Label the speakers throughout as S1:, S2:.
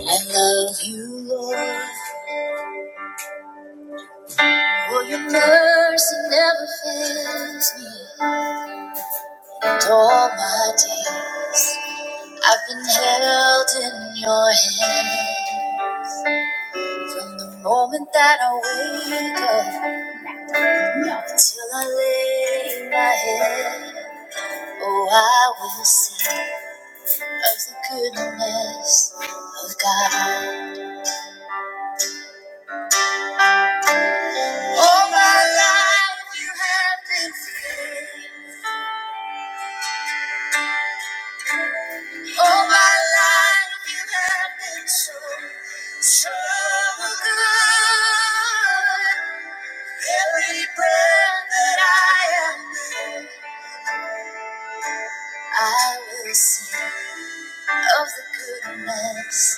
S1: I love you, Lord. For your mercy never fails me. And all my days, I've been held in your hand. From the moment that I wake up until I lay my head. Oh, I will sing of the goodness of God. All my life, you have been faithful. All my life you have been so, so good. Every breath that I am, in, I will sing of the goodness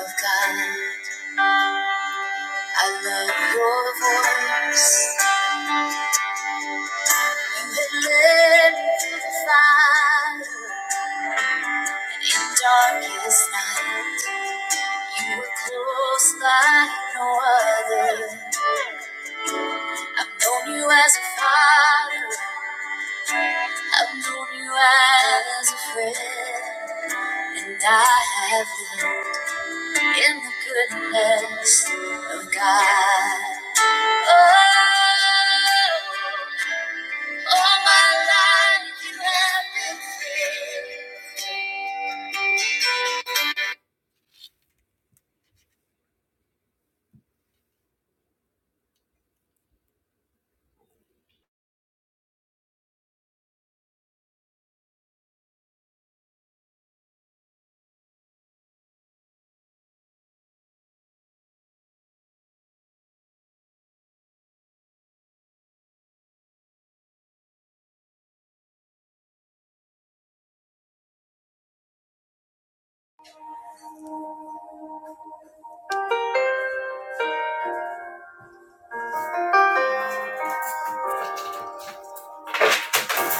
S1: of God. I love your voice. You have led me through the fire and in darkest night. You were close like no other. I've known you as a father, I've known you as a friend, and I have lived in the goodness of God. Oh, all my life you have been faithful.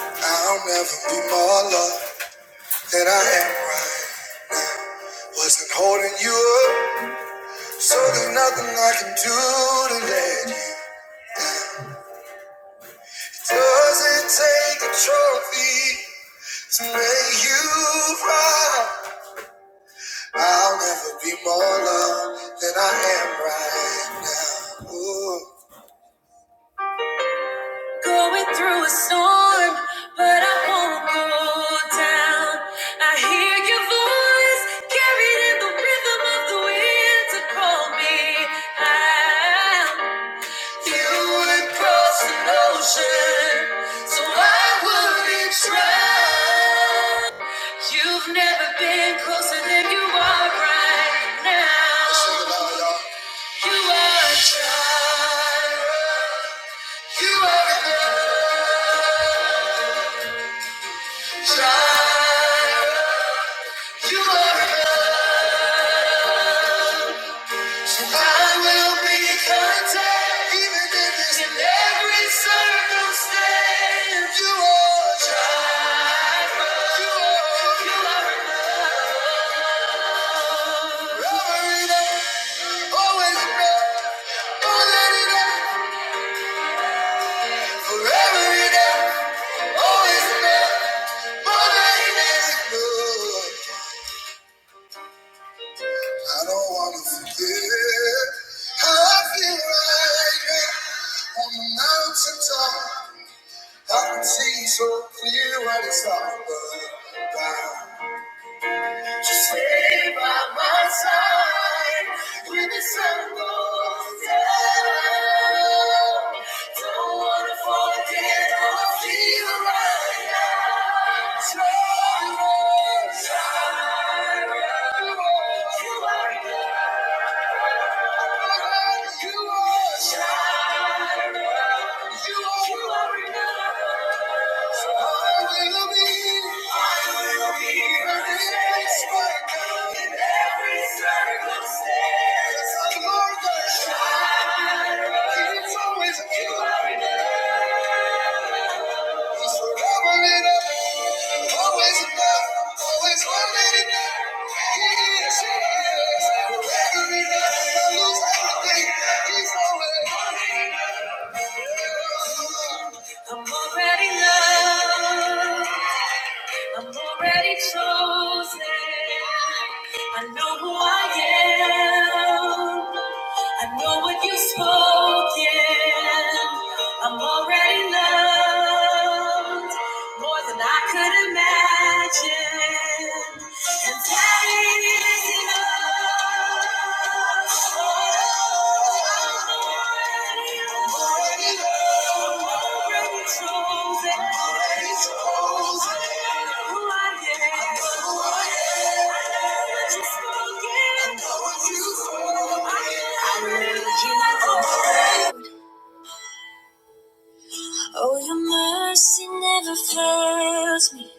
S1: I'll never be more loved than I am right. Wasn't holding you up, so there's nothing I can do to let you. Does it take a trophy to make you cry? I'll never be more loved than I am right now. Ooh. Going through a storm, but I won't go down. I hear your voice carried in the rhythm of the wind to call me out. You would cross an ocean, so I wouldn't drown. You've never been closer than you are right now. you are a child. You are a child. You are so I will be content even in this in every circumstance. You are a child. You are you are it up. Always enough. Don't let it up. Forever enough, always enough, more than enough. I don't wanna forget how I feel right now on the mountaintop. I can see so clear what it's all about. You are, you are, you are enough. I will be perfect, spot on in every circumstance. I'm more than enough. It's always a Just forever enough. Always enough. Always one minute enough. He is. He is. Forever enough. If I lose everything, he's always. one minute enough. I'm already loved. I'm already chosen. I know who I am. I know what you've spoken. I'm already loved more than I could imagine. And that is enough. Oh, I'm already loved. Oh, your mercy never fails me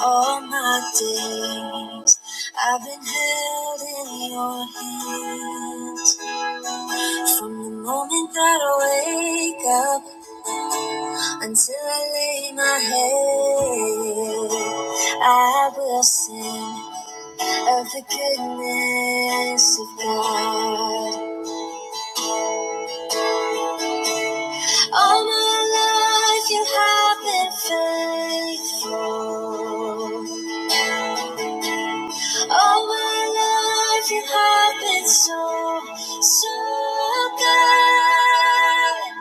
S1: all my days. I've been held in your hands. From the moment that I wake up until I lay my head, I will sing of the goodness of God. All my life you have been faithful. All my life you have been so, so good.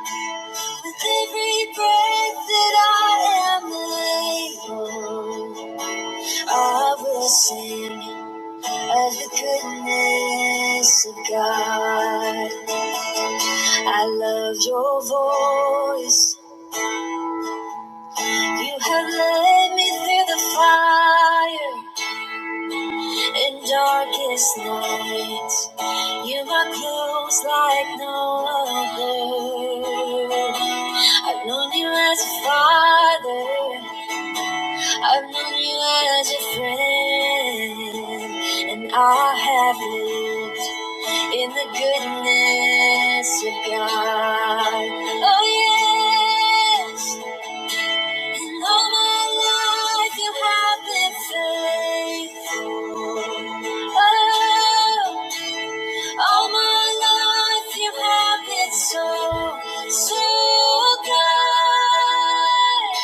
S1: With every breath that I am able, I will sing of the goodness of God. I love your voice. You have led me through the fire and darkest nights. You are close like no other. I've known you as a father. I've known you as a friend, and I have lived in the goodness of God. Oh, yes, In all my life you have been faithful. Oh, all my life you have been so, so good.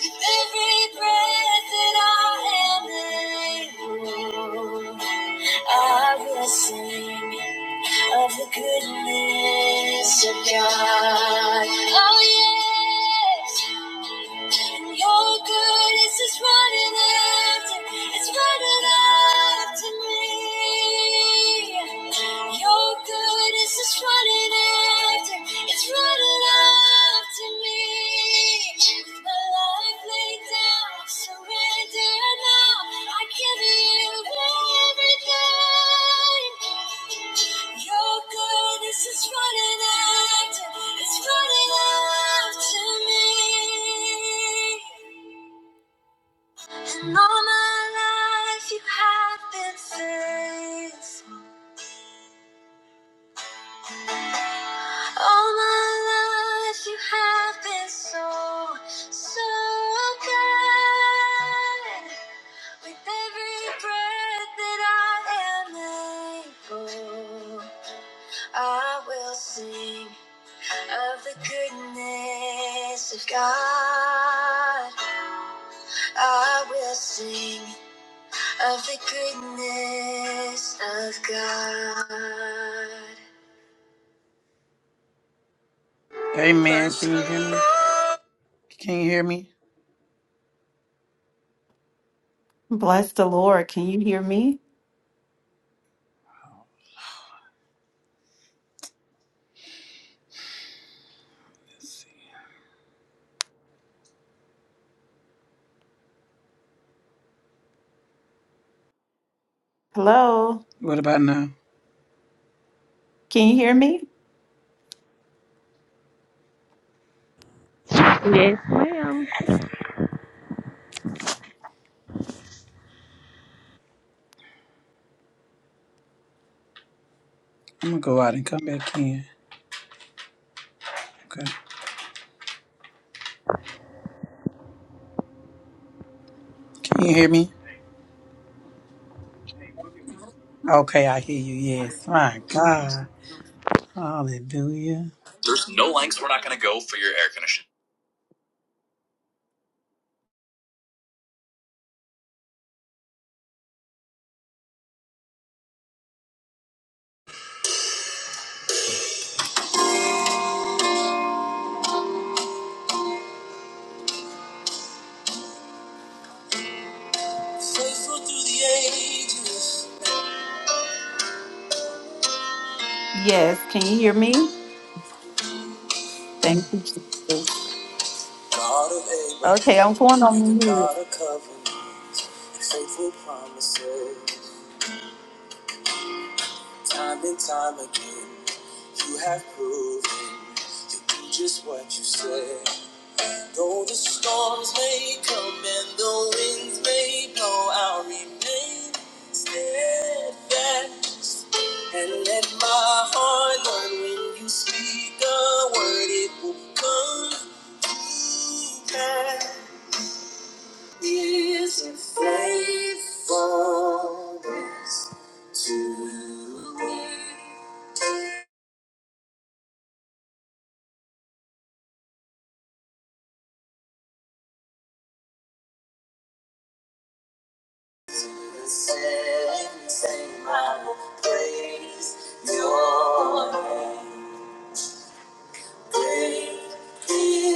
S1: With every breath that I am able, I will sing of the goodness of God. Oh, yes. And your goodness is running after, it's running after me. Your goodness is running after, it's running after me. And All my life you have been faithful. All my life you have been so, so good. With every breath that I am able, I will sing of the goodness of God. I will sing of the goodness of God. Amen. Can you hear me? Can you hear me?
S2: Bless the Lord. Can you hear me? Hello.
S1: What about now?
S2: Can you hear me?
S3: Yes, ma'am.
S1: I'm gonna go out and come back in. Okay. Can you hear me? Okay, I hear you. Yes. My God. Hallelujah. There's no lengths we're not going to go for your air conditioning.
S2: Yes. Can you hear me? Thank you, Jesus. Okay, I'm going on mute.
S1: God, a covenant for promises, time and time again, you have proven to do just what you said. Though the storms may come and the winds may blow, I'll remain steadfast. And let my heart learn when you speak a word, it will come to pass. Is your faithfulness to me?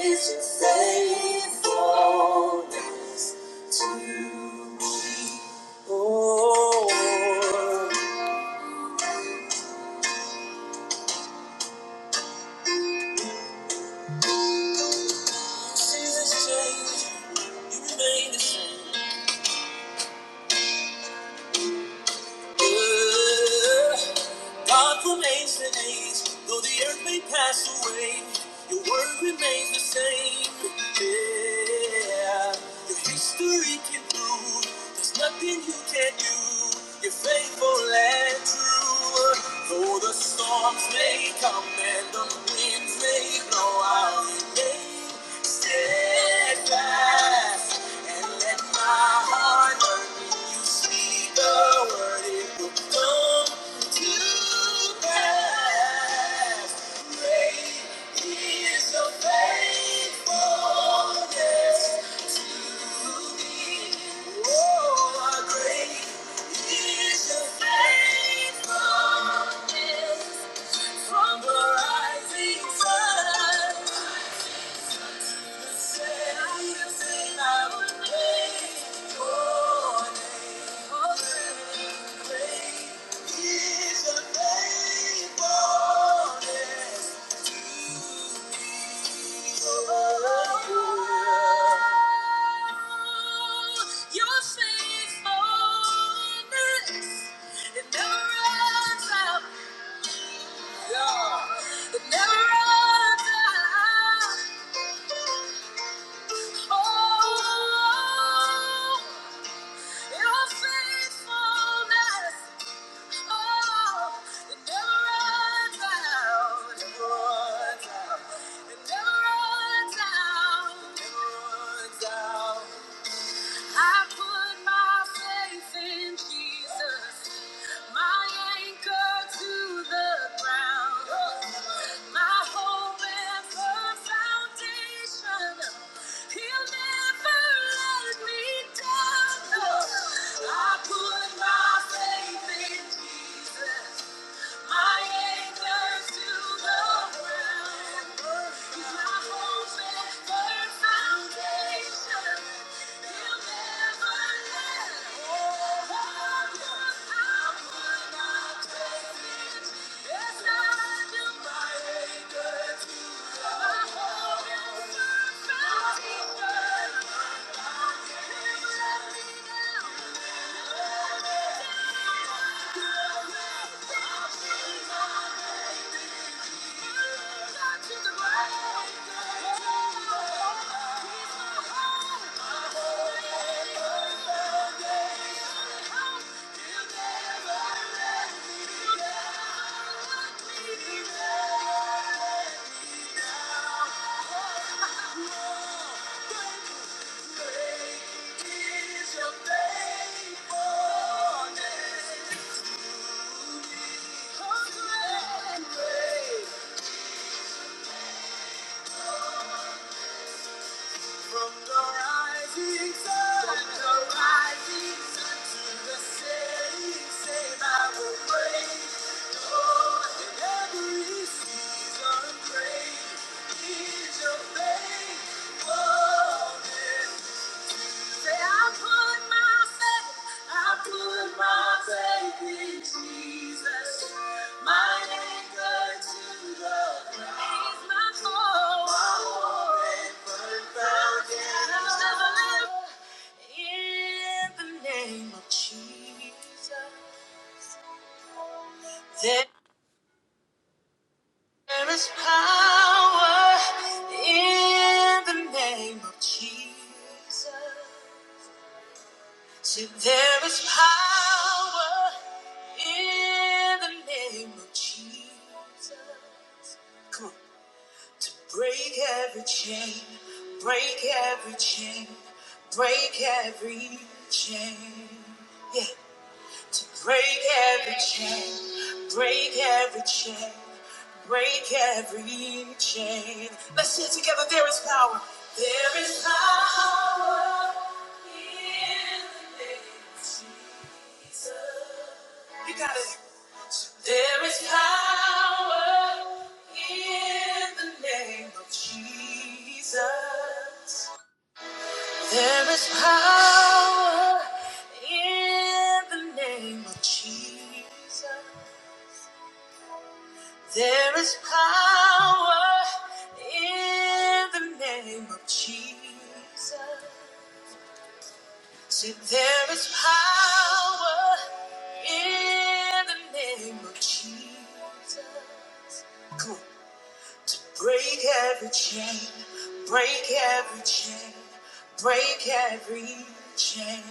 S1: Is your faithfulness You're faithful and true. Though the storms may come and the winds may blow, I'll remain steadfast. And let my heart learn when you speak the word, it will come to pass. Great is your faithfulness to me. Oh, how great Never runs out. Never runs out. I put my faith in Jesus, my anchor to the ground, my hope and firm foundation. He'll never let me down. No, I put my faith in Jesus. Thank you. From the the rising sun to the setting, same I will praise. Lord, in every season, great is your faithfulness. I put my faith, I put my faith in Jesus. My anchor to the ground. He's my hope. My hope In the name of Jesus, there is power in the name of Jesus. there is power In the name of Jesus. Come on. To break every chain, break every chain, break every chain. To break every chain, break every chain, break every chain. Let's say it together. There is power. There is power in the name of Jesus. You got it. There is power in the name of Jesus. There is power in the name of Jesus. There is power in the name of Jesus. See, there is power in the name of Jesus. Cool. To break every chain, break every chain, break every chain.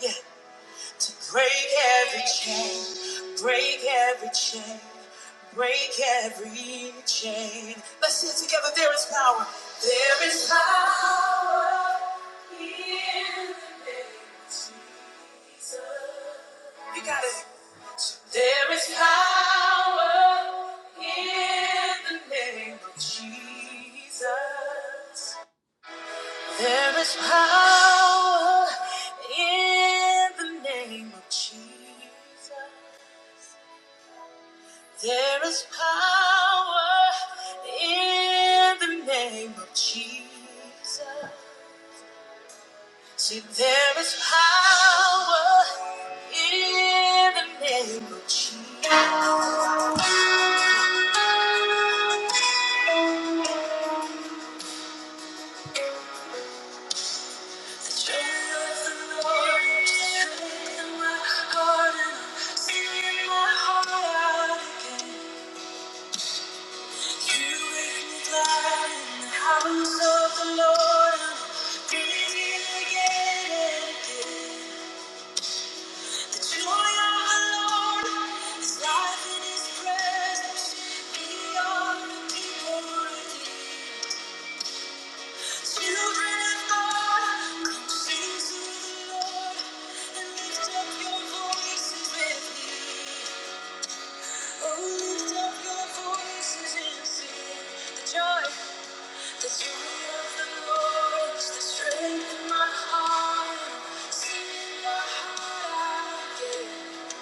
S1: Yeah, break every chain, break every chain, break every chain. Let's sing it together. There is power. There is power in the name of Jesus. You got it. There is power in the name of Jesus. There is power in the name of Jesus. There is power in the name of Jesus. See, there is power in the name of Jesus. Life in his presence, beyond the people Children of God, come sing to the Lord and lift up your voices with me. Oh, lift up your voices and sing the joy, the joy of the Lord the strength of my heart. Sing my heart out again.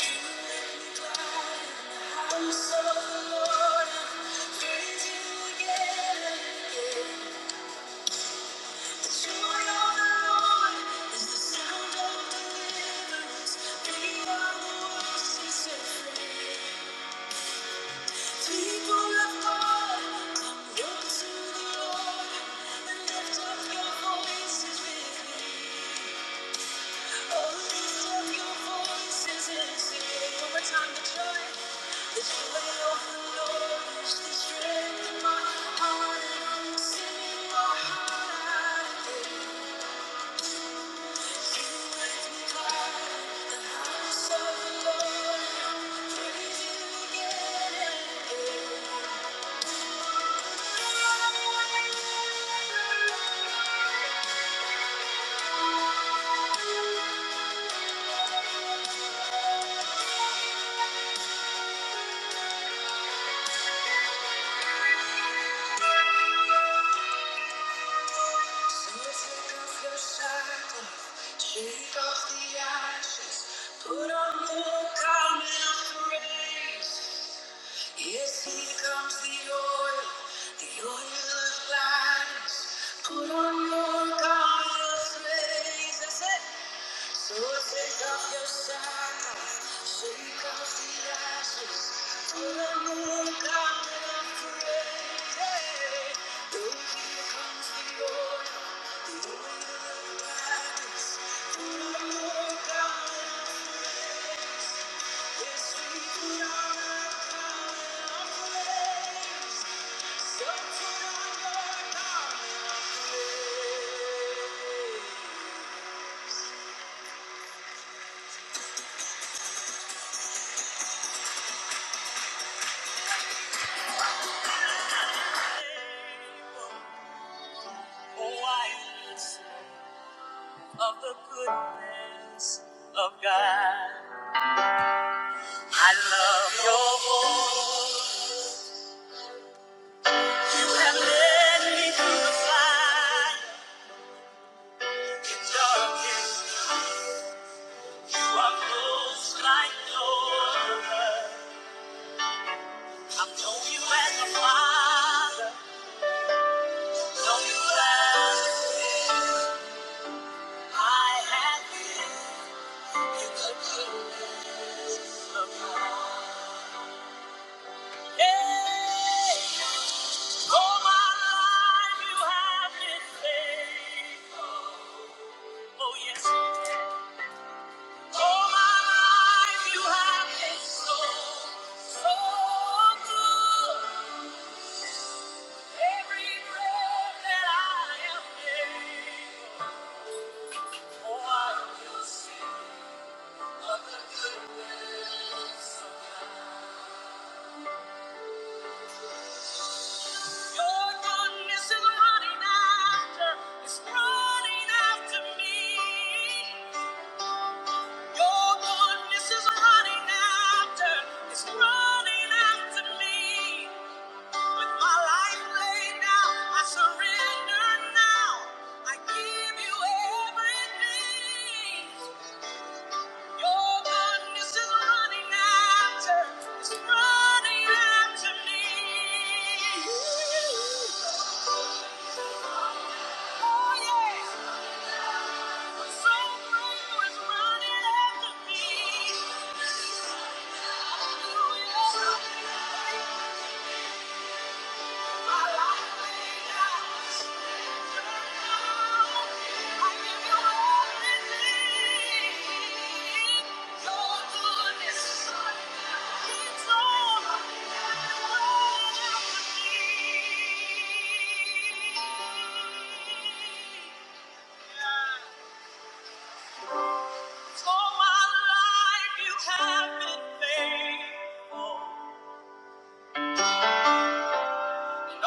S1: You make me glad in the house of the Lord. I praise you again and again. The joy of the Lord is the strength of my heart, and I'm singing my heart out. Shake off the ashes, put on the garment of praise. Yes, here comes the oil, the oil of gladness. Put on your garment of praise. That's it. So take off your shackles, shake off the ashes. To the moon, God, we are created. Oh, here comes the oil, the oil of the gladness. To the moon, God, we are created. Yes, we are God, we are created. So to the Lord, God, we are created. Oh, of the goodness of God. I love your voice. You have led me through the fire. In darkness, you are close like no other. I've known you as a father, known you as a friend. I have been in the goodness of God. Yeah. All my life you have been faithful. Oh, yes. All my life you have been so, so good. Every breath that I am able, oh, I will the goodness of God. Your goodness is running after, it's running after me. Your goodness is running after, it's running after me. With my life laid down, I surrender now. I give you everything. Your darkness is running after, it's running after me. Oh yeah, so great it's running after me. Hallelujah. My life laid out.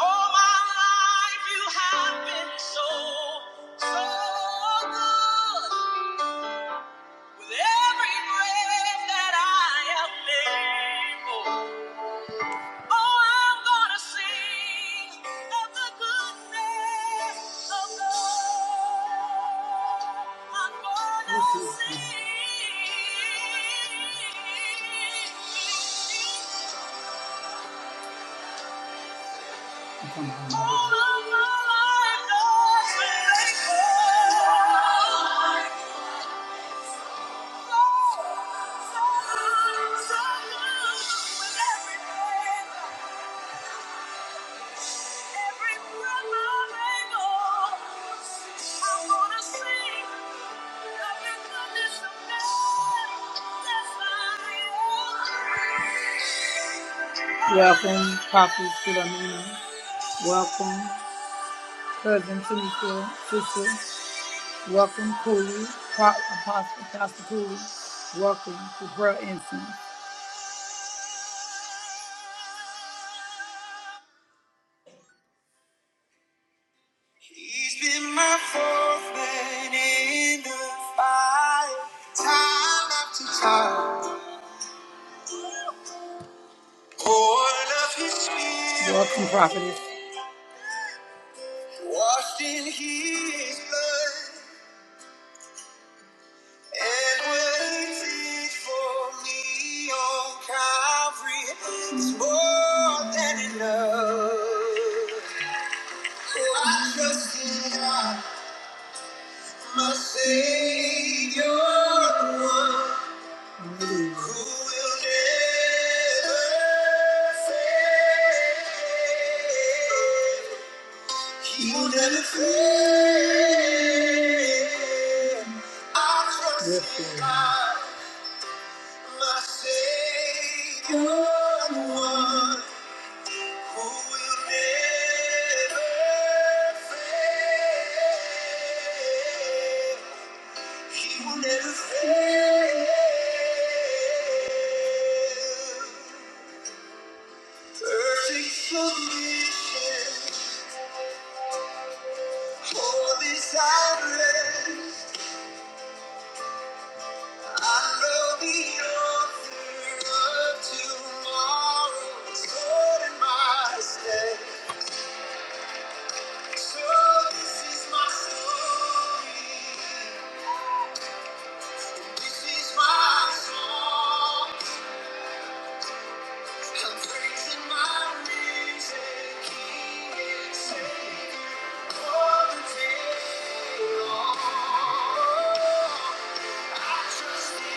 S1: All my life you have been so, so good. With every breath that I am able, oh, I'm gonna sing of the goodness of God. I'm gonna sing all of my life, God's been faithful. So, so Every breath to sing of Welcome, Prophet Philomena. Welcome, Cousin Tanika, Sister. Welcome, Cooley, Pro- Apostle Pastor Cooley. Welcome to Prayer Incense. He's been my forefather in the fire, time after time. Born of his spirit. Welcome, Prophetess. Washed in his blood. And what he did for me on Calvary is more than enough. So I trust in God, my Savior, the one who will never fail. He will never fail. I trust in God. My Savior, the one who will never fail. He will never fail. Perfect submission, holy silence. I know the author of tomorrow is holding my stead. So this is my story. This is my song. I'm praising my risen King. Sing all the day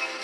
S1: long.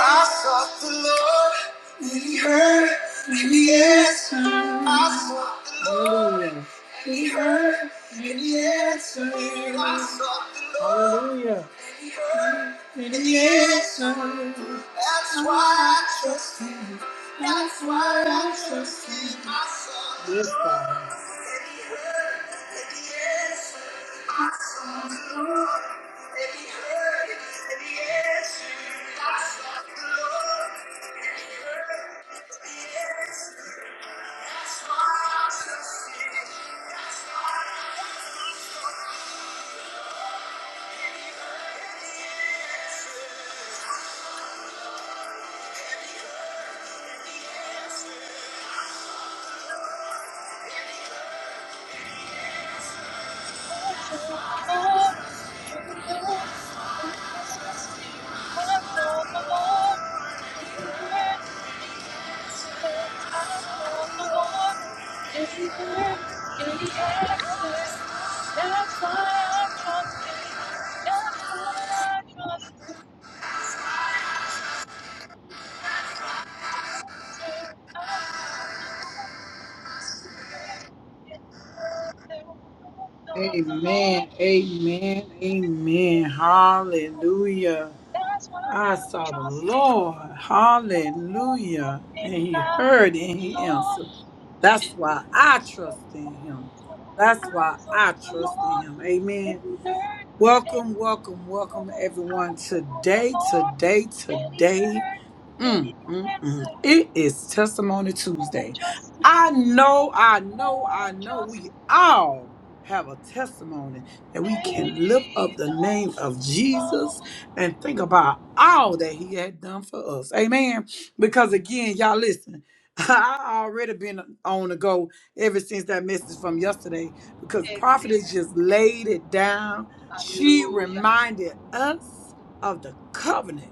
S1: I sought the Lord, and He heard, and He answered. I sought the Lord, Hallelujah. and He heard, and He answered. I sought the Lord, Hallelujah. and He answered. That's why I trust Him. That's why I trust Him. I sought the Yes, God. Lord. Amen. Amen. Amen. Hallelujah. I saw the Lord. Hallelujah. And he heard and he answered. That's why I trust in him. That's why I trust in him. Amen. Welcome, welcome, welcome everyone. Today, today, today. Mm, mm, mm. It is Testimony Tuesday. I know, I know, I know we all have a testimony that we can lift up the name of Jesus and think about all that he had done for us. Amen. Because again, y'all listen. I already been on the go ever since that message from yesterday because prophetess just laid it down. She reminded us of the covenant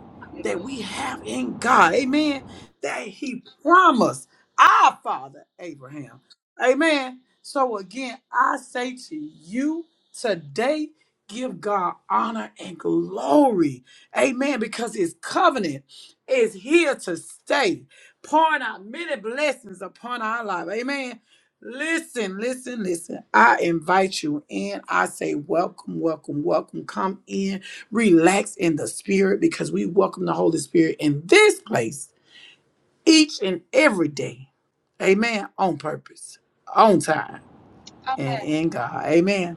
S1: that we have in God. Amen. That He promised our father Abraham. Amen. So again, I say to you today, give God honor and glory. Amen. Because His covenant is here to stay, pouring out many blessings upon our life. Amen. Listen, listen, listen. I invite you in. I say, welcome, welcome, welcome. Come in relax in the spirit because we welcome the Holy Spirit in this place each and every day. Amen. On purpose, on time, and in God. Amen.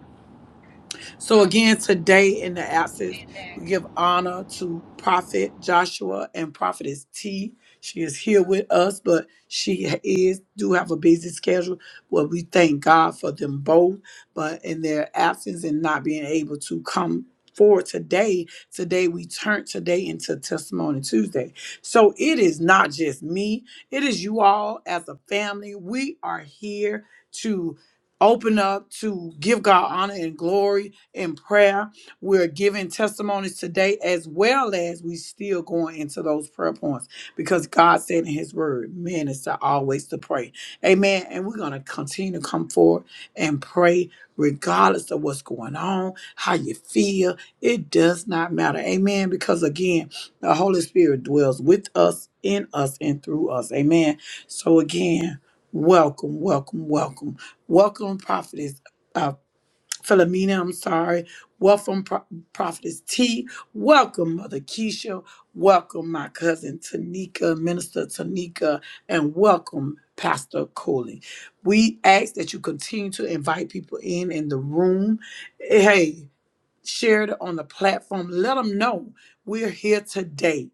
S1: So again, today in the absence, we give honor to Prophet Joshua and Prophetess T. She is here with us, but she is do have a busy schedule. Well, we thank God for them both, but in their absence and not being able to come forward today, today we turn today into Testimony Tuesday. So it is not just me, it is you all as a family. We are here to open up to give God honor and glory in prayer. We're giving testimonies today as well as we still going into those prayer points because God said in his word, men is to always to pray. Amen. And we're going to continue to come forward and pray regardless of what's going on, how you feel. It does not matter. Amen. Because again, the Holy Spirit dwells with us, in us, and through us. Amen. So again, welcome, welcome, welcome. Welcome, prophetess. uh, Philomena, I'm sorry. Welcome, Pro- Prophetess T. Welcome, Mother Keisha. Welcome, my cousin Tanika, Minister Tanika, and welcome, Pastor Coley. We ask that you continue to invite people in in the room. Hey share it on the platform. Let them know we're here today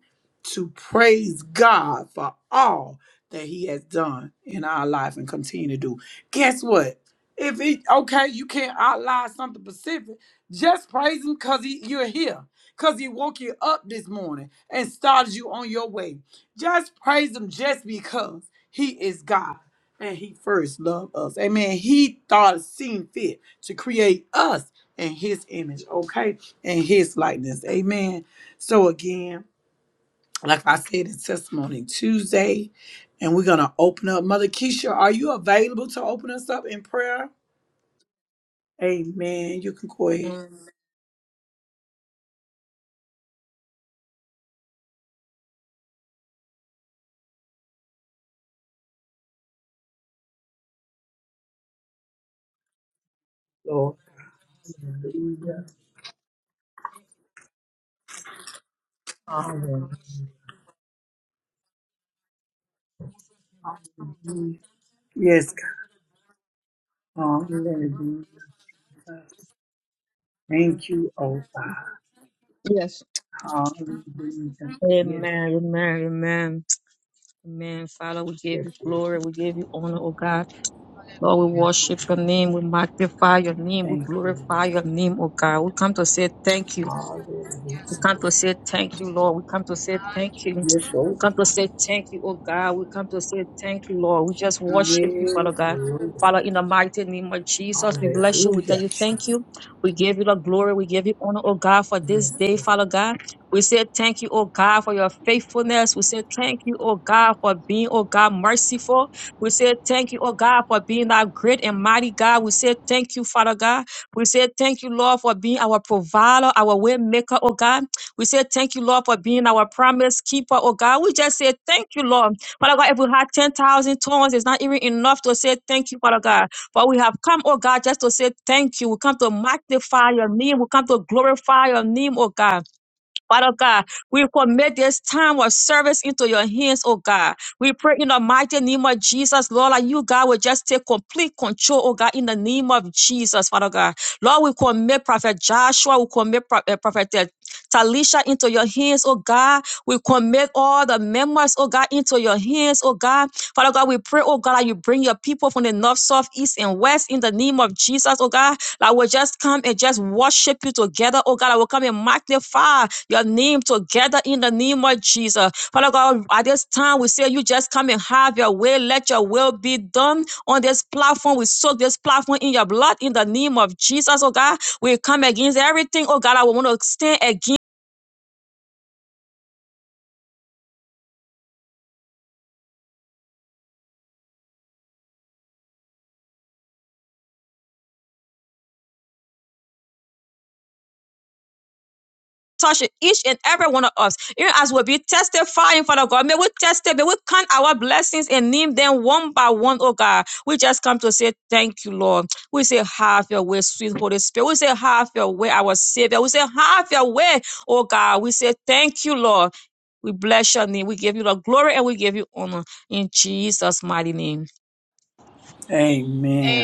S1: to praise God for all that He has done in our life and continue to do. Guess what? If it okay, you can't outline something specific. Just praise Him because he, you're here, because He woke you up this morning and started you on your way. Just praise Him just because He is God. And he first loved us. Amen. He thought it seemed fit to create us and his image, okay, and his likeness. Amen. So again, like I said, it's testimony Tuesday, and we're gonna open up. Mother Keisha, are you available to open us up in prayer? Amen. You can go ahead, Lord. Yes, God. Hallelujah. Thank you, oh God.
S4: Yes.
S1: Hallelujah. Yes,
S4: Amen, amen, amen, amen. Father, we give
S1: yes,
S4: you
S1: yes.
S4: glory, we give you honor, oh God. Lord, we
S1: Thank you.
S4: worship
S1: Lord.
S4: your name, we magnify your name, we
S1: Thank you.
S4: glorify your name, oh God. We come to say thank you.
S1: Hallelujah.
S4: We come to say thank you, Lord. We come to say thank you.
S1: Yes,
S4: We
S1: oh
S4: come to say thank you, oh God. We come to say thank you, Lord. We just worship you,
S1: Yes,
S4: Father God. Father, in the mighty name of Jesus, we bless you. We
S1: hallelujah.
S4: tell you thank you. We give you the glory. We give you honor, oh God, for this day, Father God. We say thank you, oh God, for your faithfulness. We say thank you, oh God, for being, oh God, merciful. We say thank you, oh God, for being that great and mighty God. We say thank you, Father God. We say thank you, Lord, for being our provider, our way maker, oh God. We say thank you, Lord, for being our promise keeper, oh God. We just say thank you, Lord. Father God, if we had 10,000 tongues, it's not even enough to say thank you, Father God. But we have come, oh God, just to say thank you. We come to magnify your name. We come to glorify your name, oh God. Father God, we commit this time of service into your hands, oh God. We pray in the mighty name of Jesus, Lord, that you, God, will just take complete control, oh God, in the name of Jesus, Father God. Lord, we commit Prophet Joshua, we commit Pro- eh, Prophet eh, Talisha into your hands, oh God. We commit all the members, oh God, into your hands, oh God. Father God, we pray, oh God, that you bring your people from the north, south, east, and west in the name of Jesus, oh God. I will just come and just worship you together. Oh God, I will come and magnify your name together in the name of Jesus. Father God, at this time we say you just come and have your way. Let your will be done on this platform. We soak this platform in your blood in the name of Jesus. Oh God, we come against everything. Oh God, I will want to stand against. touch each and every one of us. Even as we'll be testifying, Father God, may we testify, may we count our blessings and name them one by one, oh God. We just come to say thank you, Lord. We say, have your way, sweet Holy Spirit. We say, have your way, our Savior. We say, have your way, oh God. We say, thank you, Lord. We bless your name. We give you the glory and we give you honor in Jesus' mighty name.
S1: Amen.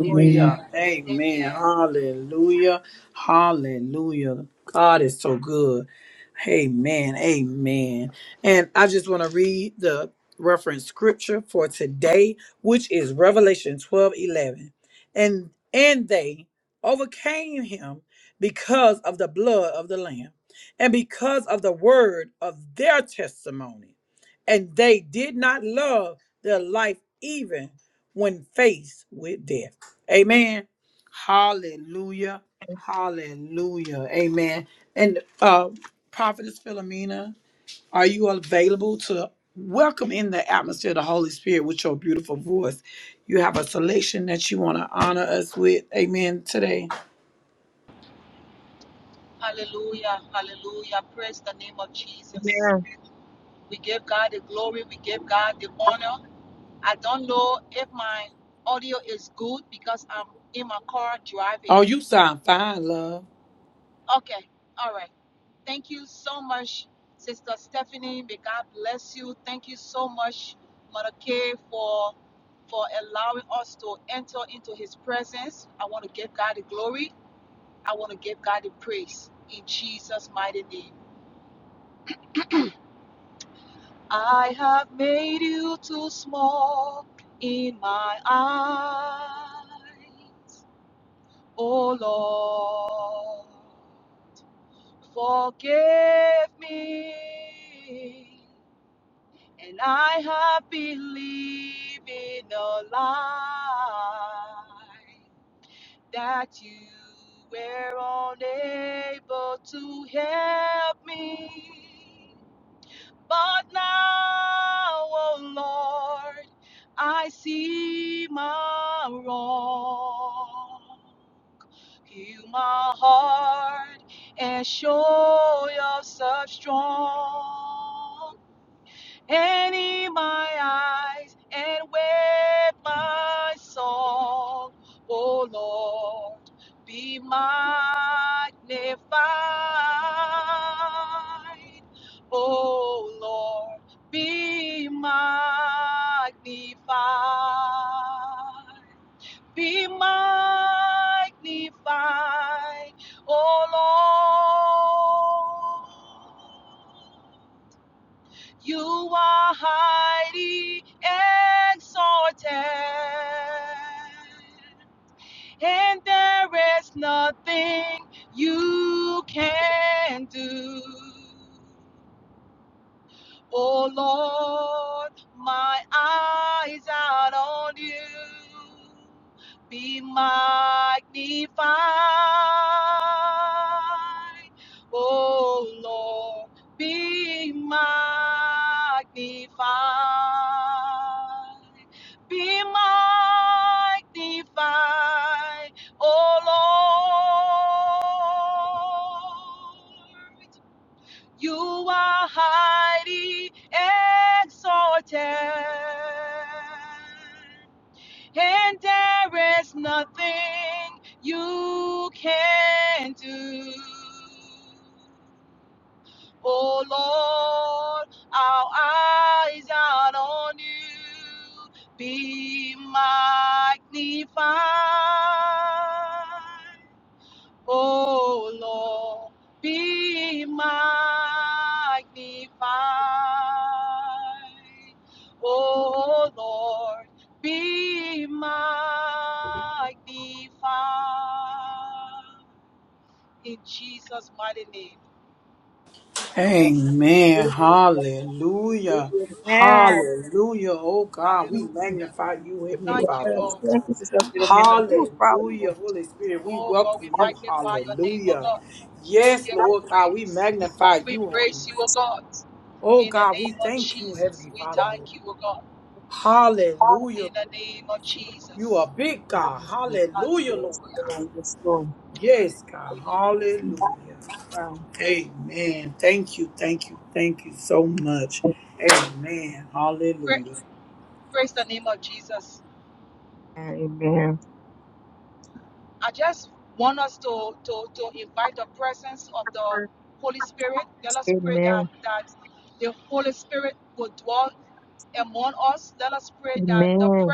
S4: Amen.
S1: Amen. Hallelujah. Hallelujah. God is so good. Amen. Amen. And I just want to read the reference scripture for today, which is Revelation 12 11, And and they overcame him because of the blood of the Lamb and because of the word of their testimony. And they did not love their life even when faced with death. Amen. Hallelujah. Hallelujah. Amen. And uh Prophetess Philomena, are you available to welcome in the atmosphere of the Holy Spirit with your beautiful voice? You have a selection that you want to honor us with. Amen. Today. Oh, you sound fine, love. Amen. Hallelujah. Hallelujah. Oh God, we magnify you, Heavenly Father,
S4: Yes,
S1: Lord
S4: thank
S1: God.
S4: you, Sister Philomena. Who
S1: Hallelujah.
S4: powerful.
S1: Holy Spirit, we welcome you. Hallelujah. Yes, Lord God, we magnify you, Holy. Oh God, we thank you, Heavenly Father, Lord. Hallelujah. You are big God.
S4: Amen.
S1: Hallelujah,
S4: Yes,
S1: Lord God.
S4: Lord. Yes, Lord.
S1: Yes, God. Hallelujah.
S4: Wow.
S1: Amen. Thank you. Thank you. Thank you so much. Amen. Hallelujah.
S4: Amen. Amen. Amen.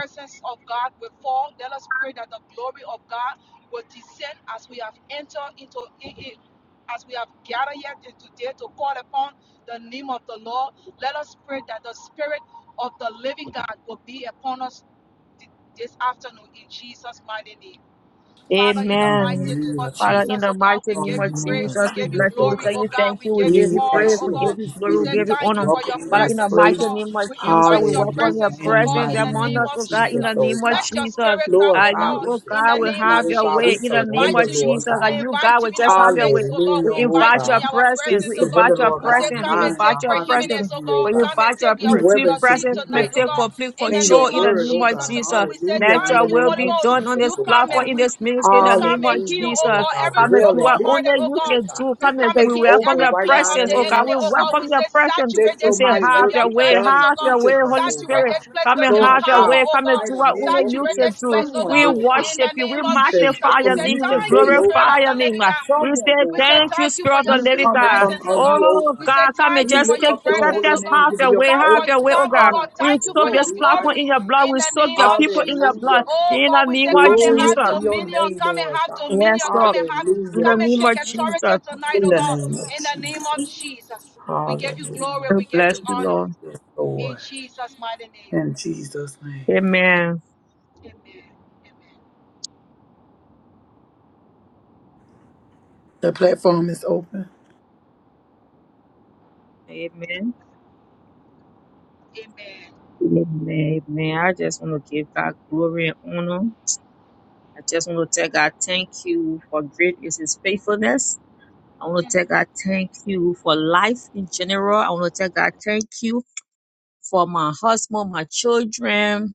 S4: Amen.
S1: Hallelujah, Jesus.
S4: Father, in the mighty
S1: Father,
S4: name
S1: in
S4: of
S1: the name of
S4: Jesus, we
S1: Jesus,
S4: bless you.
S1: oh
S4: We tell
S1: God.
S4: you thank you. We give
S1: We
S4: you praise.
S1: ask
S4: We
S1: you,
S4: give
S1: Holy
S4: you glory.
S1: Spirit,
S4: We
S1: you
S4: give you
S1: just
S4: honor.
S1: welcome in
S4: Father, in
S1: this
S4: the mighty
S1: place.
S4: name of Jesus, we welcome your
S1: Hallelujah, in the
S4: presence
S1: mighty
S4: among
S1: name
S4: us,
S1: of
S4: oh God, in
S1: Jesus,
S4: the
S1: oh
S4: name of
S1: God.
S4: Jesus.
S1: Lord
S4: Uh, you,
S1: God, we
S4: oh
S1: just
S4: God, will
S1: thank you,
S4: have
S1: oh
S4: your
S1: God. We
S4: way in the name
S1: surrender,
S4: of Jesus.
S1: Lord
S4: That
S1: God.
S4: you, God, will just have your way. We
S1: Hallelujah, oh
S4: invite your
S1: God. We
S4: presence. We invite
S1: surrender,
S4: your
S1: Lord God, our
S4: presence. We
S1: mind and
S4: invite
S1: our
S4: your
S1: hearts unto
S4: presence.
S1: you, oh
S4: We
S1: God.
S4: invite your
S1: We
S4: pre- sweet
S1: reverence in
S4: presence
S1: you,
S4: to
S1: oh
S4: take
S1: God.
S4: complete
S1: In
S4: control
S1: your
S4: in the
S1: word,
S4: name
S1: oh
S4: of
S1: God.
S4: Jesus. Let
S1: Hallelujah, in
S4: your
S1: the
S4: will
S1: name of
S4: be done on
S1: Jesus,
S4: this
S1: Lord
S4: platform,
S1: God.
S4: in this ministry, in the name of
S1: Hallelujah,
S4: Jesus.
S1: Lord God.
S4: Come and
S1: Dwell
S4: do
S1: in
S4: what
S1: this
S4: only
S1: place,
S4: you
S1: Lord
S4: can
S1: God.
S4: do. Come and we
S1: Take
S4: welcome
S1: over
S4: your
S1: right now in the
S4: presence. Oh
S1: name
S4: God,
S1: of
S4: we
S1: Jesus.
S4: welcome your presence.
S1: Let
S4: We
S1: your
S4: say,
S1: mighty
S4: have
S1: work
S4: your
S1: be
S4: way,
S1: done in
S4: have your
S1: each
S4: way,
S1: of us,
S4: Holy
S1: oh
S4: Spirit.
S1: God.
S4: Come and
S1: Lord
S4: have your
S1: God,
S4: way. Come and
S1: fight
S4: do
S1: a
S4: what
S1: man,
S4: only
S1: welcome
S4: you
S1: in
S4: can do.
S1: someone,
S4: We
S1: Lord God.
S4: worship you. We
S1: You said
S4: magnify
S1: from
S4: your name.
S1: you
S4: We
S1: today, oh
S4: glorify
S1: God.
S4: your name. We
S1: Someone,
S4: say,
S1: Lord God.
S4: thank you, Spirit of the
S1: We
S4: living
S1: come
S4: God.
S1: from of you, oh
S4: Oh
S1: God.
S4: God, come and
S1: We
S4: just
S1: lift
S4: take
S1: up
S4: the,
S1: your holy
S4: just
S1: name,
S4: have
S1: give you
S4: your
S1: your
S4: way, have
S1: praise
S4: your
S1: and
S4: way, oh God.
S1: honor
S4: We
S1: and
S4: soak this
S1: glory, my."
S4: platform in your blood. We soak your people in your blood.
S1: Hallelujah. God.
S4: In the name of
S1: Glory
S4: Jesus.
S1: to your name, Lord God.
S4: Yes, Lord. In
S1: Hallelujah,
S4: the name
S1: Jesus.
S4: of Jesus. God
S1: In the name of Jesus. Hallelujah.
S4: Bless you, Lord.
S1: Yes, Lord. In Jesus' name.
S4: Amen.
S1: The platform is open.
S4: Amen. Amen. Amen. I just want to give God glory and honor. I just want to tell God thank you for great is his faithfulness. I want to tell God thank you for life in general. I want to tell God thank you for my husband, my children,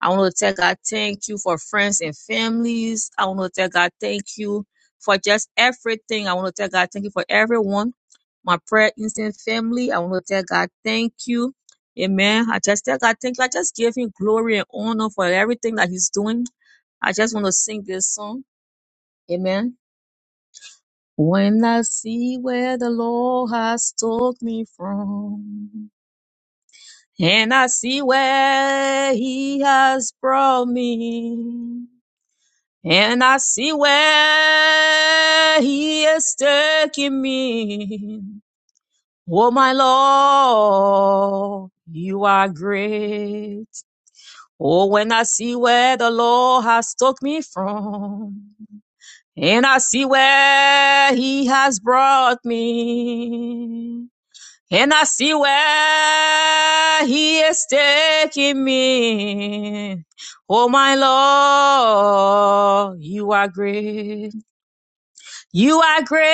S4: I want to tell God thank you for friends and families. I want to tell God thank you for just everything. I want to tell God thank you for everyone. My prayer instant family. I want to tell God thank you. Amen. I just tell God thank you. I just give him glory and honor for everything that he's doing. I just want to sing this song. Amen. When I see where the Lord has took me from, and I see where he has brought me. And I see where he is taking me. Oh, my Lord, you are great. Oh, when I see where the Lord has took me from, and I see where he has brought me, and I see where he is taking me. Oh, my Lord, you are great. You are great.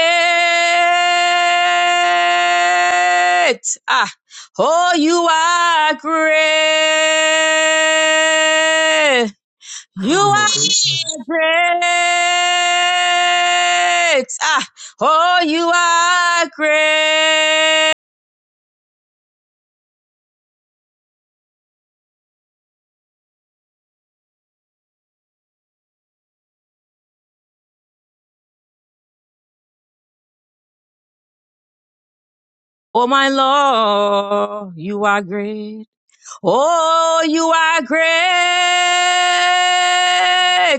S4: Ah, oh, you are great. You are great. Ah, oh, you are great. Oh, my Lord, you are great. Oh, you are great,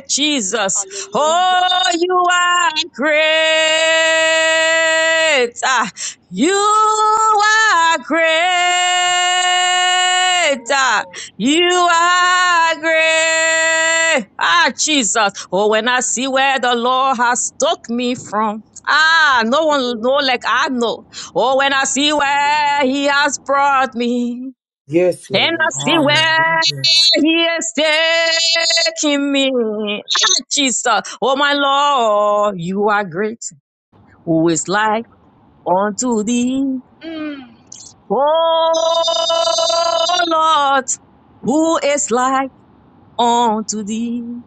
S4: Jesus. Oh, you are great. Ah, you are great. Ah, you are great. Ah, Jesus. Oh, when I see where the Lord has took me from. Ah, no one know like I know. Oh, when I see where he has brought me.
S1: Yes,
S4: And I
S1: Lord.
S4: see where
S1: Hallelujah.
S4: he is taking me. Ah, Jesus, oh my Lord, you are great. Who is like unto thee? Oh Lord, who is like unto thee?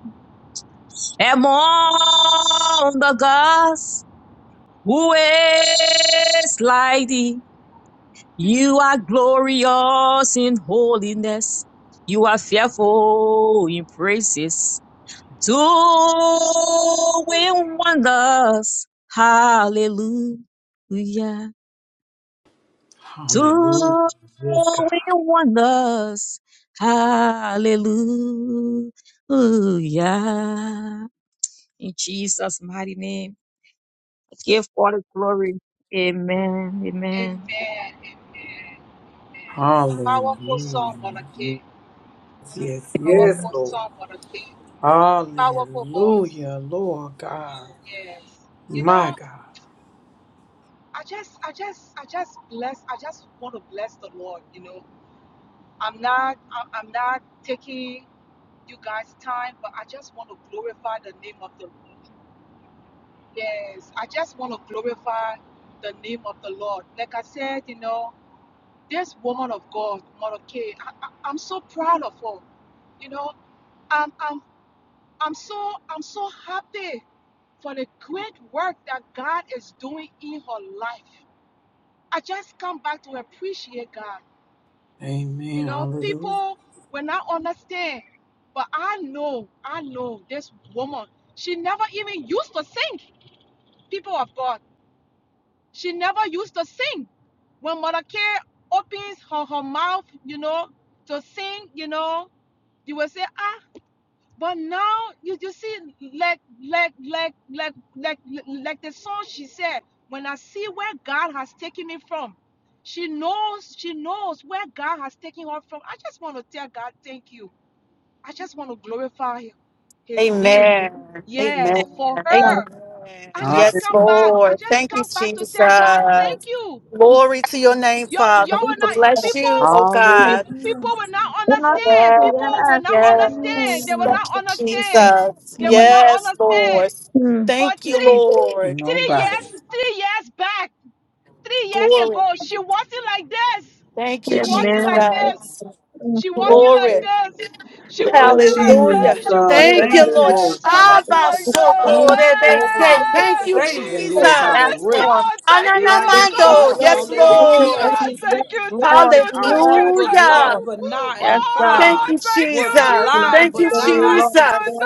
S4: Among the gods, who is like thee? You are glorious in holiness. You are fearful in praises. doing wonders. Hallelujah.
S1: Hallelujah.
S4: Doing
S1: Yes, God.
S4: wonders. Hallelujah. In Jesus' mighty name, give God the glory. Amen. Amen.
S1: Hallelujah. Yes, yes, yes, Lord. Hallelujah, Lord God. My God. Amen. Hallelujah.
S2: Amen. Amen. Amen.
S4: Yes.
S2: Yes, Lord. Thank you, Jesus. Glory to your name, Father. We bless you, oh God.
S1: Hallelujah.
S4: Yes.
S2: Yes, yes.
S4: Mm.
S2: Thank you, Jesus. Yes, Lord.
S4: Mm-hmm.
S2: Thank you, Lord.
S1: Nobody.
S2: Glory. Thank you,
S4: Amen.
S2: Jesus.
S4: Mm, Yes. yes.
S2: Glory.
S4: Glory,
S2: Hallelujah.
S1: Jesus.
S4: glory, glory,
S2: Thank you,
S1: Thank you,
S2: Lord.
S4: glory.
S1: oh God.
S4: Yes, Lord. Yes, Lord.
S1: Thank you, oh God,
S2: Shabasokorebese.
S1: for
S2: Thank you,
S1: saving, Lord God,
S2: Jesus.
S1: a wreck like me,
S2: Ananamando.
S1: Lord.
S2: Yes,
S4: Yes, Lord. Yes, Lord. Yes,
S1: Hallelujah,
S2: Lord.
S1: Jesus.
S4: Lord. Yes, Lord.
S1: I once
S4: Yes,
S1: was lost,
S2: Hallelujah.
S1: but now am
S4: God. Yes,
S2: Thank
S1: found.
S2: you,
S1: Was
S2: Jesus.
S1: blind,
S2: Thank
S1: but
S2: you,
S1: now I
S4: Lord.
S1: see.
S2: Jesus.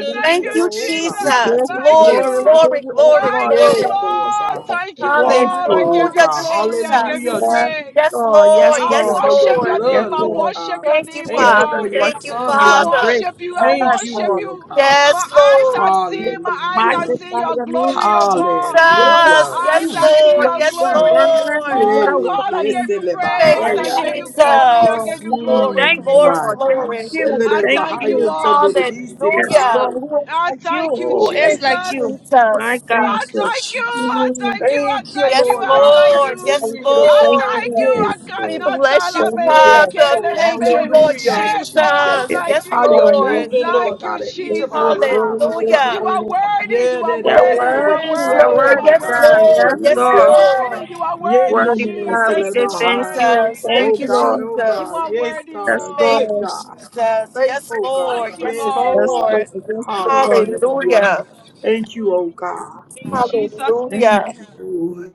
S4: Yes,
S2: Thank
S4: God.
S2: you,
S1: oh
S4: Yes, Lord. We
S1: God.
S4: give
S2: Jesus.
S4: you
S1: Yes,
S2: Glory,
S4: glory. We
S1: God.
S2: glory,
S4: give you all,
S2: glory,
S4: Lord.
S1: Yes,
S2: glory.
S1: Lord
S4: Yes,
S1: God.
S4: Lord. We worship
S1: Thank you, oh
S4: you.
S2: Hallelujah,
S1: God. Hallelujah,
S2: Jesus.
S1: Jesus.
S4: Yes,
S2: Yes,
S4: Lord. Yes,
S2: Lord.
S1: Thank you
S2: Yes,
S4: Lord.
S1: for your
S2: Lord.
S4: Yes,
S1: blood, Lord
S4: Lord.
S1: God.
S2: Thank you,
S1: Thank
S4: Yes,
S1: you
S2: Father.
S4: we
S1: for your
S4: worship
S2: Thank you,
S4: you.
S1: son, oh
S4: You are
S1: God.
S2: Father.
S4: great.
S1: Thank
S4: Yes,
S1: you,
S4: Lord.
S1: Lord God.
S2: Yes, Lord.
S4: Yes,
S1: Hallelujah.
S4: magnify your name.
S2: Thank you, Jesus.
S4: Yes,
S1: Hallelujah.
S2: Yes,
S1: Ooh,
S2: Lord.
S4: Lord.
S2: Yes,
S1: Jesus.
S2: Lord.
S1: Ele desse le
S2: Thank you,
S1: bahaya na na na.
S2: Jesus. Glory,
S4: Thank
S1: Mm,
S4: you,
S2: glory,
S1: my
S4: Lord. Thank
S2: glory.
S1: gosh.
S4: you.
S1: Ele de
S4: Thank
S1: bahaya
S4: you.
S1: te de de de
S4: Yes,
S2: Hallelujah.
S4: Lord.
S1: bahaya.
S4: Who is like you? Who is
S1: Glory.
S2: Thank you,
S4: like you? My
S2: Jesus.
S4: God.
S1: Thank you, Jesus.
S4: Mm.
S1: Thank you,
S2: Yes,
S1: Lord God.
S2: Lord. Yes,
S4: Thank you,
S1: Hallelujah.
S4: Thank you,
S2: Lord.
S4: Lord.
S1: Yes,
S2: We
S1: Lord.
S2: bless you,
S4: Thank you,
S1: Yes,
S4: Lord.
S2: Father.
S1: Lord.
S2: Thank you,
S4: Mm.
S2: Lord
S1: Hallelujah,
S2: Jesus.
S1: Jesus.
S4: Yes,
S2: Yes,
S1: How you're
S4: Lord. Yes,
S2: Lord.
S1: moving, Lord
S4: Lord.
S1: God, in each
S4: Yes,
S1: of our
S4: Lord.
S1: lives,
S4: Worthy,
S1: oh
S4: worthy,
S1: God.
S2: Hallelujah.
S4: worthy.
S1: Yeah, that it
S4: Yeah,
S1: is to the
S4: worthy.
S2: Yes,
S4: Yeah,
S1: Bahia,
S2: Lord.
S1: my
S4: worthy,
S2: Yes,
S4: God.
S1: it
S2: Lord.
S4: Yes,
S1: is
S2: Yes,
S1: to
S4: Lord.
S1: my-
S2: Lord.
S1: Yeah, yeah,
S4: Worthy,
S1: yeah, yeah, it's to
S4: God. We
S2: Thank
S1: the
S2: you,
S4: say thank
S1: Bahia.
S4: you.
S2: Jesus.
S4: Thank
S1: Oh
S2: Thank you,
S4: you, Lord.
S1: God, oh
S2: Jesus.
S1: God. Yes, God, a
S4: Yes,
S2: Thank
S1: good
S2: you,
S4: Lord.
S1: God.
S2: Jesus. Yes,
S1: Faithful
S2: Lord.
S1: God.
S2: Yes,
S1: Yes,
S4: Yes,
S1: Lord.
S4: Lord.
S2: Lord.
S4: Yes, Lord.
S1: Hallelujah.
S2: Hallelujah.
S1: Thank you, oh God.
S2: Hallelujah.
S1: Thank you. Lord.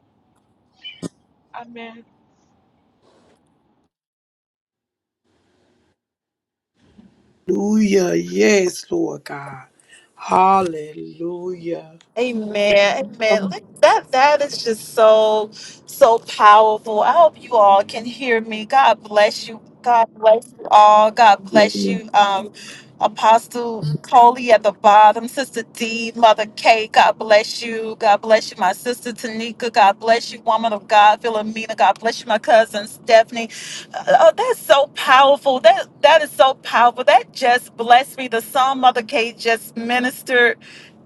S1: Hallelujah. Yes, Lord God. Hallelujah.
S2: Amen. Amen. Like, That that is just so so powerful. I hope you all can hear me. God bless you. God bless you all. God bless
S4: Hallelujah.
S2: you. Um Apostle Coley at the bottom, Sister D, Mother K, God bless you. God bless you, my sister Tanika. God bless you, woman of God, Philomena. God bless you, my cousin Stephanie. Uh, Oh, that's so powerful. That that is so powerful. That just blessed me. The song Mother K just ministered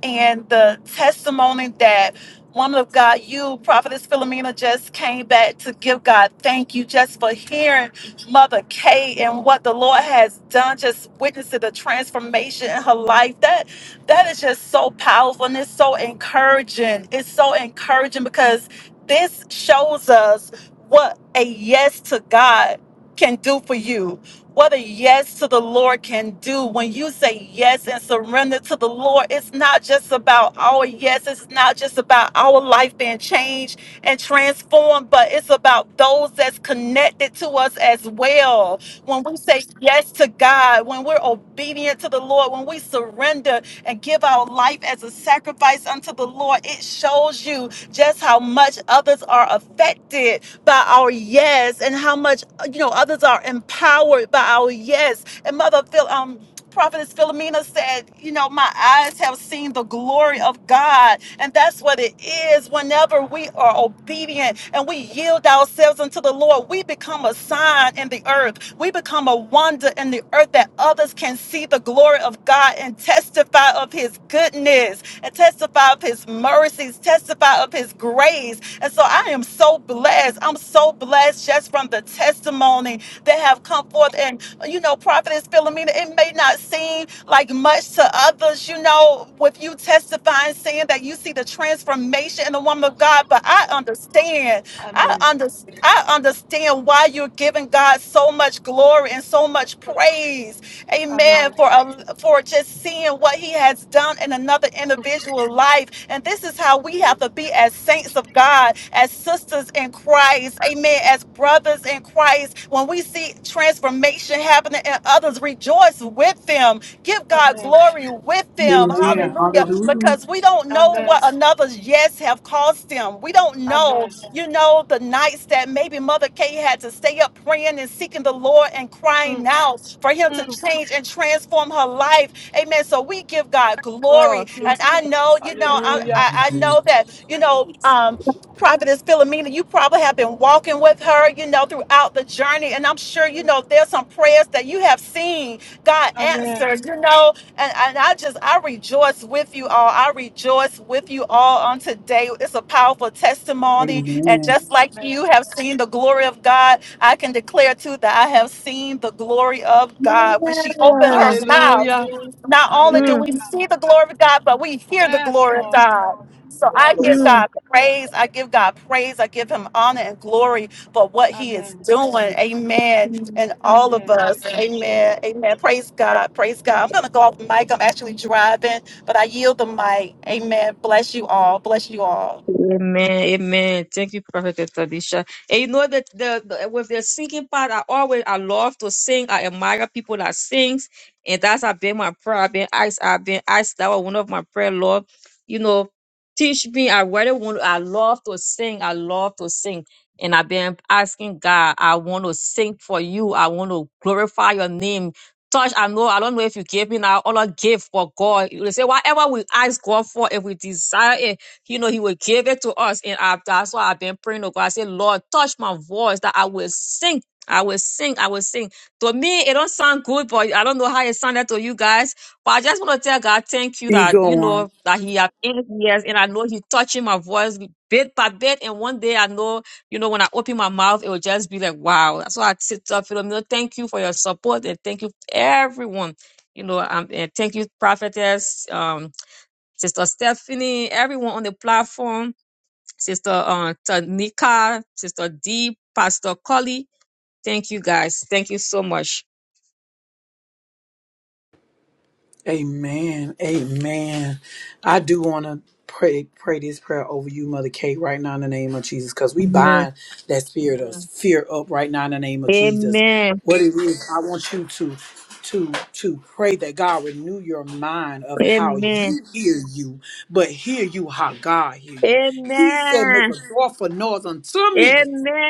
S2: and the testimony that woman of God, you, Prophetess Philomena, just came back to give God thank you just for hearing Mother Kay and what the Lord has done, just witnessing the transformation in her life. That that is just so powerful and it's so encouraging. It's so encouraging because this shows us what a yes to God can do for you what a yes to the Lord can do. When you say yes and surrender to the Lord, it's not just about our yes. It's not just about our life being changed and transformed, but it's about those that's connected to us as well. When we say yes to God, when we're obedient to the Lord, when we surrender and give our life as a sacrifice unto the Lord, it shows you just how much others are affected by our yes and how much you know, others are empowered by our yes. And mother Phil, um, Prophetess Philomena said, You know, my eyes have seen the glory of God. And that's what it is. Whenever we are obedient and we yield ourselves unto the Lord, we become a sign in the earth. We become a wonder in the earth that others can see the glory of God and testify of his goodness and testify of his mercies, testify of his grace. And so I am so blessed. I'm so blessed just from the testimony that have come forth. and." you know, Prophetess Philomena, it may not seem like much to others, you know, with you testifying, saying that you see the transformation in the woman of God, but I understand. I understand. I understand why you're giving God so much glory and so much praise Amen. For um, for just seeing what He has done in another individual life, and this is how we have to be as saints of God, as sisters in Christ. Amen. As brothers in Christ, when we see transformation happening in others, rejoice with them Give God glory with them.
S1: Amen.
S2: Hallelujah.
S1: Hallelujah.
S2: Because we don't know what another's yes have cost them. We don't know, you know, the nights that maybe Mother Kay had to stay up praying and seeking the Lord and crying out for him to change and transform her life. Amen. So we give God glory.
S4: God. Mm.
S2: And I know, you know, I, I, I know that, you know, um, Prophetess Philomena, you probably have been walking with her, you know, throughout the journey. And I'm sure, you know, there's some prayers that you have seen God answered, you know, and, and I just, I rejoice with you all. I rejoice with you all on today. It's a powerful testimony. And
S1: Amen.
S2: just like you have seen the glory of God, I can declare too that I have seen the glory of God. When she opened her
S4: Yeah.
S2: mouth, not only do
S4: Mm.
S2: we see the glory of God, but we hear the glory of God. So I give
S4: Mm.
S2: God praise. I give God praise. I give him honor and glory for what he is doing. Amen.
S4: Mm.
S2: And all of us. Amen. Amen. Praise God. Praise God. I'm going to go off the mic. I'm actually driving, but I yield the mic. Amen. Bless you all. Bless you all.
S4: Amen. Amen. Thank you, Prophet Tadisha. And you know that the, the with the singing part, I always I love to sing. I admire people that sings, and that's have been my prayer. I've been asked. I've been asked. That was one of my prayer, Lord. You know, teach me. I really want. I love to sing. I love to sing. And I've been asking God, I want to sing for you. I want to glorify your name. Touch, I know, I don't know if you gave me now all a gift for God. You say, whatever we ask God for, if we desire it. You know, He will give it to us. And I, that's why I've been praying to God. I said, Lord, touch my voice that I will sing. I will sing. I will sing. To me, it don't sound good, but I don't know how it sounded to you guys. But I just want to tell God, thank you
S1: Keep
S4: that you
S1: going.
S4: know that He have in His and I know He touching my voice bit by bit. And one day, I know you know, when I open my mouth, it will just be like, wow. That's why I sit up, Philomena. Thank you for your support and thank you everyone. You know, um, and thank you, prophetess. Um, Sister Stephanie, everyone on the platform, Sister uh, Tanika, Sister D, Pastor Collie. Thank you guys. Thank you so much.
S1: Amen. Amen. I do want to pray pray this prayer over you, Mother Kate, right now in the name of Jesus, because we
S4: Amen.
S1: bind that spirit of Amen. fear up right now in the name of Jesus.
S4: Amen.
S1: What it is, I want you to to to pray that God renew your mind of how
S4: Amen.
S1: you hear you, but hear you how God hear you. He said, Make a
S4: Amen.
S1: joyful noise unto
S4: Amen.
S1: me.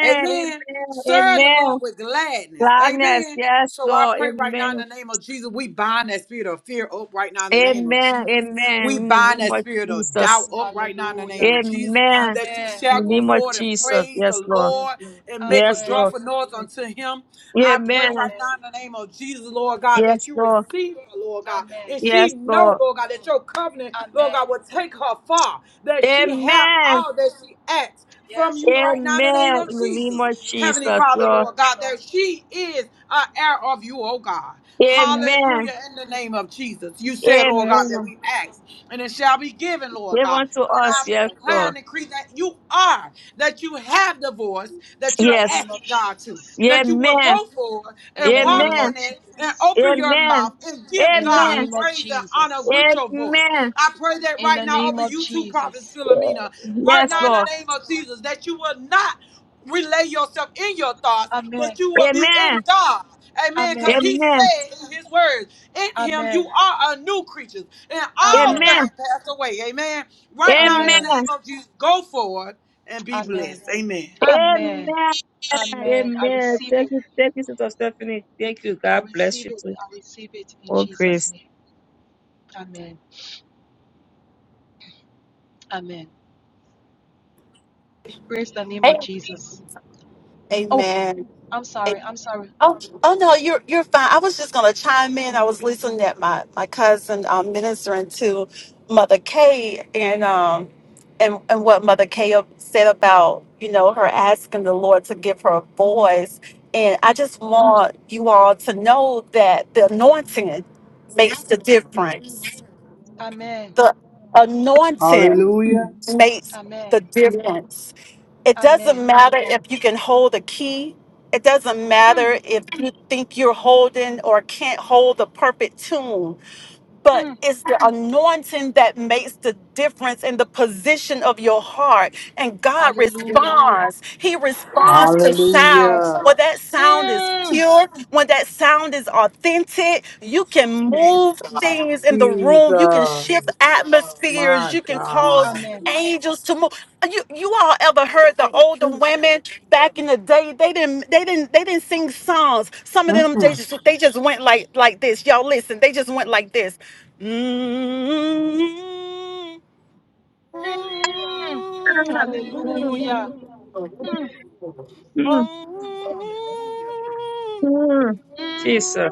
S4: Amen.
S1: Amen. Serve the
S4: Amen.
S1: Lord with gladness.
S4: Gladness.
S1: Amen.
S4: Yes,
S1: So I
S4: Lord.
S1: pray right now in
S4: Amen.
S1: the name of Jesus, we bind that spirit of fear up right now in the name of
S4: Amen.
S1: Jesus.
S4: Amen.
S1: We
S4: In the
S1: bind
S4: name
S1: that
S4: of
S1: spirit of doubt
S4: Jesus.
S1: up right now in the name of Jesus.
S4: Amen.
S1: That you
S4: In
S1: shall
S4: the
S1: go
S4: name of
S1: forward and
S4: Jesus.
S1: praise
S4: Yes,
S1: the
S4: Lord.
S1: Lord and make a
S4: Yes, Lord.
S1: joyful noise unto him. I pray
S4: Amen.
S1: right now in the name of Jesus, Lord God, that
S4: Yes,
S1: you
S4: Lord.
S1: receive her, Lord God. And
S4: Yes,
S1: she know,
S4: Lord.
S1: Lord God, that your covenant, Lord God, will take her far. That she have
S4: Amen.
S1: all that she asks from you right now in the name
S4: Amen.
S1: of
S4: In the name
S1: Jesus.
S4: of
S1: Heavenly
S4: Jesus,
S1: Father,
S4: Lord.
S1: Lord God, that she is an heir of you, oh God.
S4: Amen.
S1: Hallelujah, in the name of Jesus. You said, Lord God, that
S4: Amen.
S1: we ask and it shall be given, Lord
S4: Give
S1: God.
S4: unto
S1: And
S4: us,
S1: I
S4: yes,
S1: declare
S4: Lord.
S1: and decree that you are, that you have the voice that you're
S4: Yes.
S1: asking God to, that you will
S4: Amen.
S1: go forward and walk
S4: Amen.
S1: in it and open your
S4: Amen.
S1: mouth and give God
S4: Amen.
S1: praise and honor with your voice.
S4: Amen.
S1: I pray that right now over you two prophets, Philomena, right
S4: Yes,
S1: now in the
S4: Lord.
S1: name of Jesus, that you will not relay yourself in your thoughts, but you will be
S4: Amen.
S1: in God. Amen. Because he
S4: Amen.
S1: said in his words, in him you are a new creature, and all
S4: Amen.
S1: things pass away. Amen. Right now, in
S4: Amen.
S1: the name of Jesus, go forward and be blessed. Amen.
S4: Amen. Amen. Thank you. Thank you, Sister Stephanie. Thank you. God bless you too. Oh, grace.
S2: Amen. Amen. Oh, oh no, you're you're fine. I was just gonna chime in. I was listening at my my cousin um, ministering to Mother Kay and um and and what Mother Kay said about you know her asking the Lord to give her a voice. And I just want you all to know that the anointing makes the difference. The anointing
S1: Hallelujah.
S2: makes the difference it doesn't matter if you can hold a key. It doesn't matter if you think you're holding or can't hold the perfect tune, but it's the anointing that makes the difference in the position of your heart. And God responds. He responds to sound.
S1: Hallelujah.
S2: When that sound is pure, when that sound is authentic, you can move things in the room. You can shift
S1: Jesus.
S2: atmospheres.
S1: My
S2: You can cause
S1: God.
S2: angels to move you you all ever heard the older women back in the day they didn't they didn't they didn't sing songs some of them they
S1: Mm-mm.
S2: just they just went like like this y'all listen they just went like this
S4: Mm, mm, mm. Jesus.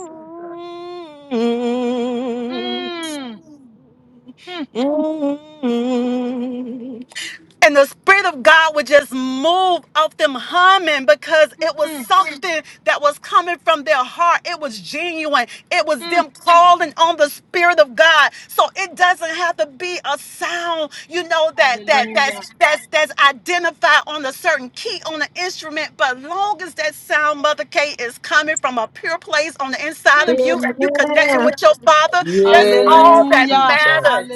S2: And the Spirit of God would just move off them humming because it was something that was coming from their heart. It was genuine. It was them calling on the Spirit of God. So it doesn't have to be a sound, you know, that that that's that's that's identified on a certain key on the instrument. But long as that sound, Mother Kate, is coming from a pure place on the inside of you,
S4: Amen.
S2: and you connecting with your father, that's
S1: Yes,
S2: all that
S1: Jesus.
S2: matters.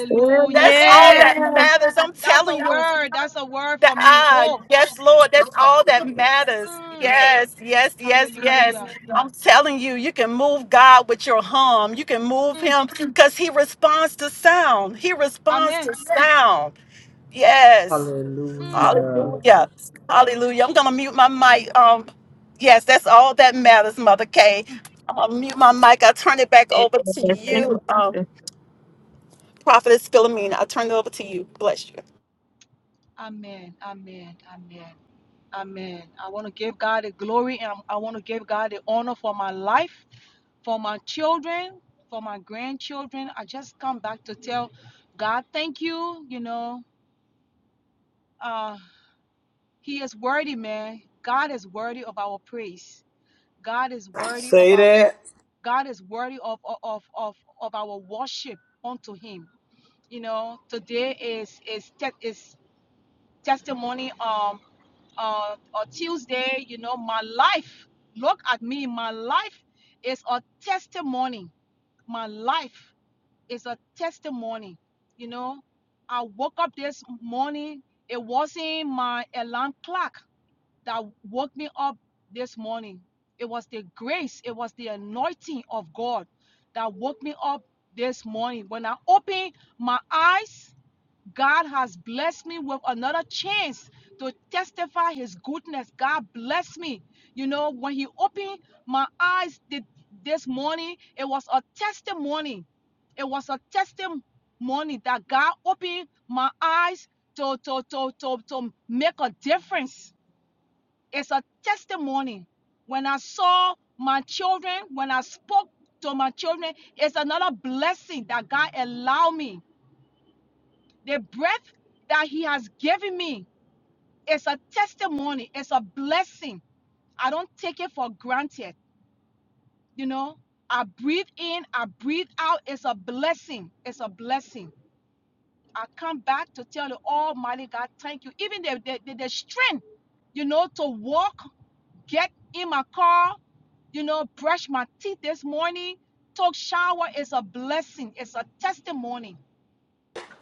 S2: That's all that
S4: Amen.
S2: matters. I'm telling you. That, ah, yes, Lord, that's all that matters. Yes, yes, yes, yes. I'm telling you, you can move God with your hum. You can move him because he responds to sound. He responds to sound. Yes.
S1: Hallelujah.
S2: Hallelujah. Hallelujah. I'm going to mute my mic. Um, yes, that's all that matters, Mother K. I'm going to mute my mic. I'll turn it back over to
S4: Yes, Thank
S2: you,
S4: you.
S2: um,
S4: Yes,
S2: Prophetess Philomena. I'll turn it over to you. Bless you.
S1: Say that.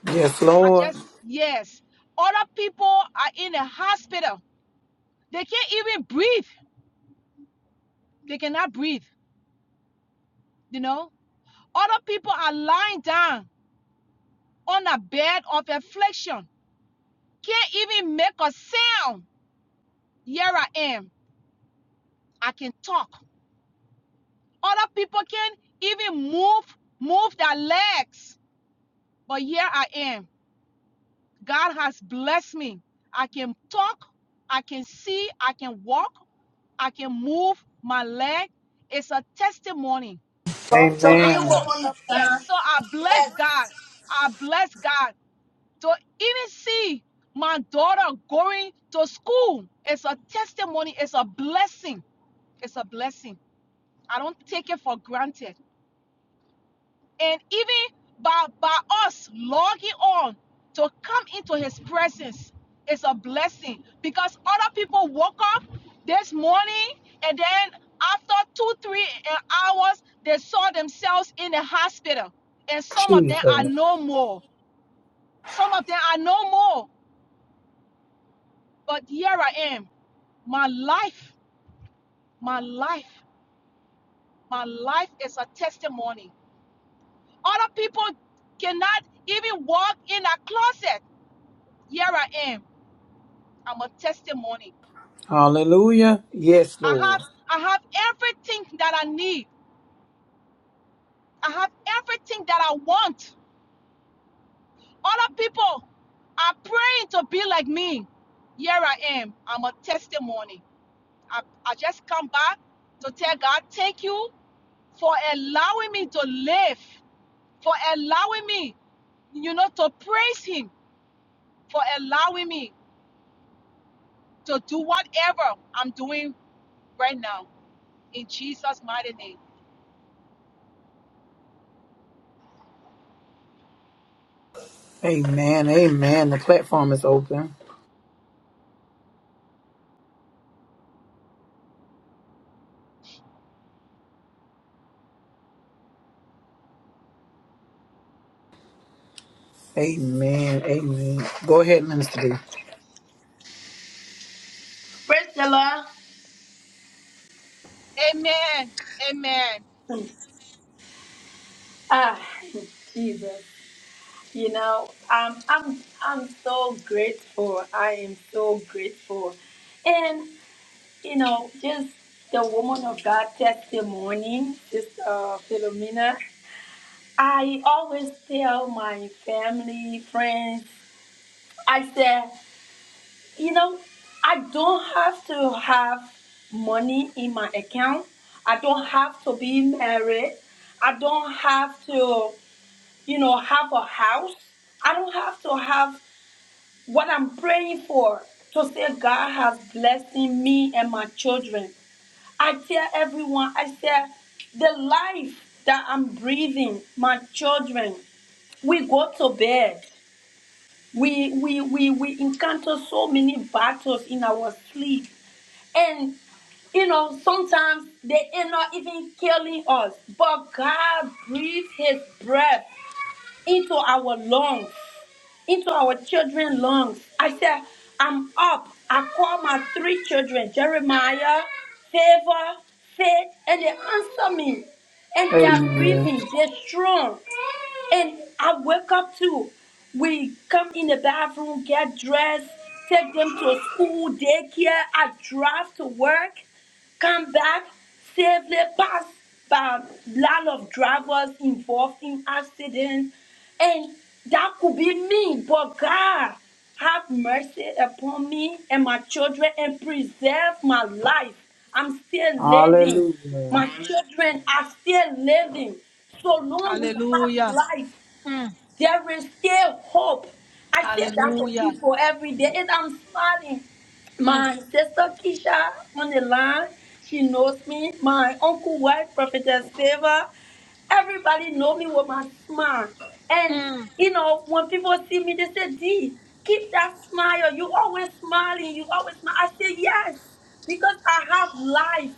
S1: Yes, Lord.
S5: Talk to me,
S1: Amen.
S5: woman.
S1: Jesus. Hallelujah. Yes, Lord. Amen. Amen. The platform is open. Amen. Amen. Go ahead, Minister D.
S5: Priscilla. Ah, Jesus. You know, um, I'm I'm so grateful. I am so grateful, and you know, just the woman of God testimony, Sister uh, Philomena. I always tell my family, friends. I said. You know, I don't have to have money in my account. I don't have to be married. I don't have to, you know, have a house. I don't have to have what I'm praying for to say God has blessed me and my children. I tell everyone, I say, the life that I'm breathing, my children, we go to bed. We, we, we, we encounter so many battles in our sleep. And, you know, sometimes they end up even killing us. But God breathed His breath into our lungs into our children's lungs. I said, I'm up. I call my three children, Jeremiah, Favor, Faith, and they answer me. And they are
S1: Amen.
S5: breathing, they're strong. And I wake up too. We come in the bathroom, get dressed, take them to school, daycare. I drive to work come back safely past a lot of drivers involved in accidents and that could be me but god have mercy upon me and my children and preserve my life i'm still living
S1: Hallelujah.
S5: my children are still living so long we have life there is still hope. I say that to people every day, and I'm smiling. My sister Keisha on the line, she knows me. My uncle wife, Prophetess Favor, everybody know me with my smile. And you know, when people see me, they say, "D, keep that smile. You always smiling. You always smile." I say, "Yes, because I have life.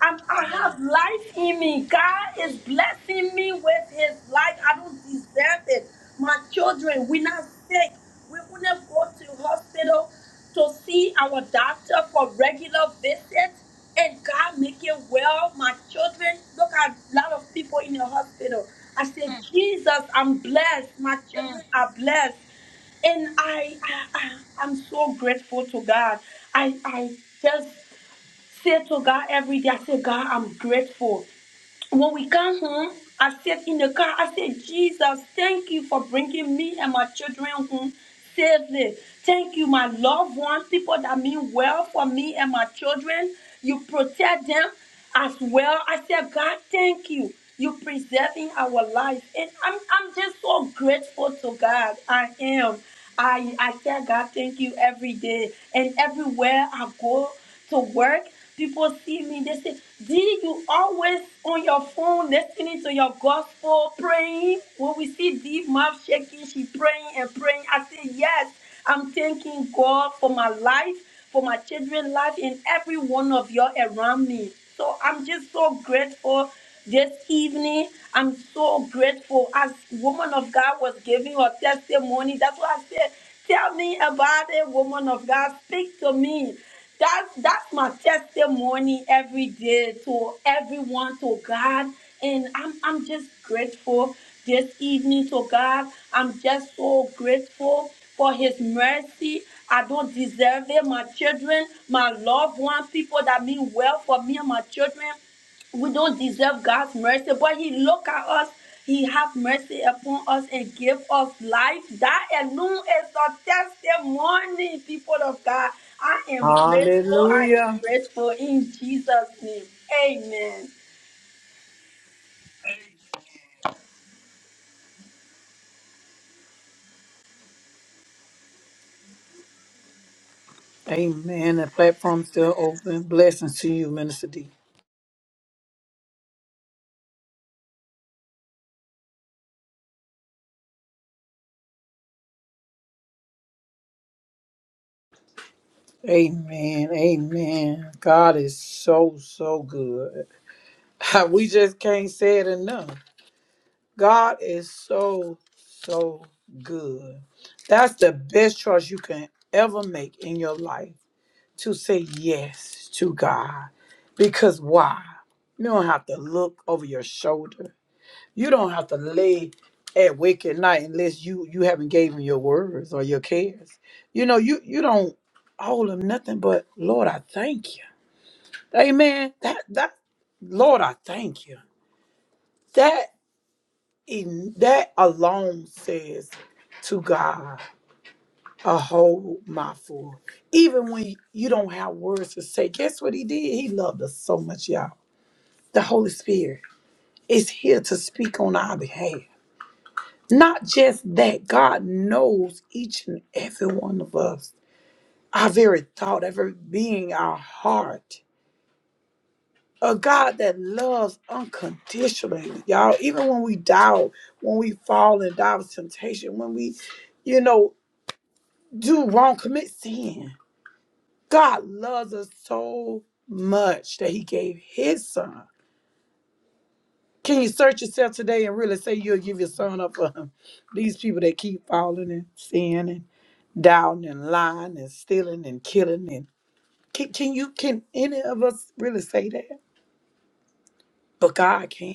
S5: I'm, I have life in me. God is blessing me with His life. I don't deserve it. My children, we're not sick. We wouldn't go to hospital to see our doctor for regular visits, and God make it well. My children, look at a lot of people in the hospital. I said, Jesus, I'm blessed. My children are blessed and I, I, I I'm so grateful to God. I I just say to God every day, I say, God, I'm grateful. When we come home, I sit in the car, I say, Jesus, thank you for bringing me and my children home safely. Thank you, my loved ones, people that mean well for me and my children. You protect them as well. I said, God, thank you. You preserving our life. And I'm I'm just so grateful to God. I am. I I tell God thank you every day and everywhere I go to work. People see me, they say, D, you always on your phone listening to your gospel, praying. When we see D mouth shaking, she praying and praying. I say, Yes, I'm thanking God for my life, for my children's life, and every one of you all around me. So I'm just so grateful this evening. I'm so grateful. As woman of God was giving her testimony, that's why I said, Tell me about it, woman of God. Speak to me that's that's my testimony every day to everyone to God and I'm I'm just grateful this evening to God. I'm just so grateful for his mercy. I don't deserve it. My children, my loved ones, people that mean well for me and my children we don't deserve God's mercy, but He looked at us. He have mercy upon us and give us life. That alone is a testimony, people of God. I am grateful. I am
S1: Hallelujah.
S5: grateful in Jesus' name. Amen.
S1: Amen. The platform still open. Blessings to you, Minister D. Amen. Amen. God is so, so good. We just can't say it enough. God is so, so good. That's the best choice you can ever make in your life. to say yes to God. Because why? You don't have to look over your shoulder. You don't have to lay awake at night unless you you haven't gave him your words or your cares. You know, you you don't owe him nothing but Lord, I thank you. Amen. That that Lord, I thank you. That in that alone says to God. a whole mouthful. Even when you don't have words to say, guess what he did? He loved us so much, y'all. The Holy Spirit is here to speak on our behalf. Not just that, God knows each and every one of us, our very thought, every being, our heart. A God that loves unconditionally, y'all. Even when we doubt, when we fall and die with temptation, when we, you know, do wrong, commit sin. God loves us so much that he gave his son. Can you search yourself today and really say you'll give your son up for him? These people that keep falling and sinning and doubting and lying and stealing and killing and can, can you can any of us really say that? But God can.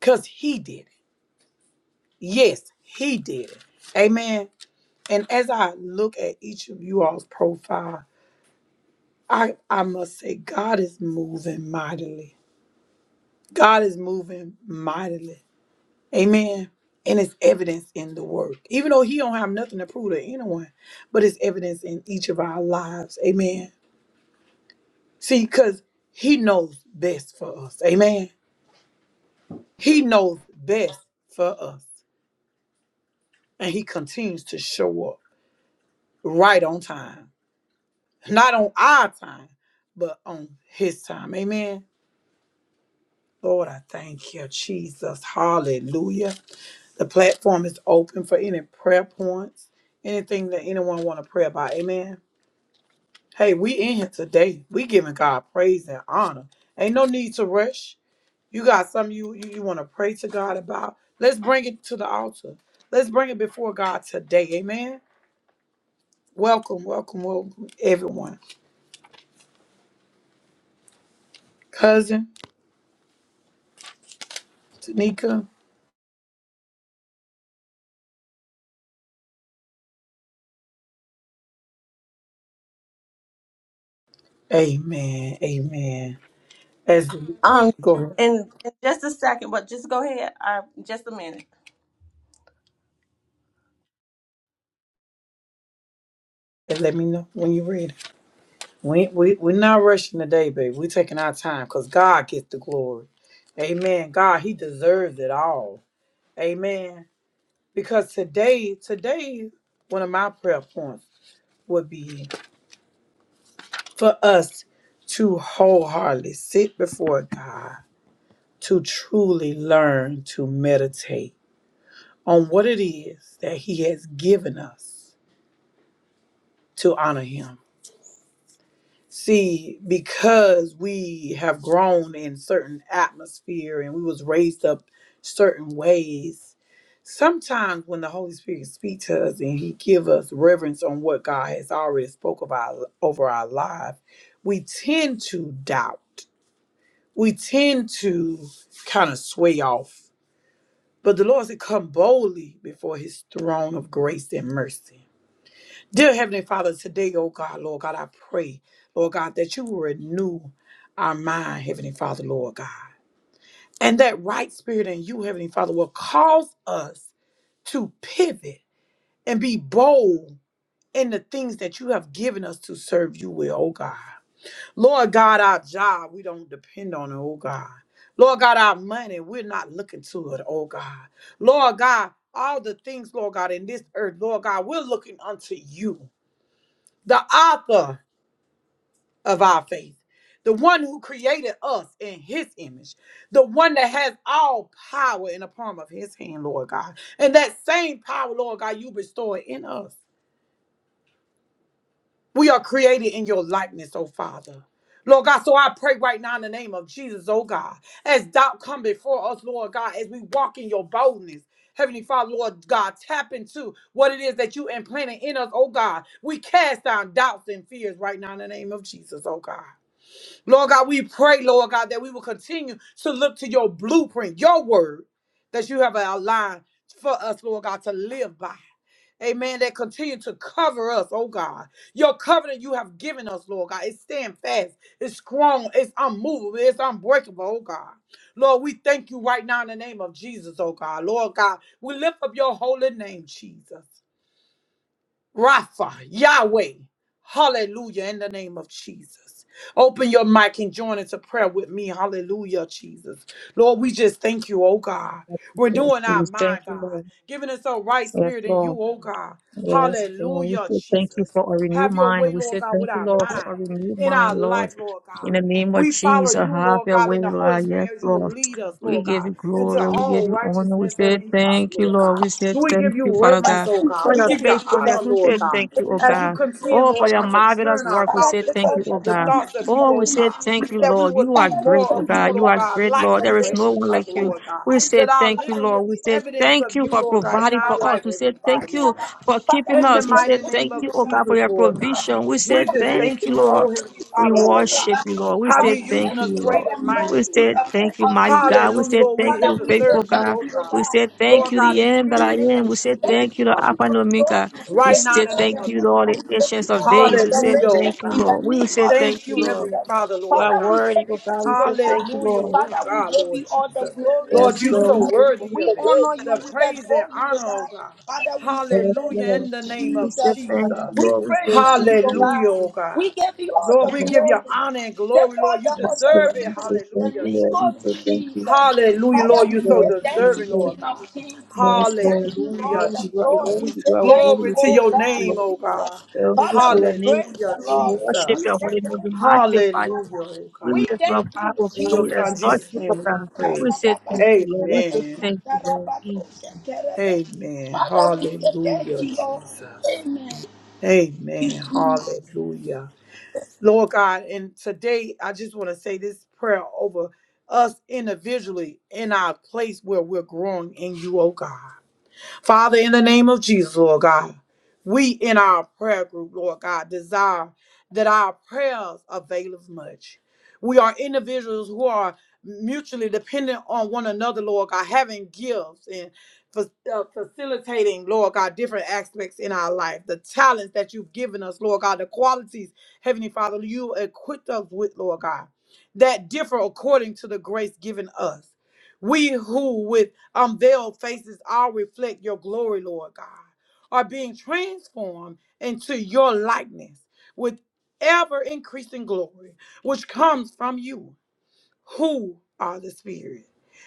S1: Cause he did it. Yes, he did it. Amen. And as I look at each of you all's profile, I, I must say God is moving mightily. God is moving mightily. Amen. And it's evidence in the work. Even though he don't have nothing to prove to anyone, but it's evidence in each of our lives. Amen. See, because he knows best for us. Amen. He knows best for us. And he continues to show up right on time. Not on our time, but on his time. Amen. Lord, I thank you, Jesus. Hallelujah. The platform is open for any prayer points, anything that anyone want to pray about. Amen. Hey, we in here today. We giving God praise and honor. Ain't no need to rush. You got something you you, you want to pray to God about. Let's bring it to the altar. Let's bring it before God today. Amen. Welcome, welcome, welcome, everyone. Cousin Tanika. Amen. Amen. As we
S3: Um,
S1: go ahead
S3: in, in just a second, but just go ahead. Uh, just a minute.
S1: and let me know when you're ready. We, we we're not rushing today, baby. We're taking our time because God gets the glory. Amen. God, He deserves it all. Amen. because today today one of my prayer points would be for us to wholeheartedly sit before god to truly learn to meditate on what it is that he has given us to honor him see because we have grown in certain atmosphere and we was raised up certain ways sometimes when the holy spirit speaks to us and he give us reverence on what god has already spoke about over our life we tend to doubt we tend to kind of sway off but the lord said come boldly before his throne of grace and mercy Dear Heavenly Father, today, oh God, Lord God, I pray, Lord God, that you will renew our mind, Heavenly Father, Lord God. And that right spirit in you, Heavenly Father, will cause us to pivot and be bold in the things that you have given us to serve you with, oh God. Lord God, our job, we don't depend on it, oh God. Lord God, our money, we're not looking to it, oh God. Lord God, all the things, Lord God, in this earth, Lord God, we're looking unto you the author. of our faith, the one who created us in his image, the one that has all power in the palm of his hand, Lord God. And that same power, Lord God, you bestow it in us. We are created in your likeness, oh Father. Lord God, so I pray right now in the name of Jesus, oh God, as doubt come before us, Lord God, as we walk in your boldness. Heavenly Father, Lord God, tap into what it is that you implanted in us, oh God. We cast down doubts and fears right now in the name of Jesus, oh God. Lord God, we pray, Lord God, that we will continue to look to your blueprint, your word that you have aligned for us, Lord God, to live by. Amen. That continue to cover us, oh God. Your covenant you have given us, Lord God, it stand fast, it's strong, it's unmovable, it's unbreakable, oh God. Lord, we thank you right now in the name of Jesus, oh God. Lord God, we lift up your holy name, Jesus. Rapha, Yahweh. Hallelujah, in the name of Jesus. Open your mic and join into prayer with me. Hallelujah, Jesus. Lord, we just thank you, oh God.
S4: yes,
S1: Renewing our
S4: yes. Thank
S1: mind,
S4: you,
S1: God.
S4: Lord.
S1: Giving us a right
S4: Yes,
S1: spirit in
S4: Lord.
S1: you, oh God.
S4: Yes, Lord. We
S1: Hallelujah,
S4: say thank you
S1: Jesus.
S4: for a renewed
S1: Have your
S4: mind.
S1: way,
S4: We
S1: Lord
S4: say
S1: God,
S4: thank
S1: with
S4: you,
S1: our
S4: Lord, for
S1: mind,
S4: a renewed
S1: in our
S4: mind, Lord.
S1: life, Lord God.
S4: In the name of
S1: We follow
S4: Jesus,
S1: you,
S4: have
S1: Lord
S4: your
S1: God,
S4: way,
S1: in the Holy
S4: Lord.
S1: Spirit
S4: Yes,
S1: as you
S4: Lord.
S1: lead us,
S4: We
S1: Lord
S4: give
S1: God,
S4: you
S1: into
S4: glory. We give
S1: all
S4: you honor. We
S1: righteousness,
S4: say
S1: Heavenly Father,
S4: thank you,
S1: Lord
S4: Lord.
S1: God.
S4: We say
S1: We give
S4: thank
S1: you
S4: you, Father
S1: reverence,
S4: God,
S1: oh
S5: Father, we
S1: God.
S4: for
S1: We
S4: your
S1: give you
S5: say
S1: honor,
S4: faithfulness. We
S1: Lord
S5: thank
S4: say
S5: you, Lord.
S1: God.
S4: thank
S5: We give
S4: you,
S5: you
S4: oh
S5: thanks.
S1: As you
S4: God.
S1: continue,
S4: Oh, for
S1: Lord
S4: your
S1: God, to
S4: marvelous
S1: turn our
S4: work. We
S5: Father,
S1: thoughts
S4: say
S5: take
S4: thank
S1: into
S5: all
S4: you, oh
S1: the
S5: the
S4: God.
S5: honor
S1: thoughts
S5: in
S1: of you,
S4: Oh,
S5: the
S4: we
S1: oh
S5: name
S4: say
S5: of
S1: God.
S4: thank you,
S1: That we
S5: Jesus.
S4: Lord.
S1: will
S4: You are
S1: think
S5: Father, we
S4: great,
S1: more
S4: oh
S1: of
S5: thank you,
S1: you,
S4: God.
S5: Lord
S4: You
S1: Lord
S5: God,
S4: are
S1: God,
S4: great,
S5: for
S1: like
S4: Lord.
S5: your
S1: you,
S4: There is no
S1: Heavenly
S4: one
S5: grace
S1: Father,
S4: like
S5: upon
S4: you.
S1: Lord God.
S4: We
S5: our lives.
S4: say
S1: That our
S4: thank you,
S1: living will
S4: Lord. We
S1: be
S4: say
S1: evidence
S4: thank
S1: of
S4: you
S1: you,
S4: for
S1: Lord God, in
S4: providing
S1: our
S4: for us.
S1: life,
S4: We say
S1: Heavenly Father,
S4: thank you
S1: Lord
S4: for
S1: God.
S4: keeping
S5: Father,
S1: In
S5: we
S1: the
S4: us.
S5: say
S4: We say
S1: mighty name
S5: thank
S4: thank
S5: you,
S1: of
S4: you,
S5: Lord
S4: oh
S5: God.
S4: God, for
S1: Jesus,
S4: your
S1: Lord God.
S4: provision. We say
S1: We
S5: Father,
S1: just
S4: thank
S1: thank
S4: you,
S1: you,
S4: Lord.
S1: oh
S5: thank
S1: Heavenly
S4: We
S1: Father, Lord
S4: worship
S1: God.
S4: you, Lord. We
S1: How you
S4: say
S1: using
S4: thank you,
S1: us
S5: you for
S1: great
S4: Lord.
S1: and
S5: your
S4: We
S1: mighty,
S5: mercy
S1: Lord
S4: say
S5: and for
S1: God.
S4: thank you, mighty
S5: us.
S4: God. We
S1: Hallelujah,
S4: say
S1: Lord. We're
S4: thank
S1: here
S5: Father,
S4: you,
S1: to
S5: we say
S4: faithful
S1: serve you,
S5: thank
S4: God.
S1: oh
S5: you, Lord
S1: God.
S4: We
S5: God.
S4: say thank
S5: Thank
S1: Lord
S4: you,
S5: you,
S1: God,
S4: the
S1: in
S4: end that
S1: spirit
S4: I
S5: Jesus.
S1: and
S4: am.
S1: in
S4: We say
S1: truth,
S5: Thank you,
S1: Heavenly
S4: thank you, the
S5: King
S4: Alpha
S1: Father
S5: of
S4: and
S5: glory.
S4: Omega.
S5: We
S4: We
S1: right
S5: give
S1: now in
S5: you
S4: say
S1: the
S5: all
S4: thank
S1: name
S5: the
S1: of
S4: you, Lord,
S5: honor.
S4: the
S5: We give
S1: Jesus.
S5: you
S4: ancients
S5: all
S4: of
S5: the
S4: days. We say
S1: Hallelujah, oh
S4: thank
S5: adoration
S4: you,
S5: in
S1: God.
S4: Lord.
S5: the
S4: We will
S5: name
S4: say
S5: of
S4: thank
S1: Thank
S4: you,
S1: you,
S5: Jesus.
S4: Lord.
S1: Heavenly Father,
S4: For
S1: Lord
S4: our
S5: Father,
S1: God.
S5: we
S4: word,
S5: say
S4: oh God,
S5: thank you,
S4: we say
S5: Lord
S4: thank
S5: God.
S4: you,
S1: Hallelujah,
S4: Lord.
S1: oh
S5: Father, we
S1: God,
S5: give
S1: Lord
S5: you all the
S1: Jesus.
S5: glory,
S1: Lord,
S4: Yes,
S1: you
S5: Jesus.
S4: Lord. We
S1: so
S4: say thank
S1: worthy
S5: We
S1: of
S4: you,
S1: it.
S4: Lord.
S5: honor you.
S1: The
S5: We
S1: praise and
S5: adore you,
S1: honor,
S5: Lord
S1: oh God.
S5: Father, we say
S4: Yes,
S5: thank
S1: Hallelujah,
S5: you,
S4: Lord.
S1: in the name
S4: We
S1: of
S4: say
S5: Jesus.
S4: thank you,
S1: Jesus.
S5: We
S4: Lord. We
S5: praise
S4: say
S5: you,
S4: thank
S5: O God.
S1: Hallelujah, oh
S5: We
S1: God.
S5: give you all
S1: Lord,
S5: the
S4: you.
S1: we give you
S5: glory.
S1: honor and
S5: Take
S1: glory,
S5: all
S1: Lord. You
S4: Yes,
S5: the
S4: Lord,
S1: deserve it.
S4: we
S5: adoration
S4: say
S5: in
S4: thank
S5: the
S1: Hallelujah,
S4: you,
S5: name
S4: Lord.
S1: Jesus.
S4: We
S5: of
S4: say thank
S5: Jesus.
S4: you.
S1: Hallelujah,
S4: Yes,
S1: Lord.
S5: Father, we
S1: You're so
S5: say
S4: Lord.
S5: thank
S4: Yes,
S5: you,
S1: deserving,
S4: Lord.
S1: Lord
S5: King of
S1: God.
S5: Kings. We
S4: Yes, Lord.
S5: thank you,
S1: Hallelujah,
S4: Lord,
S5: Lord of
S4: You are
S5: Lords.
S1: Jesus.
S5: We
S4: worthy.
S5: say
S4: You are
S5: thank
S4: worthy.
S5: you,
S1: Glory
S4: We
S1: to
S4: say
S5: O
S1: your
S4: thank
S5: God,
S4: you,
S1: name,
S4: Lord.
S1: oh God.
S5: Jesus.
S4: Only
S5: Father,
S4: for
S5: we
S4: your name,
S5: praise
S1: Hallelujah,
S4: God.
S5: you,
S4: We
S5: Lord.
S4: worship
S5: We
S1: Jesus.
S4: your
S5: say
S4: holy name. We
S5: thank you,
S4: magnify you.
S1: Hallelujah,
S5: Father.
S1: oh
S4: We
S1: God.
S5: We
S4: lift you up
S5: thank
S4: high,
S5: you,
S4: O
S1: In
S4: God.
S1: your
S4: We
S1: son
S5: Jesus.
S4: exalt
S1: Jesus'
S4: you, O
S1: name we
S4: God.
S5: Father,
S1: pray.
S4: We say thank you, Lord. We say
S1: Amen.
S4: thank you, Lord.
S1: Amen.
S5: we say thank
S1: Hallelujah,
S5: you, Lord.
S1: Jesus.
S5: Amen. You
S1: Amen.
S5: see, your
S1: Hallelujah. Lord God, and today I just want to say this prayer over us individually in our place where we're growing in you, oh God. Father, in the name of Jesus, Lord God, we in our prayer group, Lord God, desire that our prayers avail as much. We are individuals who are mutually dependent on one another, Lord God, having gifts and fa- uh, facilitating, Lord God, different aspects in our life, the talents that you've given us, Lord God, the qualities, Heavenly Father, you equipped us with, Lord God, that differ according to the grace given us. We who with unveiled faces all reflect your glory, Lord God, are being transformed into your likeness with ever increasing glory, which comes from you who are the Spirit.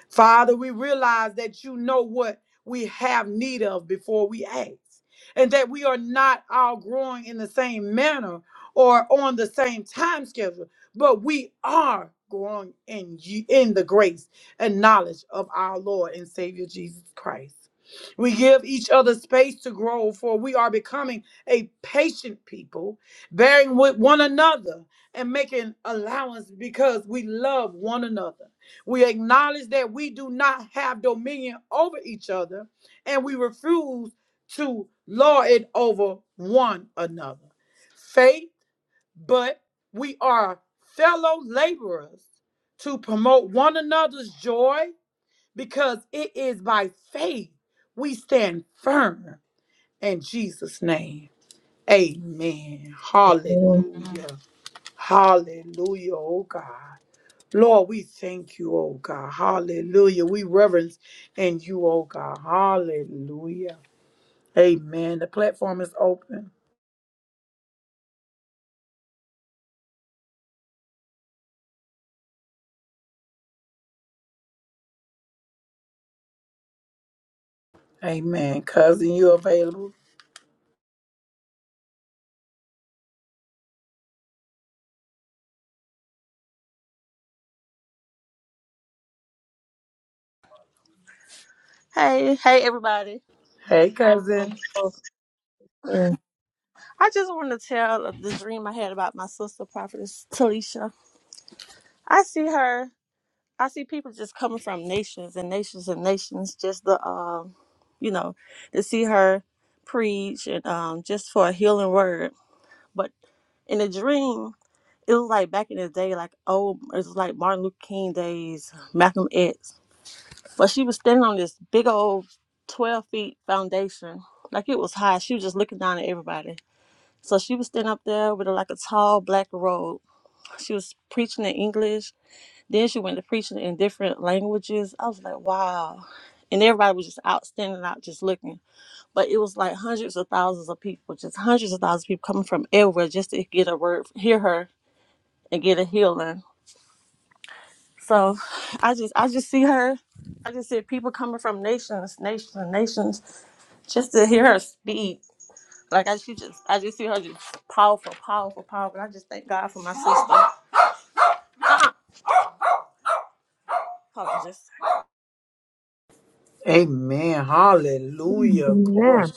S1: Father, we realize that you know what we have need of before we ask, and that we are not all growing in the same manner or on the same time schedule, but we are growing in you in the grace and knowledge of our Lord and Savior Jesus Christ. We give each other space to grow, for we are becoming a patient people, bearing with one another and making allowance because we love one another. We acknowledge that we do not have dominion over each other and we refuse to lord it over one another. Faith, but we are fellow laborers to promote one another's joy because it is by faith we stand firm in Jesus' name. Amen. Hallelujah. Hallelujah. Oh God. Lord, we thank you, oh God. Hallelujah. We reverence in you, oh God. Hallelujah. Amen. The platform is open. Amen. Cousin, you available?
S3: Hey, hey, everybody.
S1: Hey, cousin.
S4: Amen.
S3: I just want to tell the dream I had about my sister, prophetess Talisha. I see her. I see people just coming from nations and nations and nations just the um, you know, to see her preach and um, just for a healing word. But in the dream, it was like back in the day, like oh, it was like Martin Luther King days, Malcolm X. But she was standing on this big old 12 feet foundation. Like it was high. She was just looking down at everybody. So she was standing up there with a, like a tall black robe. She was preaching in English. Then she went to preaching in different languages. I was like, wow. And everybody was just out standing out, just looking. But it was like hundreds of thousands of people, just hundreds of thousands of people coming from everywhere just to get a word, hear her, and get a healing. So I just, I just see her. I just see people coming from nations, nations, nations just to hear her speak. Like I she just I just see her just powerful, powerful, powerful. I just thank God for my sister. Hold on, just
S1: Amen. Hallelujah. Glory.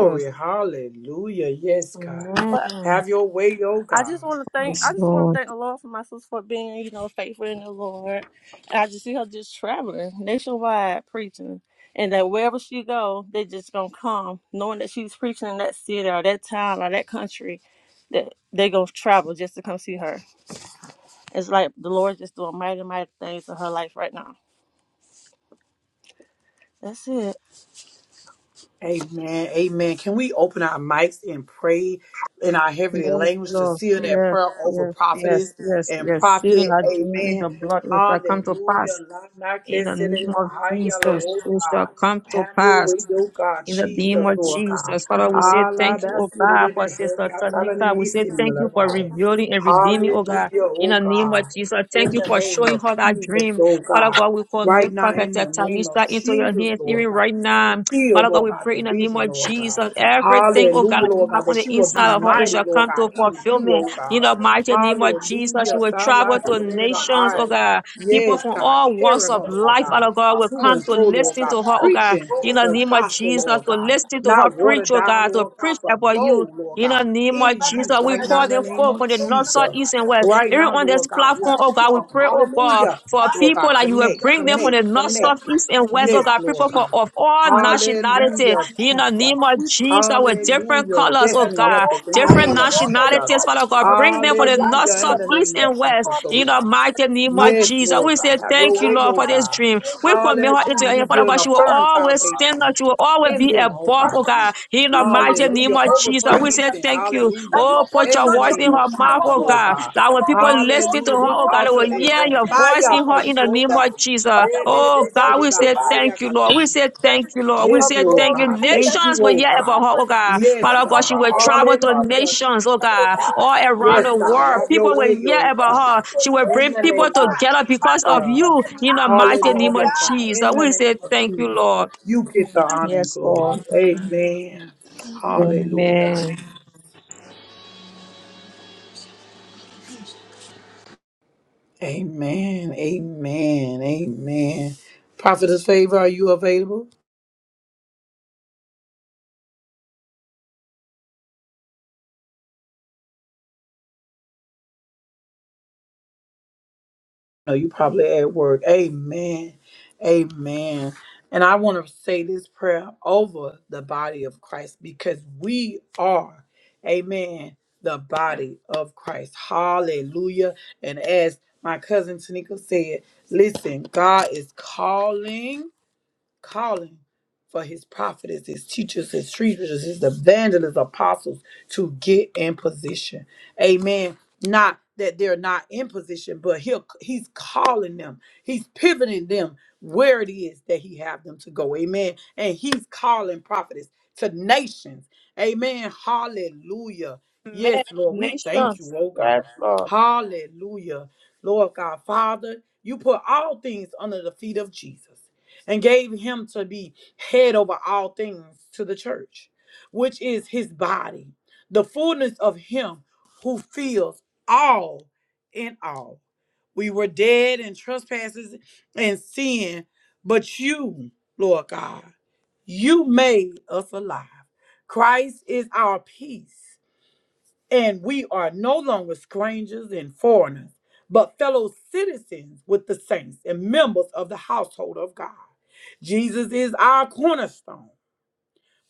S4: Amen.
S1: Hallelujah. Yes, God.
S4: Amen.
S3: but
S1: Have
S4: Amen.
S1: your way, oh
S3: I
S1: God.
S3: just wanna thank I just wanna thank the Lord for my sister for being, you know, faithful in the Lord. And I just see her just traveling nationwide preaching. And that wherever she go, they just gonna come, knowing that she's preaching in that city or that town or that country, that they gonna travel just to come see her. It's like the Lord just doing mighty, mighty things in her life right now. That's it.
S1: Amen. Amen. Can we open our mics and pray in our heavenly
S4: Yes,
S1: language to
S4: Lord.
S1: seal that
S4: Yes,
S1: prayer over
S4: yes,
S1: prophetess
S4: yes, yes,
S1: and
S4: yes. Sealing
S1: prophet?
S4: our dream in
S1: Amen.
S4: the blood, it shall come to
S1: Hallelujah.
S4: pass.
S1: La- na-
S4: In
S1: ke-
S4: the
S1: se-
S4: name
S1: le- le-
S4: of
S1: ha- ya- lo-
S4: Jesus,
S1: oh,
S4: it shall
S1: God.
S4: come to
S1: Have your
S4: pass.
S1: way, oh God,
S4: In the name
S1: Jesus,
S4: of
S1: Lord God.
S4: Jesus, Father, we say
S1: Allah,
S4: thank you,
S1: that's
S4: oh
S1: it. it-
S4: God,
S1: it-
S4: for
S1: it-
S4: Sister
S1: God, tell you, it
S4: Tanika.
S1: in
S4: We say thank
S1: similar
S4: you for
S1: way.
S4: revealing and redeeming, oh God.
S1: Hallelujah,
S4: In
S1: oh
S4: the name of
S1: God.
S4: Jesus, thank
S1: In
S4: you
S1: the
S4: for
S1: name
S4: showing
S1: of
S4: her that
S1: Jesus,
S4: dream.
S1: oh
S4: Father
S1: God.
S4: God, we
S1: Right
S4: commit
S1: now,
S4: Prophet
S1: in the name of
S4: Talisa into your
S1: Jesus,
S4: hands even
S1: Lord God
S4: right now.
S1: see, oh
S4: Father God,
S1: Lord
S4: we
S1: God,
S4: pray
S1: the
S4: in the name
S1: vision,
S4: of
S1: Lord God.
S4: Jesus, everything, oh God,
S1: Hallelujah,
S4: that you
S1: Lord
S4: have
S1: God, that
S4: on the
S1: she will be
S4: inside of her, it
S1: mighty,
S4: shall
S1: Lord
S4: come
S1: God,
S4: to
S1: in you,
S4: fulfillment.
S1: oh
S4: In
S1: God.
S4: the mighty name of Jesus, she
S1: Hallelujah.
S4: will travel
S1: Thala
S4: to
S1: Serere
S4: nations, oh
S1: Bahai.
S4: God. People
S1: Yes,
S4: from
S1: God,
S4: all walks
S1: carry her,
S4: of
S1: Lord
S4: life,
S1: God,
S4: Father God, will
S1: to
S4: come
S1: and
S4: to
S1: fro, Lord
S4: listen
S1: God,
S4: to her, oh God
S1: preaching
S4: in the
S1: the
S4: name of
S1: gospel,
S4: Jesus
S1: Lord
S4: to
S1: God.
S4: listen to her
S1: Not watered
S4: preach, oh
S1: down,
S4: God, to
S1: Lord God,
S4: preach
S1: but
S4: about you.
S1: bold, Lord
S4: In the
S1: God,
S4: name
S1: in
S4: of
S1: you
S4: Jesus, we
S1: right now
S4: call
S1: in the
S4: them
S1: name
S4: forth
S1: of
S4: from the north, south,
S1: Jesus.
S4: east, and west.
S1: Right
S4: Even
S1: now,
S4: on
S1: Lord
S4: this
S1: God, we'll
S4: platform, oh God, we
S1: call.
S4: pray, oh God,
S1: Hallelujah.
S4: for
S1: Lord God,
S4: people that you will
S1: connect,
S4: bring them
S5: will
S4: from the
S1: connect,
S4: north,
S5: in
S4: south,
S5: the
S1: connect.
S4: east, and
S5: mighty name
S4: west, oh
S1: Yes,
S5: of
S4: God,
S1: Lord
S4: people for,
S1: God.
S5: Jesus.
S4: of all
S5: Father, we pray
S4: nationality.
S1: Hallelujah,
S5: after
S4: In
S5: the
S4: the
S1: Jesus.
S4: name
S5: summer.
S4: of
S5: We
S4: Jesus, with different
S1: Hallelujah.
S4: colors, oh
S5: pray for
S1: Destiny
S4: God,
S1: help
S5: more
S1: us in the
S4: different
S5: power,
S1: name of
S5: more
S1: Jesus.
S4: nationalities, Father God,
S5: anointing
S4: bring
S5: upon
S4: them from
S5: our
S4: the
S5: life
S4: north,
S5: in
S1: Hallelujah. In
S4: south,
S5: the
S1: the name
S4: east,
S5: mighty
S1: of
S4: and
S5: name
S4: west
S1: Jesus,
S5: of
S1: oh
S4: in the
S5: Jesus.
S1: God.
S4: mighty name of
S5: Father,
S1: Yes,
S5: we
S4: Jesus.
S5: say
S1: Lord
S4: We
S1: God.
S4: say
S5: thank
S1: Have
S5: you, Lord.
S1: your
S4: thank you,
S1: way,
S4: Lord,
S1: oh
S4: for this
S5: Father,
S1: God.
S5: we thank
S4: dream.
S5: you, Lord.
S4: We commit her into
S5: Father. we
S1: Hallelujah.
S4: your
S1: You're
S4: hand, Father
S1: building
S4: God.
S1: a
S4: She will
S1: firm
S5: thank you,
S4: always
S5: Lord.
S4: stand
S1: foundation
S4: up. She will always
S1: in
S4: be
S1: them, oh
S4: above,
S1: God.
S4: oh God.
S5: That
S4: In the mighty
S1: Hallelujah.
S4: name of
S1: Over
S4: Jesus,
S1: prayer
S4: we say
S1: incense.
S4: thank you.
S1: Hallelujah.
S5: you
S4: Oh, put
S1: In
S4: your
S5: continue to
S1: the
S4: voice
S1: name
S4: in
S1: of
S4: her mouth,
S5: empower
S1: Jesus,
S4: oh
S5: her,
S1: Lord
S4: God.
S1: God.
S4: That when
S5: empower
S4: people
S5: her more
S4: listen to her,
S1: Hallelujah.
S5: and
S1: This
S4: oh
S5: more
S4: God, they
S5: in
S1: altar
S4: will
S5: the
S1: is
S4: hear
S1: on
S4: your
S5: mighty
S4: voice
S5: name
S1: fire
S4: in
S5: of
S1: for
S4: her in
S1: you,
S4: the
S1: oh
S4: name
S5: Jesus.
S4: of
S1: God.
S4: Jesus. Jesus.
S5: Father, we
S4: Oh
S5: say thank
S4: God, we
S5: you,
S4: say
S5: God.
S4: thank you, Lord. We say
S5: Thank
S4: thank you,
S5: you,
S4: Lord.
S5: King
S4: We
S1: Yes,
S5: of
S4: say
S1: Lord
S4: thank you.
S5: glory.
S1: God.
S5: We
S1: Thank
S5: thank you
S1: you,
S5: for
S4: Nations will
S1: oh
S5: our
S4: hear about
S1: God.
S4: her, oh
S5: servant.
S4: God.
S1: Yes,
S5: We
S4: Father God, she
S1: God.
S5: cover
S4: will
S5: her with the
S4: travel to
S5: blood of
S1: Hallelujah.
S4: nations, oh
S5: Jesus, oh
S4: God,
S1: Jesus.
S5: God.
S4: all around
S5: Father,
S4: the
S1: Yes,
S5: that
S1: God.
S5: she
S4: world.
S5: will
S1: Have
S4: People
S1: your
S5: speak
S4: will
S1: way,
S4: hear
S5: from
S1: oh God.
S5: nation
S4: about her.
S5: to
S4: She will
S1: In
S4: bring
S1: the
S5: nation,
S4: people
S5: oh
S1: name of
S5: God.
S4: together because
S5: Father, that
S4: of
S5: you
S1: God.
S5: will
S4: you in the
S5: announce her,
S4: mighty
S5: oh
S4: name
S1: Hallelujah,
S4: of
S5: God.
S1: God.
S4: Jesus.
S1: In the
S4: We
S1: name
S4: say
S1: of
S4: thank you,
S1: Jesus.
S4: Lord.
S1: You get the honor and
S4: Yes,
S1: glory.
S4: Lord.
S1: Amen. Hallelujah. Jesus.
S4: Amen.
S1: Amen. Amen. Amen. Prophetess Favor, are you available? No, you probably at work. Amen. Amen. And I want to say this prayer over the body of Christ because we are, amen, the body of Christ. Hallelujah. And as my cousin Tanika said, listen, God is calling, calling for his prophets, his teachers, his preachers, his evangelists, apostles to get in position. Amen. Not that they're not in position, but he'll he's calling them. He's pivoting them where it is that he have them to go. Amen. And he's calling prophets to nations. Amen. Hallelujah. Yes,
S4: Amen.
S1: Lord, we thank
S4: Nations.
S1: you, oh God.
S4: Yes, Lord.
S1: Hallelujah. Lord God, Father, you put all things under the feet of Jesus and gave him to be head over all things to the church, which is his body, the fullness of him who fills all in all. We were dead in trespasses and sin, but you, Lord God, you made us alive. Christ is our peace, and we are no longer strangers and foreigners, but fellow citizens with the saints and members of the household of God. Jesus is our cornerstone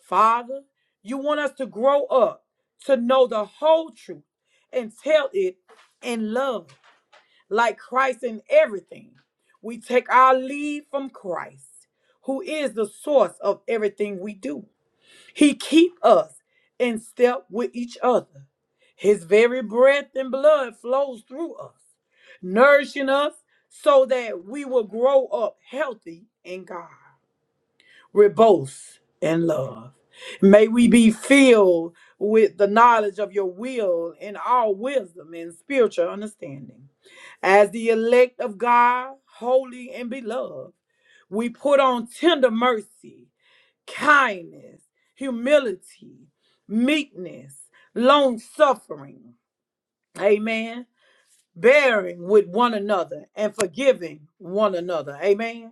S1: Father, you want us to grow up to know the whole truth and tell it in love, like Christ in everything. We take our lead from Christ, who is the source of everything we do. He keep us in step with each other. His very breath and blood flows through us, nourishing us so that we will grow up healthy in God. Reboth in love. May we be filled with the knowledge of your will in all wisdom and spiritual understanding. As the elect of God, holy and beloved, we put on tender mercy, kindness, humility, meekness, long bearing with one another and forgiving one another. Amen.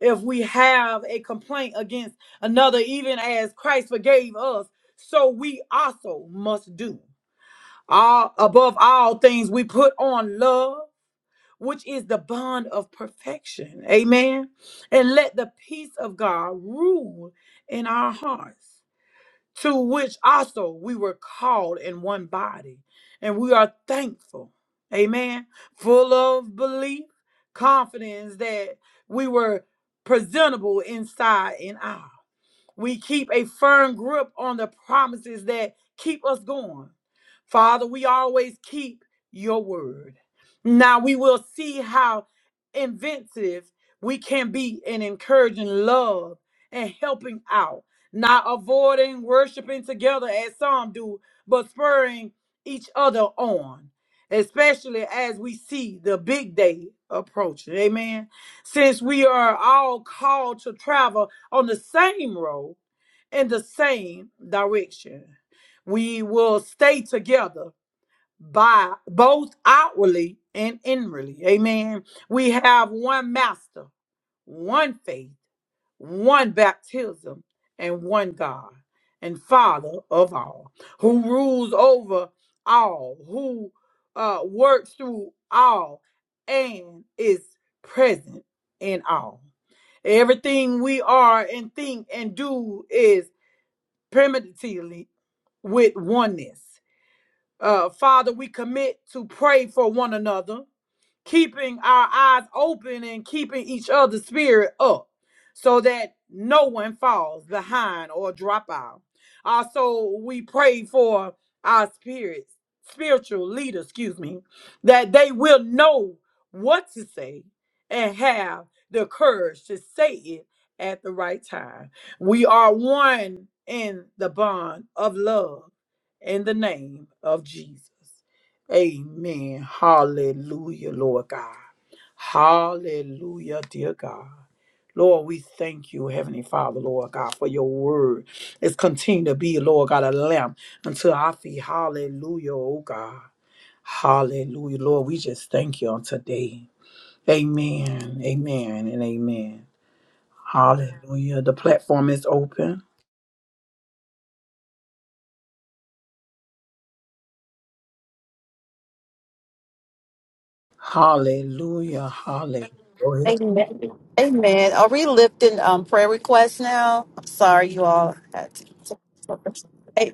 S1: if we have a complaint against another, even as Christ forgave us, so we also must do. All above all things, we put on love, which is the bond of perfection. Amen. And let the peace of God rule in our hearts to which also we were called in one body. And we are thankful, amen, full of belief, confidence that we were presentable inside and out. We keep a firm grip on the promises that keep us going. Father, we always keep your word. Now we will see how inventive we can be in encouraging love and helping out, not avoiding worshiping together as some do, but spurring each other on, especially as we see the big day approaching. Amen. Since we're all called to travel on the same road in the same direction. We by both outwardly and inwardly. Amen. We have master, one faith, one baptism, and who rule over all who uh, works through all and is present in all. Everything we are and think and do is permanently with oneness. Uh, Father, we commit to pray for one another keeping our eyes open and keeping each other's spirit up so that no one falls behind or drop out. Also, we pray for our spirits, spiritual leaders, excuse me, that they will know what to say and have the courage to say it at the right time. We are one in the bond of love in the name of Hallelujah, Lord God. Hallelujah, dear God. Lord, we thank you, Heavenly Father, Lord God, for your word. It's continued to be, Lord God, a lamp until I feet. Hallelujah, oh God. Hallelujah. Lord, we just thank you on today. Amen. Amen and amen. Hallelujah. The platform is open. Hallelujah. Hallelujah. Go ahead.
S2: Amen. Amen. Are we lifting um, prayer requests now? I'm sorry, you all had to. A-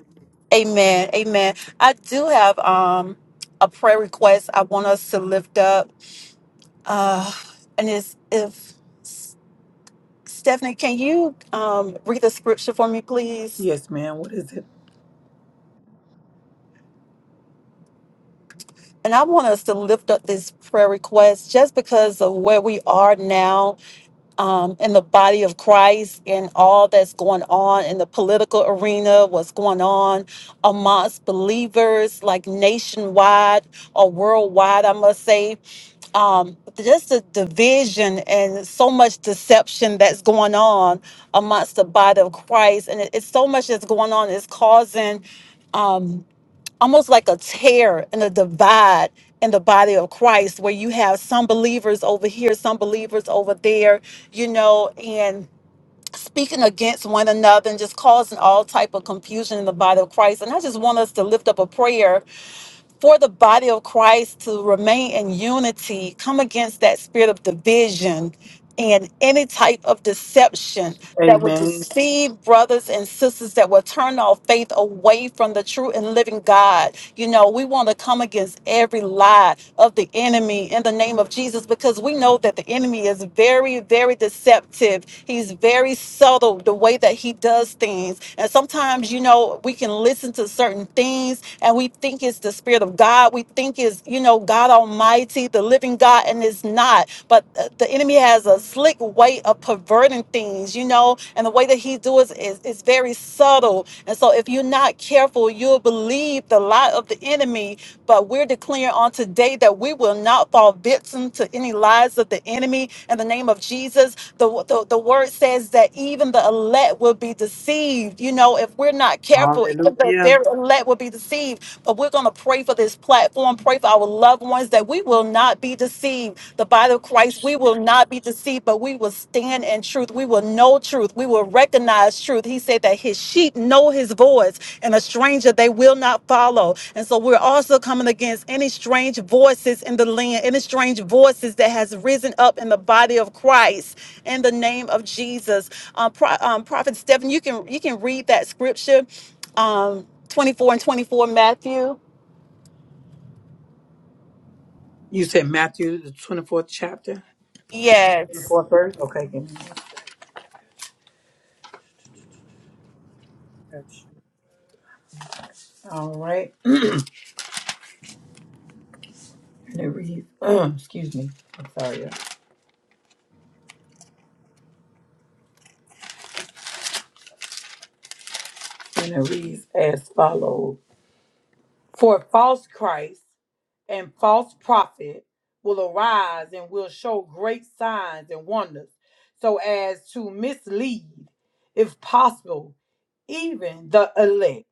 S2: Amen. Amen. I do have um, a prayer request I want us to lift up. Uh, and it's if Stephanie, can you um, read the scripture for me, please?
S1: Yes, ma'am. What is it?
S2: And I want us to lift up this prayer request just because of where we are now um, in the body of Christ and all that's going on in the political arena, what's going on amongst believers, like nationwide or worldwide, I must say. Um, just the division and so much deception that's going on amongst the body of Christ. And it- it's so much that's going on, it's causing. um, almost like a tear and a divide in the body of Christ where you have some believers over here, some believers over there, you know, and speaking against one another and just causing all type of confusion in the body of Christ. And I just want us to lift up a prayer for the body of Christ to remain in unity, come against that spirit of division and any type of deception that would
S1: Amen.
S2: deceive brothers and sisters, that would turn our faith away from the true and living God. You know, we want to come against every lie of the enemy in the name of Jesus because we know that the enemy is very, very deceptive. He's very subtle the way that he does things. And sometimes, you know, we can listen to certain things and we think it's the Spirit of God. We think it's, you know, God Almighty, the living God, and it's not. But uh, the enemy has has a slick way of perverting things, you know, and the way that he does is is very subtle. And so if you're not careful, you'll believe the lie of the enemy. But we're declaring on today that we will not fall victim to any lies of the enemy in the name of Jesus. The, the, the word says that even the elect will be deceived. You know, if we're not careful, even the
S1: Hallelujah.
S2: very elect will be deceived. But we're going to pray for this platform, pray for our loved ones that we will will not be deceived. The body of Christ, we will not be deceived, but we will stand in truth. We will know truth. We will recognize truth. He said that his sheep know his voice, and a stranger they will not follow. And so we're also coming against any strange voices in the land, any strange voices that has risen up in the body of Christ in the name of Jesus. Um, Pro- um, Prophet Stephen, you can you can read that scripture, um, 24 and 24, Matthew.
S1: You said Matthew, the 24th chapter,
S2: Yes.
S1: 24th verse? Okay. Give me that. All right. And it reads, excuse me, I'm sorry. y'all. And it reads as follows For false Christ and false prophet will arise and will show great signs and wonders, so as to mislead, if possible, even the elect.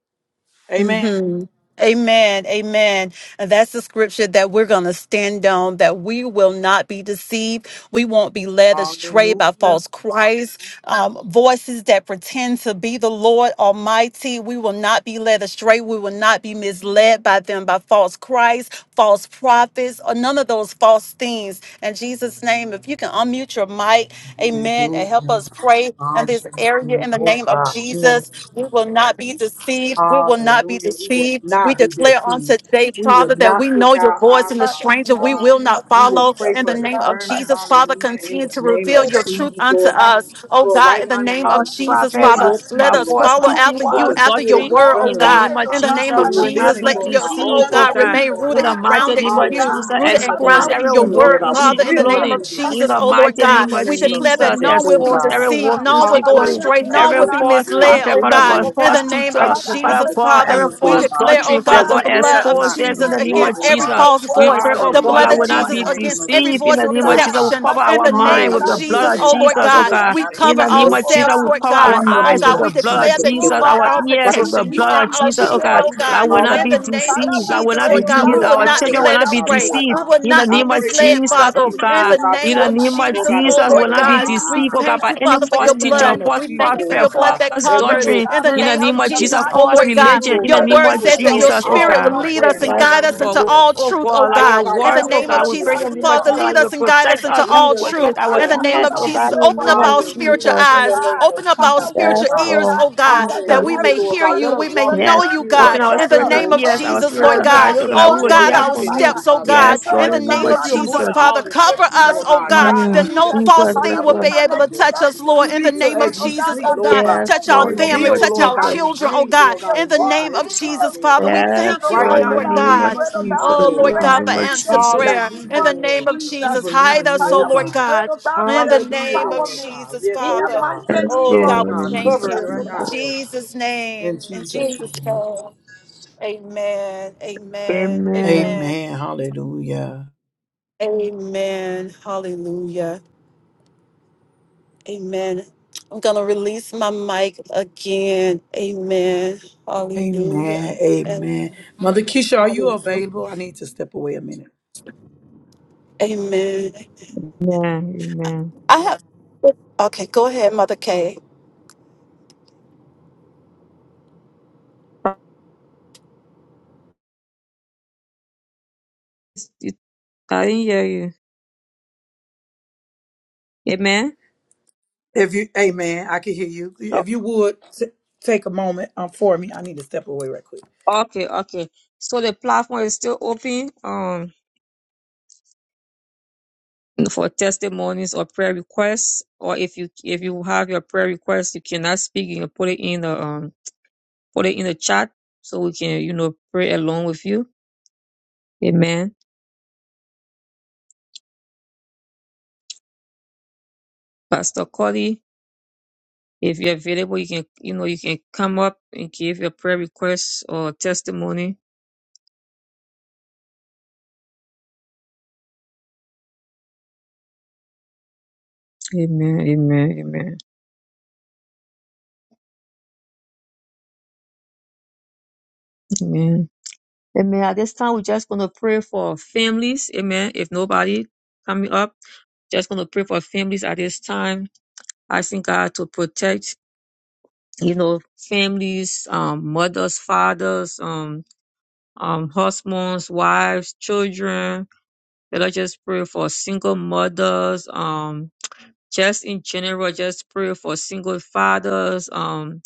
S1: Amen.
S2: hmm Amen. Amen. And that's the scripture that we're going to stand on, that we will not be deceived. We won't be led astray by
S1: Hallelujah.
S2: false Christ, um, voices that pretend to be the Lord Almighty. We will not be led astray. We will not be misled by them, by false Christ, false prophets, or none of those false things. In Jesus' name, if you can unmute your mic, amen, and help
S1: Hallelujah.
S2: us pray in this area in
S1: Hallelujah.
S2: the
S1: Oh
S2: name of
S1: God. In the name
S2: Jesus. We will not be deceived. We will not be
S1: Hallelujah. We will
S2: deceived. We
S1: not be
S2: declare on
S1: deceived.
S2: today,
S1: We will
S2: Father, that
S1: not
S2: we
S1: take
S2: know your
S1: our
S2: voice
S1: eyes
S2: and the
S1: off
S5: Father,
S2: stranger
S5: in the
S2: we
S5: name
S1: God.
S2: will
S5: of
S2: not
S1: We will
S2: follow.
S1: pray
S5: Jesus,
S2: In
S1: for
S2: the
S5: oh
S2: name
S5: God,
S2: of
S1: discernment.
S2: Jesus,
S5: Father.
S2: Father,
S1: Hallelujah. In
S2: continue
S1: the
S2: to
S1: name
S2: reveal
S1: of
S5: Spirit
S2: your
S5: of
S2: truth
S1: Jesus,
S2: unto
S1: Lord God.
S2: us. Oh
S1: Lord,
S2: God,
S1: right
S2: in the
S1: now in the
S2: name
S1: name
S2: of
S4: false
S1: of Jesus,
S2: Jesus,
S1: fill
S4: prophets,
S2: Father,
S1: your
S5: Christ.
S2: let
S4: by
S1: people,
S2: us
S5: Yes,
S1: Lord
S4: false
S2: follow
S1: God,
S5: oh,
S4: teaching,
S2: after
S1: with
S2: you,
S5: why?
S1: the
S4: false
S2: after
S1: spirit
S2: your
S1: of
S4: doctrine.
S2: word,
S5: More
S2: oh
S4: In
S1: discernment,
S4: the
S1: Lord
S2: God.
S4: name
S5: water,
S4: of
S5: oh
S2: In
S1: God.
S2: the
S5: God,
S4: Jesus,
S2: name
S1: The
S2: of
S4: we
S5: Father.
S4: will
S5: We
S4: not
S2: Jesus,
S1: revealing,
S4: be
S2: let
S5: pray,
S1: Lord
S2: your,
S1: God,
S5: Jesus,
S1: all
S2: oh
S4: deceived, oh
S1: those
S2: God,
S5: that we
S4: God.
S1: things,
S5: will
S2: remain
S1: Lord
S4: In
S2: rooted
S4: the
S5: stand
S2: and
S1: God.
S4: mighty
S5: firm,
S2: grounded
S4: name
S2: in
S5: oh
S4: of
S2: you,
S5: God.
S4: Jesus,
S1: Hallelujah.
S2: rooted
S1: In
S2: and
S1: the
S5: Father,
S1: name
S4: expose
S5: that
S1: of
S2: grounded
S5: we
S4: every
S2: in your
S5: will not
S1: Jesus,
S4: wolf
S1: Lord
S2: word,
S4: in
S1: God. We
S2: Father,
S4: sheep
S2: in
S5: be
S2: the
S1: will
S2: name
S1: not
S5: defeated.
S4: clothing.
S2: of
S1: be
S4: In
S2: Jesus,
S4: the
S1: deceived
S2: oh
S5: Father,
S2: Lord God.
S4: mighty
S1: in
S4: name
S2: God.
S1: the
S4: of
S2: We
S1: name of
S2: declare
S5: would
S2: that
S4: Jesus,
S5: help
S1: Jesus,
S2: none
S5: you,
S2: will
S1: oh
S2: be
S4: expose
S1: God.
S4: every
S5: oh
S2: deceived,
S4: wolf
S5: God.
S4: in
S2: none will
S4: sheep
S2: go
S5: Father,
S4: clothing,
S5: help
S2: astray,
S5: us,
S1: Hallelujah,
S2: none
S5: oh
S4: every
S2: will
S1: oh
S2: be
S5: God,
S1: God.
S4: false
S5: to
S1: Lord, we
S2: misled,
S5: remain
S4: prophet,
S2: oh
S4: Father
S1: thank
S5: firm,
S2: God.
S1: you,
S4: God,
S5: oh
S1: Lord
S2: In
S1: God.
S4: false
S2: the
S5: God.
S2: name
S1: How
S2: of
S4: teacher,
S1: you
S5: Father,
S1: continue
S4: Father
S2: Jesus,
S1: to
S5: everything
S4: God,
S2: Father,
S5: that
S1: strengthen
S5: is
S4: every
S1: us,
S2: we
S1: Lord
S5: going
S4: false
S1: God,
S2: declare,
S5: on,
S2: oh
S5: oh
S4: doctrine,
S1: that
S4: Father
S2: God, the
S5: God,
S1: we
S4: God,
S5: in
S2: blood
S1: will
S2: of
S5: the
S4: expose
S1: not be
S4: them in
S2: Jesus
S5: U.S.,
S4: the name
S1: misled,
S5: all
S4: of
S2: against
S1: oh
S2: every
S5: around
S1: God.
S4: Jesus.
S5: the
S2: false
S4: We
S5: world,
S2: voice,
S4: pray,
S5: Father,
S4: oh
S2: the
S5: we
S4: God,
S2: blood
S4: I
S5: pray
S1: Hallelujah,
S2: of
S4: will not
S5: for
S1: in
S2: Jesus
S1: the
S4: be
S5: every
S1: name
S2: against
S1: of
S2: every
S4: deceived in
S5: Christian,
S2: voice
S4: the
S1: Jesus,
S2: of
S5: O
S4: name of
S1: oh
S5: God.
S4: Jesus. We
S1: God.
S2: deception.
S4: cover
S5: Father,
S2: In
S4: our
S5: we
S2: the
S5: pray,
S2: name
S5: O
S4: mind
S2: of
S4: with the
S5: God,
S1: Hallelujah,
S2: Jesus,
S4: blood
S5: Jesus,
S4: of
S2: oh
S1: Lord.
S2: Lord
S5: that
S4: Jesus, oh
S5: we
S2: God,
S1: Lord,
S4: God.
S5: shall
S1: we
S2: we
S5: not be
S1: thank
S4: In
S2: cover
S4: the
S1: you,
S4: name
S5: moved,
S1: oh
S4: of
S5: O
S4: Jesus,
S1: God.
S2: ourselves,
S4: we
S5: God.
S2: Lord
S4: cover our
S2: God.
S5: Father,
S1: In the
S5: that we
S2: Oh
S4: eyes
S1: name
S4: with
S2: God,
S5: shall
S1: of
S4: the
S2: we
S5: stay
S4: blood of
S2: declare
S1: Jesus,
S2: that
S4: Jesus,
S1: oh
S5: strong,
S2: you
S5: O
S2: are
S1: God.
S4: our
S2: our
S5: God,
S4: ears
S1: Right
S4: with
S5: in
S4: the
S2: protection, you
S5: you,
S4: blood
S2: are
S4: of
S5: in the
S2: our
S4: Jesus, oh
S5: name
S1: Lord
S2: shield,
S4: God,
S1: God.
S5: of
S2: oh
S1: You can
S4: that
S2: God.
S4: will
S1: call
S4: not
S2: In
S5: Jesus.
S4: be
S2: the
S1: upon
S2: name
S1: you, Lord
S2: of
S5: Father,
S4: deceived,
S5: we
S4: that will
S2: Jesus,
S4: not
S1: God,
S5: pray,
S4: be
S2: Lord
S1: and
S5: O
S1: you
S2: God. We
S4: teased,
S1: will
S5: God,
S2: will
S4: our
S5: Father
S2: not
S1: answer,
S2: be
S4: children will
S5: God,
S2: led
S1: Heavenly
S4: not
S5: that
S4: be
S5: we
S1: Father,
S2: astray.
S1: Lord
S5: shall
S4: deceived.
S2: We
S1: God.
S5: not
S2: will
S5: be
S4: In the
S2: not
S1: I
S2: be
S4: name of
S1: pray right
S5: defeated.
S2: misled,
S4: Jesus,
S1: now in the
S2: Father.
S4: oh
S1: name of
S2: In
S1: Jesus,
S4: God.
S2: the
S1: Lord God,
S4: In
S2: name
S4: the
S2: of
S1: take,
S4: name
S5: Father
S4: of
S5: God,
S1: Lord
S2: Jesus,
S1: God,
S5: that
S1: the
S2: oh
S5: no
S4: Jesus, will
S2: Lord
S1: shadows
S4: not
S5: one
S1: off
S4: be
S5: will
S2: God,
S5: be
S2: we
S1: our eyes,
S4: deceived, oh
S5: left
S1: Lord
S4: God,
S2: thank
S4: by
S1: God.
S2: you,
S5: in
S4: any
S2: Father, for
S5: the
S4: false
S2: your
S5: way
S1: In the
S5: of
S4: teacher,
S1: name
S2: blood.
S1: of
S4: false
S2: We
S1: Jesus,
S2: thank you
S5: Jesus.
S2: for
S4: prophet,
S2: your
S1: Lord
S2: blood
S1: God,
S5: Father,
S2: that
S5: we
S4: false
S1: that
S5: pray,
S1: we
S5: oh
S2: covers.
S1: will
S4: doctrine.
S2: In
S5: God,
S2: the
S1: turn
S4: In
S1: to
S4: the
S2: name
S5: Father,
S4: name
S2: of
S5: for
S4: of
S1: you
S5: your
S1: and
S4: Jesus,
S2: Jesus, oh
S5: guardian.
S4: false
S1: pray
S2: Lord
S1: to
S2: God,
S1: you,
S5: We
S4: religion.
S1: Lord
S4: In the
S2: your
S5: pray,
S1: God,
S5: oh
S4: name
S1: that
S2: word
S1: you
S5: God,
S4: of
S1: will
S5: for
S2: says that
S5: your
S1: show us
S2: your
S4: Jesus, oh
S5: grace,
S1: all
S2: spirit will
S4: God.
S5: your
S1: things
S2: lead
S1: great
S2: us
S1: and
S2: and
S5: wisdom,
S4: Yes,
S1: mighty
S5: your
S2: guide us
S1: in you,
S2: into
S4: oh,
S1: Lord
S2: all
S1: God.
S4: oh
S5: discernment,
S2: truth,
S5: oh
S2: oh
S4: God, like
S5: God.
S4: your
S1: Lord
S2: God.
S1: God,
S2: In
S1: you
S2: the
S5: Father,
S4: words,
S5: we
S4: oh
S1: will
S2: name of
S5: pray
S4: God, we
S5: for
S4: pray
S1: reveal,
S2: Jesus,
S4: in
S5: that
S4: the
S1: Heavenly
S4: name of
S5: spirit
S2: Father,
S1: Father,
S4: Jesus,
S5: of
S4: Like
S2: lead
S4: you
S1: Lord
S4: will
S2: us and
S1: God.
S2: guide us
S5: discernment.
S4: protect us.
S2: into
S5: And
S1: Lead
S2: all
S1: us
S5: for
S1: and
S4: Protect
S5: us,
S2: truth.
S4: our
S5: oh
S2: In
S1: guide
S2: the
S1: us,
S5: God,
S2: name
S1: oh
S4: ears,
S2: of
S5: Father,
S4: oh
S5: we
S1: God.
S2: Jesus,
S4: God, in
S5: pray
S4: the
S5: for
S2: open
S4: name
S2: up
S4: of
S2: our
S5: every
S1: Hallelujah.
S2: spiritual
S5: leader,
S4: Jesus.
S1: In
S5: oh
S2: eyes,
S1: the name
S5: God.
S1: of
S2: open up our
S5: Father,
S1: Jesus,
S5: we
S1: Lord
S2: spiritual
S4: Yes,
S5: pray,
S1: God.
S5: oh
S2: ears,
S4: Lord
S5: God,
S2: oh God.
S5: Jesus,
S2: God, that
S5: that
S4: Jesus.
S2: we
S1: Hallelujah,
S2: may
S1: Lord
S2: hear
S1: God.
S5: everyone
S2: you,
S1: Let us
S2: we may
S1: walk
S5: will
S1: in
S2: know
S4: Yes.
S1: the
S5: come
S2: you,
S1: spirit, Lord
S4: Open
S2: God,
S1: God,
S4: our
S2: in
S1: of
S2: the
S1: you,
S5: together,
S4: spiritual
S2: name
S1: oh
S2: of
S5: will
S4: ears,
S1: God.
S4: our
S2: Jesus, Lord
S4: spiritual
S1: Lord,
S5: unite
S1: you're
S2: God.
S4: eyes,
S5: as
S4: oh God.
S1: building
S4: that
S1: us
S4: We
S2: Oh
S5: one,
S4: will
S1: where
S5: oh
S1: we're
S2: God,
S4: hear
S2: our
S5: God,
S1: weak
S4: from
S1: in,
S4: you.
S1: Heavenly
S5: Father.
S2: steps, oh
S1: Father,
S5: We
S1: Lord
S2: God,
S4: Yes,
S5: pray,
S1: God.
S2: in
S4: Lord,
S2: the
S5: oh
S4: in the name
S5: God,
S2: name
S4: of
S1: That
S2: of
S1: you're
S5: Father, for
S2: Jesus,
S1: moving
S4: Jesus.
S2: Father,
S1: all
S5: unity
S2: cover
S5: in
S1: distractions,
S5: the
S2: us,
S1: Lord
S2: oh
S5: name
S1: God.
S5: of
S2: God,
S1: Guide
S4: Mm.
S1: our
S2: that no
S1: steps,
S5: Jesus.
S1: our
S2: false
S4: Jesus, yes,
S2: thing
S5: Father,
S1: footsteps,
S2: will
S5: we
S4: Lord.
S2: be
S1: Heavenly
S5: come
S2: able
S1: Father,
S2: to
S5: against
S1: Lord
S2: touch
S1: God.
S2: us,
S5: every
S2: Lord, in the
S1: Speak to
S2: name
S5: division,
S2: of
S1: us as we
S5: oh God,
S2: Jesus,
S1: sleep,
S2: oh
S5: that
S1: Lord
S2: God.
S1: God.
S4: Yes,
S2: Touch
S5: Satan
S2: our
S5: wants
S4: Lord,
S5: to
S4: in the name
S2: family,
S4: of
S5: bring
S1: Reveal,
S2: touch
S1: Lord
S2: our
S1: God,
S5: us
S4: Jesus.
S1: in
S2: children, oh
S1: dreams,
S5: bringing
S2: God,
S1: Lord
S5: in the
S1: God,
S2: in
S1: in
S2: the
S5: war,
S1: vision,
S2: name of
S1: Heavenly
S5: in the
S1: Father,
S2: Jesus,
S1: Lord
S2: Father. We
S1: God
S5: relation,
S4: Yes,
S2: thank
S5: oh
S2: you,
S1: right
S5: God,
S4: Lord,
S2: oh
S4: in
S1: now
S4: the
S2: Lord
S1: in the
S5: Father.
S4: name
S5: We
S4: of
S1: name
S2: God.
S1: of
S5: pray, oh
S4: Jesus.
S1: Jesus,
S5: God,
S2: Oh
S5: we
S1: Lord
S2: Lord
S5: pray
S1: God.
S4: In
S2: God,
S4: the
S2: for
S4: name of
S5: against
S2: answer
S5: it in the
S4: Jesus.
S2: prayer
S5: name
S2: in
S1: Hallelujah,
S2: the
S5: of
S2: name
S1: Lord.
S2: of
S1: We
S5: Jesus.
S2: Jesus.
S1: believe
S2: Hide
S1: in you,
S2: us,
S1: oh
S2: oh
S5: Father,
S2: Lord
S5: we
S1: God.
S5: pray,
S2: God,
S5: oh God, for
S2: in the
S5: your
S1: Hallelujah,
S2: name of
S1: Lord
S5: empowerment
S1: God.
S2: Jesus,
S1: Yes,
S5: in
S1: oh
S5: the
S2: Father.
S1: God.
S5: mighty
S4: Yes,
S2: Oh
S5: name
S1: Yes,
S5: of
S2: God,
S4: Lord,
S2: we
S4: in
S1: God.
S4: the name
S2: thank
S4: of
S1: Cover it
S2: you.
S5: Jesus,
S1: right
S5: oh
S2: In
S1: now,
S5: God.
S4: Jesus.
S1: Lord God.
S2: Jesus'
S1: In
S2: name. In
S1: Jesus'
S2: Jesus'
S1: name.
S2: name. Amen. Amen.
S4: Amen.
S2: Amen.
S1: Amen. Hallelujah.
S2: Amen. Hallelujah. Amen. I'm gonna release my mic again. Amen. Hallelujah.
S1: Amen.
S2: And
S1: Amen. Mother Keisha, are you available? I need to step away a minute.
S2: amen.
S4: Amen. Amen.
S2: I have okay, go ahead, Mother K.
S4: I didn't hear you. Amen.
S1: If you, amen, I can hear you. If you would t- take a moment um, for me, I need to step away right quick.
S4: Okay, okay. So the platform is still open um for testimonies or prayer requests, or if you if you have your prayer request, you cannot speak, you can put it in the um put it in the chat so we can you know pray along with you. Amen. Pastor Cody, if you're available, you can you know you can come up and give your prayer requests or testimony. Amen. Amen. Amen. Amen. Amen. At this time, we're just gonna pray for families. Amen. If nobody coming up. Just going to pray for families at this time, asking God to protect, you know, families, um, mothers, fathers, um, um, husbands, wives, children. Let us just pray for single mothers, um, just in general, just pray for single fathers, um,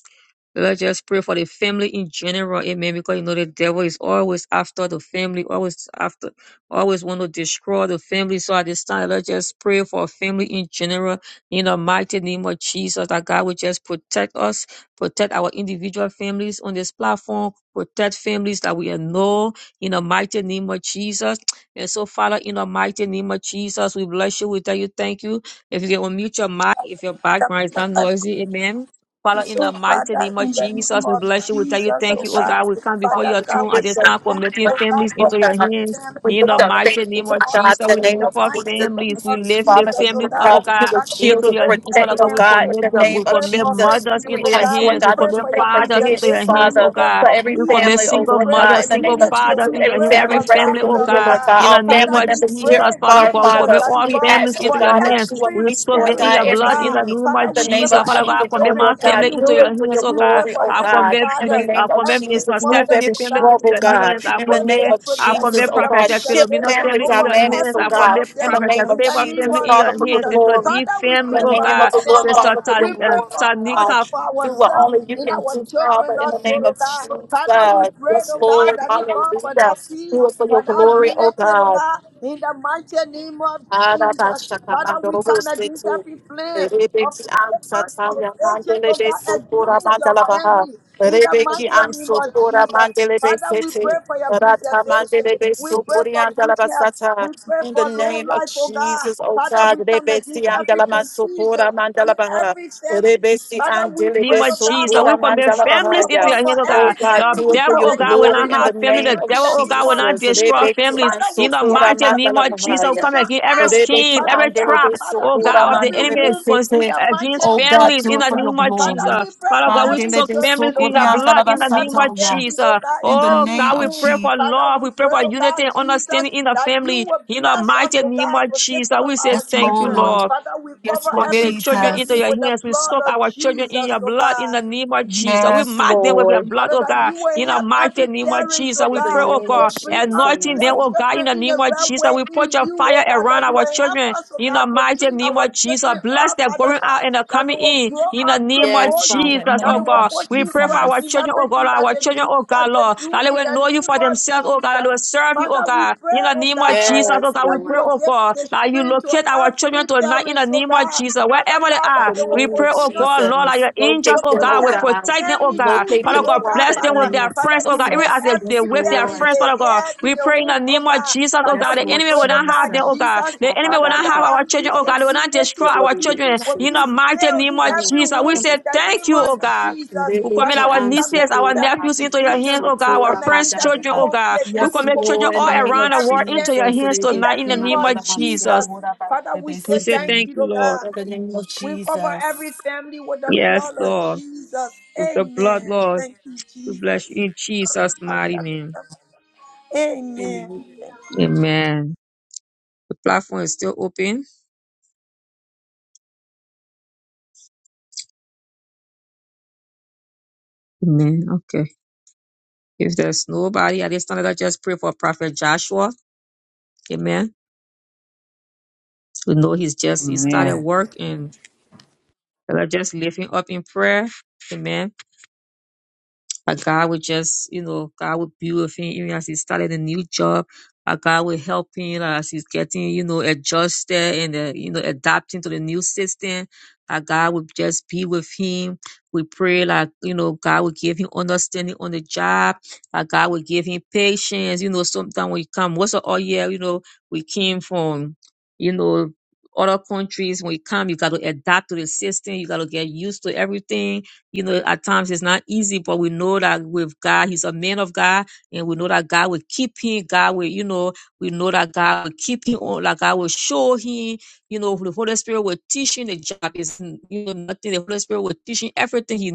S4: Let's just pray for the family in general. Amen. Because you know the devil is always after the family, always after, always want to destroy the family. So at this time, let's just pray for family in general. In the mighty name of Jesus, that God will just protect us, protect our individual families on this platform, protect families that we know. In the mighty name of Jesus. And so, Father, in the mighty name of Jesus, we bless you. We tell you thank you. If you can unmute your mic, if your background is not noisy, amen. Father, in the
S5: so,
S4: mighty
S5: Father,
S4: name of
S5: in the name
S4: Jesus, we
S5: of
S4: bless you. We tell you
S5: Jesus,
S4: thank
S5: oh
S4: you, oh
S5: God,
S4: God. We come before
S5: Father
S4: your
S2: we
S5: God,
S4: throne
S5: we
S4: at
S2: lift
S4: this
S5: say
S2: up
S4: time,
S5: thank
S2: what
S5: you,
S4: committing
S5: oh
S2: you
S5: God,
S4: families
S2: do,
S5: for
S2: Lord
S4: into your
S2: God.
S5: every
S4: hands.
S2: We
S5: family
S4: In the
S2: lift
S5: all
S2: up
S4: mighty
S5: around the
S4: name of
S2: Father
S5: world.
S4: Jesus,
S2: in the
S5: In
S4: we
S2: name
S5: the
S4: lift
S2: of
S4: our
S5: mighty name
S4: families. We
S5: of
S2: Jesus.
S4: lift the
S2: Father,
S5: Jesus,
S2: we
S5: oh
S4: families,
S2: Lord
S4: up,
S5: God,
S4: oh
S2: God, you
S4: God.
S2: will
S5: Father, we
S2: shield
S4: Into
S2: and
S4: your
S5: pray for
S4: hands,
S2: protect,
S4: Father
S2: oh
S4: God, we
S5: family.
S2: God, in
S4: commit
S2: the
S4: them.
S5: We
S2: name
S4: we
S2: of
S5: pray
S4: commit
S5: for
S2: Jesus.
S4: mothers
S5: family,
S2: We
S4: into
S5: oh
S4: your
S2: ask,
S5: God.
S2: Lord
S5: We
S4: hands, we
S2: God,
S5: pray
S2: that
S4: commit
S2: you
S5: for your
S2: make
S4: fathers into
S2: provision,
S4: your
S5: preservation.
S4: hands,
S5: We
S4: oh
S2: Father
S5: pray
S4: God.
S2: for
S5: for
S2: every
S4: We
S5: peace.
S4: commit
S2: family,
S5: We
S2: oh
S4: single
S2: Lord
S5: pray
S2: God,
S5: for
S2: in
S4: mothers,
S2: the
S4: single
S2: name of
S5: unity.
S2: Jesus,
S4: fathers
S5: We
S4: into
S2: every
S4: your hands,
S5: pray
S4: every
S5: for
S2: family
S4: family, oh
S5: laughter,
S2: represented here,
S5: oh
S4: God.
S2: Lord
S5: God.
S2: God,
S4: In
S2: all
S4: the name
S5: Father,
S2: family
S4: of
S5: we
S2: members here
S5: pray,
S2: and
S4: Jesus, Father
S2: far,
S4: God,
S5: Jesus,
S4: we
S2: Father,
S4: commit
S5: that is
S4: all
S2: we
S5: God,
S2: ask,
S4: families
S2: oh
S5: for
S4: into your
S2: God, that
S4: hands.
S2: you will
S4: We
S5: every
S2: meet,
S4: soak
S2: Lord
S4: them in
S5: parent,
S2: God,
S4: your
S5: oh
S2: every
S4: blood in
S5: God.
S4: the
S2: need
S4: name
S5: Father,
S2: in
S4: of
S2: the
S5: we pray
S4: Jesus.
S2: name
S5: for
S2: of
S4: Father
S5: every
S4: God, I
S2: Jesus, oh
S4: commit
S5: children,
S4: my
S2: Lord
S5: every
S4: family
S2: God,
S4: into
S2: do it
S4: your
S5: womb.
S2: for your
S4: hands, oh
S5: We pray
S4: God.
S2: glory,
S5: for
S2: oh
S4: I
S5: every
S2: God.
S4: commit,
S2: In the
S5: father,
S4: mini-
S2: name
S4: I
S2: of
S4: commit
S5: every
S4: Minister
S2: Jesus, move
S5: mother,
S4: Stephanie
S2: every
S5: oh
S4: family
S5: God.
S4: into
S2: struggle,
S4: your
S5: Father,
S2: God.
S4: hands.
S5: we
S4: I
S2: In the
S5: pray for
S2: name
S5: your
S2: of
S4: commit, I
S2: Jesus,
S4: commit
S5: protection,
S2: oh
S5: your
S2: God,
S4: Prophet
S2: shift
S4: Philomena
S5: preservation
S2: family
S4: family in
S5: over
S4: your
S2: dynamics,
S4: hands.
S2: oh
S4: I
S5: every one
S2: God.
S5: of
S4: commit
S2: In
S5: them
S2: the
S4: Prophet
S2: name
S5: in
S2: of
S5: the
S4: Favor
S5: name
S2: Jesus,
S4: family
S5: of
S4: in
S2: Father,
S4: your
S2: for your
S4: hands.
S5: Jesus.
S4: Sister
S2: glory.
S4: D
S5: Father, we
S2: In
S4: family,
S5: pray
S2: the
S4: oh
S5: for
S2: name of
S5: our
S4: God.
S2: the Lord,
S5: families.
S4: Sister
S2: Father, for
S5: We
S2: your
S4: Tal- uh,
S5: pray
S2: glory,
S5: for
S2: oh
S5: us,
S2: God.
S4: Tanika
S5: for
S2: Do what
S5: ourselves,
S2: only you
S5: and
S2: can
S5: our
S2: do,
S5: children
S2: Father, in the
S5: also,
S2: name
S5: oh
S2: of
S5: God.
S2: Jesus.
S5: Father, we pray,
S2: Yes,
S5: oh God,
S2: Lord.
S5: that you God
S2: Hallelujah.
S5: for that peace,
S2: Do it for
S5: for
S2: your
S5: that
S2: glory, oh
S5: unity, oh
S2: God.
S5: God, in the mighty name of Jesus. Father, we come against
S2: Arabashakamandorovosete.
S5: every plan of
S2: Rebeki
S5: Satan and his
S2: ansataya
S5: agent, oh
S2: mandelebe
S5: God,
S2: sokora
S5: against your
S2: mandalabaha.
S5: family, in the
S2: Rebeki
S5: mighty name of
S2: ansokora
S5: Jesus.
S2: mandelebe
S5: Father, we
S2: sete.
S5: pray for your
S2: Rata
S5: preservation.
S2: mandelebe
S5: We pray
S2: sokori
S5: for good health.
S2: andalabasata.
S5: We pray
S2: In the
S5: for long
S2: name of
S5: life, oh God.
S2: Jesus, O
S5: Father,
S2: God,
S5: we come
S2: Rebesi
S5: against every
S2: Andalama
S5: confusion
S2: Sokora
S5: in
S2: Mandalabaha,
S5: every family.
S2: Rebesi
S5: Father, we pray,
S4: name
S2: Andelebe
S4: of
S5: oh God,
S4: Jesus.
S5: for,
S2: Sokora
S4: We
S5: eh,
S4: commit
S5: for,
S2: Mandalabaha,
S4: families
S5: for,
S4: into your
S5: for,
S2: yes.
S5: for
S4: hands, oh
S2: Oh
S4: God.
S5: every
S2: God,
S5: family.
S4: The
S2: do
S5: We
S2: it for
S4: devil,
S5: come
S2: your
S4: oh God,
S5: against
S4: will
S2: glory
S4: not
S5: every
S2: in the
S4: have family.
S2: name
S5: confusion
S4: The
S2: of
S5: in
S4: devil,
S5: the
S4: oh
S5: name
S4: God, will
S2: Jesus.
S5: of
S4: not destroy
S5: Jesus.
S2: Rebeki
S4: families.
S5: Father, we
S4: In the
S2: Ansokora
S5: cast
S4: mighty name of
S5: every
S4: Jesus, we
S2: Mandalabaha,
S4: come
S5: division
S4: against every
S5: out.
S2: Rebeki
S4: scheme,
S5: Father
S4: every
S5: God,
S4: trap,
S2: andelebe
S5: Father,
S4: oh
S5: in
S2: sokora
S4: God, of the
S5: every
S2: mandelebe
S4: enemy
S5: womb,
S4: cons-
S5: in
S2: sete.
S5: the mighty
S4: against
S2: Oh
S5: name
S2: God,
S5: of
S4: families
S2: do
S4: in
S2: it
S4: the
S2: for your
S5: Jesus.
S4: name of
S5: Father,
S2: glory.
S5: we
S4: Jesus.
S5: pray
S4: Father
S5: for
S4: God, we
S5: every
S4: soak
S2: Mandelebe
S5: children,
S4: families
S5: oh
S4: in
S2: sokori
S4: your
S5: God,
S4: blood
S2: andalaba
S4: in
S5: in
S4: the name
S5: every
S4: of
S2: satoya.
S5: family, oh
S4: Jesus.
S5: God, in
S2: In the
S4: Oh
S5: every
S2: name
S4: God, we
S2: of
S5: home.
S4: pray for
S2: Jesus,
S5: Father,
S4: love.
S5: we
S4: We pray
S5: pray,
S4: for
S5: oh
S4: unity
S5: God,
S4: and
S5: Jesus,
S4: understanding in the
S5: that you
S4: family.
S5: will
S4: In the
S5: bless us,
S4: mighty
S5: oh
S4: name
S5: God,
S4: of
S5: to take
S4: Jesus,
S5: care of
S4: we say
S5: our
S2: yes,
S4: thank you,
S5: children.
S4: Lord.
S2: Lord.
S5: Father, we
S2: Yes,
S5: cover
S2: Lord
S4: Commit the
S5: every
S4: children into
S5: family
S2: Jesus.
S4: your
S5: with the
S4: hands. We
S5: blood
S4: soak
S5: of
S4: our children in
S5: Jesus,
S4: your
S5: oh
S4: blood in
S5: God.
S4: the name of Jesus. We
S2: Yes,
S4: mark them with your
S2: Lord.
S4: blood,
S5: Father,
S4: oh
S5: that
S4: God,
S5: you
S4: in
S5: will
S4: the
S5: help
S4: mighty
S5: every
S4: name of
S5: parent,
S4: Jesus.
S5: oh
S2: In
S4: We
S2: the
S4: pray,
S5: God,
S4: oh
S2: name
S5: to
S2: of
S4: God,
S5: bring up
S4: anointing
S2: Jesus.
S5: their
S4: them, oh God, in
S5: children
S4: the
S5: in the
S4: name of
S5: right
S4: Jesus.
S5: way
S4: We put
S5: in
S4: your
S5: you, oh
S4: fire
S5: God,
S4: around
S5: that you
S4: our
S5: will help
S4: children
S5: us, oh
S4: in
S5: God,
S4: the
S5: to
S4: mighty
S5: train
S4: name
S5: our
S4: of Jesus.
S5: children
S4: Bless
S5: up,
S4: their
S5: Father
S4: going
S5: God,
S4: out and their
S5: that they
S4: coming
S5: will
S4: in
S5: grow
S4: in the
S5: up to
S4: name of
S2: Yes,
S5: know you,
S2: Father. In
S4: Jesus,
S2: the
S5: that
S4: oh
S5: they
S2: name
S5: will
S2: of
S4: God.
S5: put
S4: We
S5: you
S4: pray for
S5: first
S4: our
S5: in
S2: Jesus.
S4: children, oh God,
S5: everything that
S4: our
S5: they
S4: children,
S5: do,
S4: oh God,
S5: that they
S4: Lord,
S5: do
S4: that they
S5: in
S4: will
S5: the
S4: know you
S5: name
S4: for
S5: of
S4: themselves, oh God, that they
S5: Jesus.
S4: will serve you, oh
S5: Father, we
S4: God,
S5: pray,
S4: in the
S5: oh
S4: name
S5: God,
S4: of Jesus,
S5: Father,
S4: oh
S2: Yes,
S4: God. We
S5: that you
S4: pray,
S2: Lord.
S5: will
S4: oh
S5: give
S4: God,
S5: the
S4: that you
S5: strength to
S4: locate our children
S5: every
S4: tonight in
S5: parent,
S4: the
S5: oh
S4: name of
S5: God.
S4: Jesus.
S5: Father
S4: Wherever they
S5: God,
S2: In
S5: that
S4: are,
S2: the
S5: they will
S4: we
S2: name
S4: pray,
S2: of
S4: oh
S5: continue
S4: God,
S5: to
S4: Lord, that
S2: Jesus.
S4: your angels,
S5: to
S2: Locate
S4: oh
S2: them, oh
S4: God, will
S5: protect
S2: God.
S4: protect them, oh
S5: family
S4: God.
S5: through
S2: Locate
S5: you,
S4: Father
S2: them,
S5: oh
S4: God,
S5: God,
S2: Father,
S4: bless
S2: in the
S4: them
S5: Father.
S4: with
S2: name
S4: their
S2: of
S5: Father,
S4: friends, oh
S5: you
S4: God. Even
S5: make
S4: as
S2: Jesus.
S4: they, they
S2: Yes,
S5: every
S4: with their
S5: parent
S2: Lord.
S4: friends,
S5: the
S4: Father God,
S5: head in
S4: we
S5: the
S4: pray in the
S5: womb, oh
S4: name of
S5: God.
S4: Jesus, oh God.
S2: Yes,
S5: Father,
S4: The
S5: we
S2: Lord
S4: enemy
S5: pray,
S4: will
S5: oh
S4: not
S2: Jesus.
S4: have
S5: God,
S4: them, oh God.
S5: Jesus,
S2: Ba,
S4: The
S2: ba,
S4: enemy will
S2: ba, ba,
S5: Father,
S4: not
S2: ba,
S5: that
S4: have
S2: ba,
S5: our
S4: our children,
S2: ba,
S5: peace
S4: oh
S2: ba.
S4: God.
S5: and
S4: They will not
S5: unity
S2: We
S4: destroy
S2: do,
S5: will
S4: our
S2: do,
S5: be
S2: do, do,
S4: children
S5: will
S2: so,
S4: in
S5: be
S4: the
S2: so.
S4: mighty
S5: still
S4: name
S5: in
S4: of
S2: Na, na,
S5: every
S2: na,
S4: Jesus.
S2: do, do,
S4: We
S5: womb
S2: do,
S4: say
S5: in the
S2: that,
S5: name
S4: thank you,
S2: do,
S5: of
S4: oh
S2: so.
S4: God.
S5: Jesus.
S2: They
S4: We
S2: do,
S4: commit
S5: Father,
S2: ki,
S4: our
S5: we
S2: and
S5: come
S2: so,
S4: nieces,
S2: to,
S5: against
S4: our
S2: da,
S5: every
S2: ma,
S4: nephews
S2: do,
S4: into
S2: do,
S4: your
S2: do,
S4: hands,
S5: division.
S2: so,
S4: oh
S5: We
S4: God,
S2: to,
S4: our
S2: da,
S5: come
S2: ma,
S4: friends,
S5: against
S2: da, da, da,
S5: every
S4: children,
S2: da.
S4: oh God.
S5: conflict,
S4: We
S5: every
S2: Yes,
S4: commit children
S2: Lord, in
S4: all
S2: the
S5: confusion
S2: name
S5: in
S4: around
S2: of
S4: the
S5: every
S4: world into
S2: Jesus.
S4: your
S5: family
S2: They
S4: hands
S2: do,
S5: in
S4: tonight
S5: the
S4: in
S2: ki,
S4: the
S5: name
S2: man,
S4: name
S5: of
S2: da,
S4: of
S2: da, man, so,
S5: Jesus.
S4: Jesus.
S2: to, da, ma,
S5: Father,
S2: do, do,
S5: we
S2: do,
S5: say
S4: We
S2: so,
S4: say
S5: thank
S2: to.
S4: thank
S5: you,
S4: you,
S5: oh
S4: Lord.
S5: God.
S2: In the name of
S5: We cover every
S2: Jesus.
S5: family with the
S4: Yes,
S5: blood of
S4: Lord.
S5: Jesus.
S4: With the blood,
S5: Amen.
S4: Lord,
S5: Thank you,
S4: we
S5: Jesus.
S4: bless you in Jesus' mighty name.
S5: Amen.
S2: Amen.
S5: Thank you.
S4: Amen. The platform is still open. Amen. Okay. If there's nobody at this time, let's just pray for Prophet Joshua. Amen. We know he's just, he started
S1: Amen.
S4: work and let's just lift him up in prayer. Amen. That God would just, you know, God would be with him even as he started a new job. That God would help him as he's getting, you know, adjusted and, uh, you know, adapting to the new system. That God would just be with him. We pray like, you know, God would give him understanding on the job. That God would give him patience. You know, sometimes we come, once a all year, you know, we came from, you know, other countries. When we come, you got to adapt to the system. You got to get used to everything you know, at times it's not easy, but we know that with God, He's a man of God, and we know that God will keep him. God will, you know, we know that God will keep him on, like God will show him, you know, the Holy Spirit will teach him the job. is you know, nothing. The Holy Spirit will teach him everything he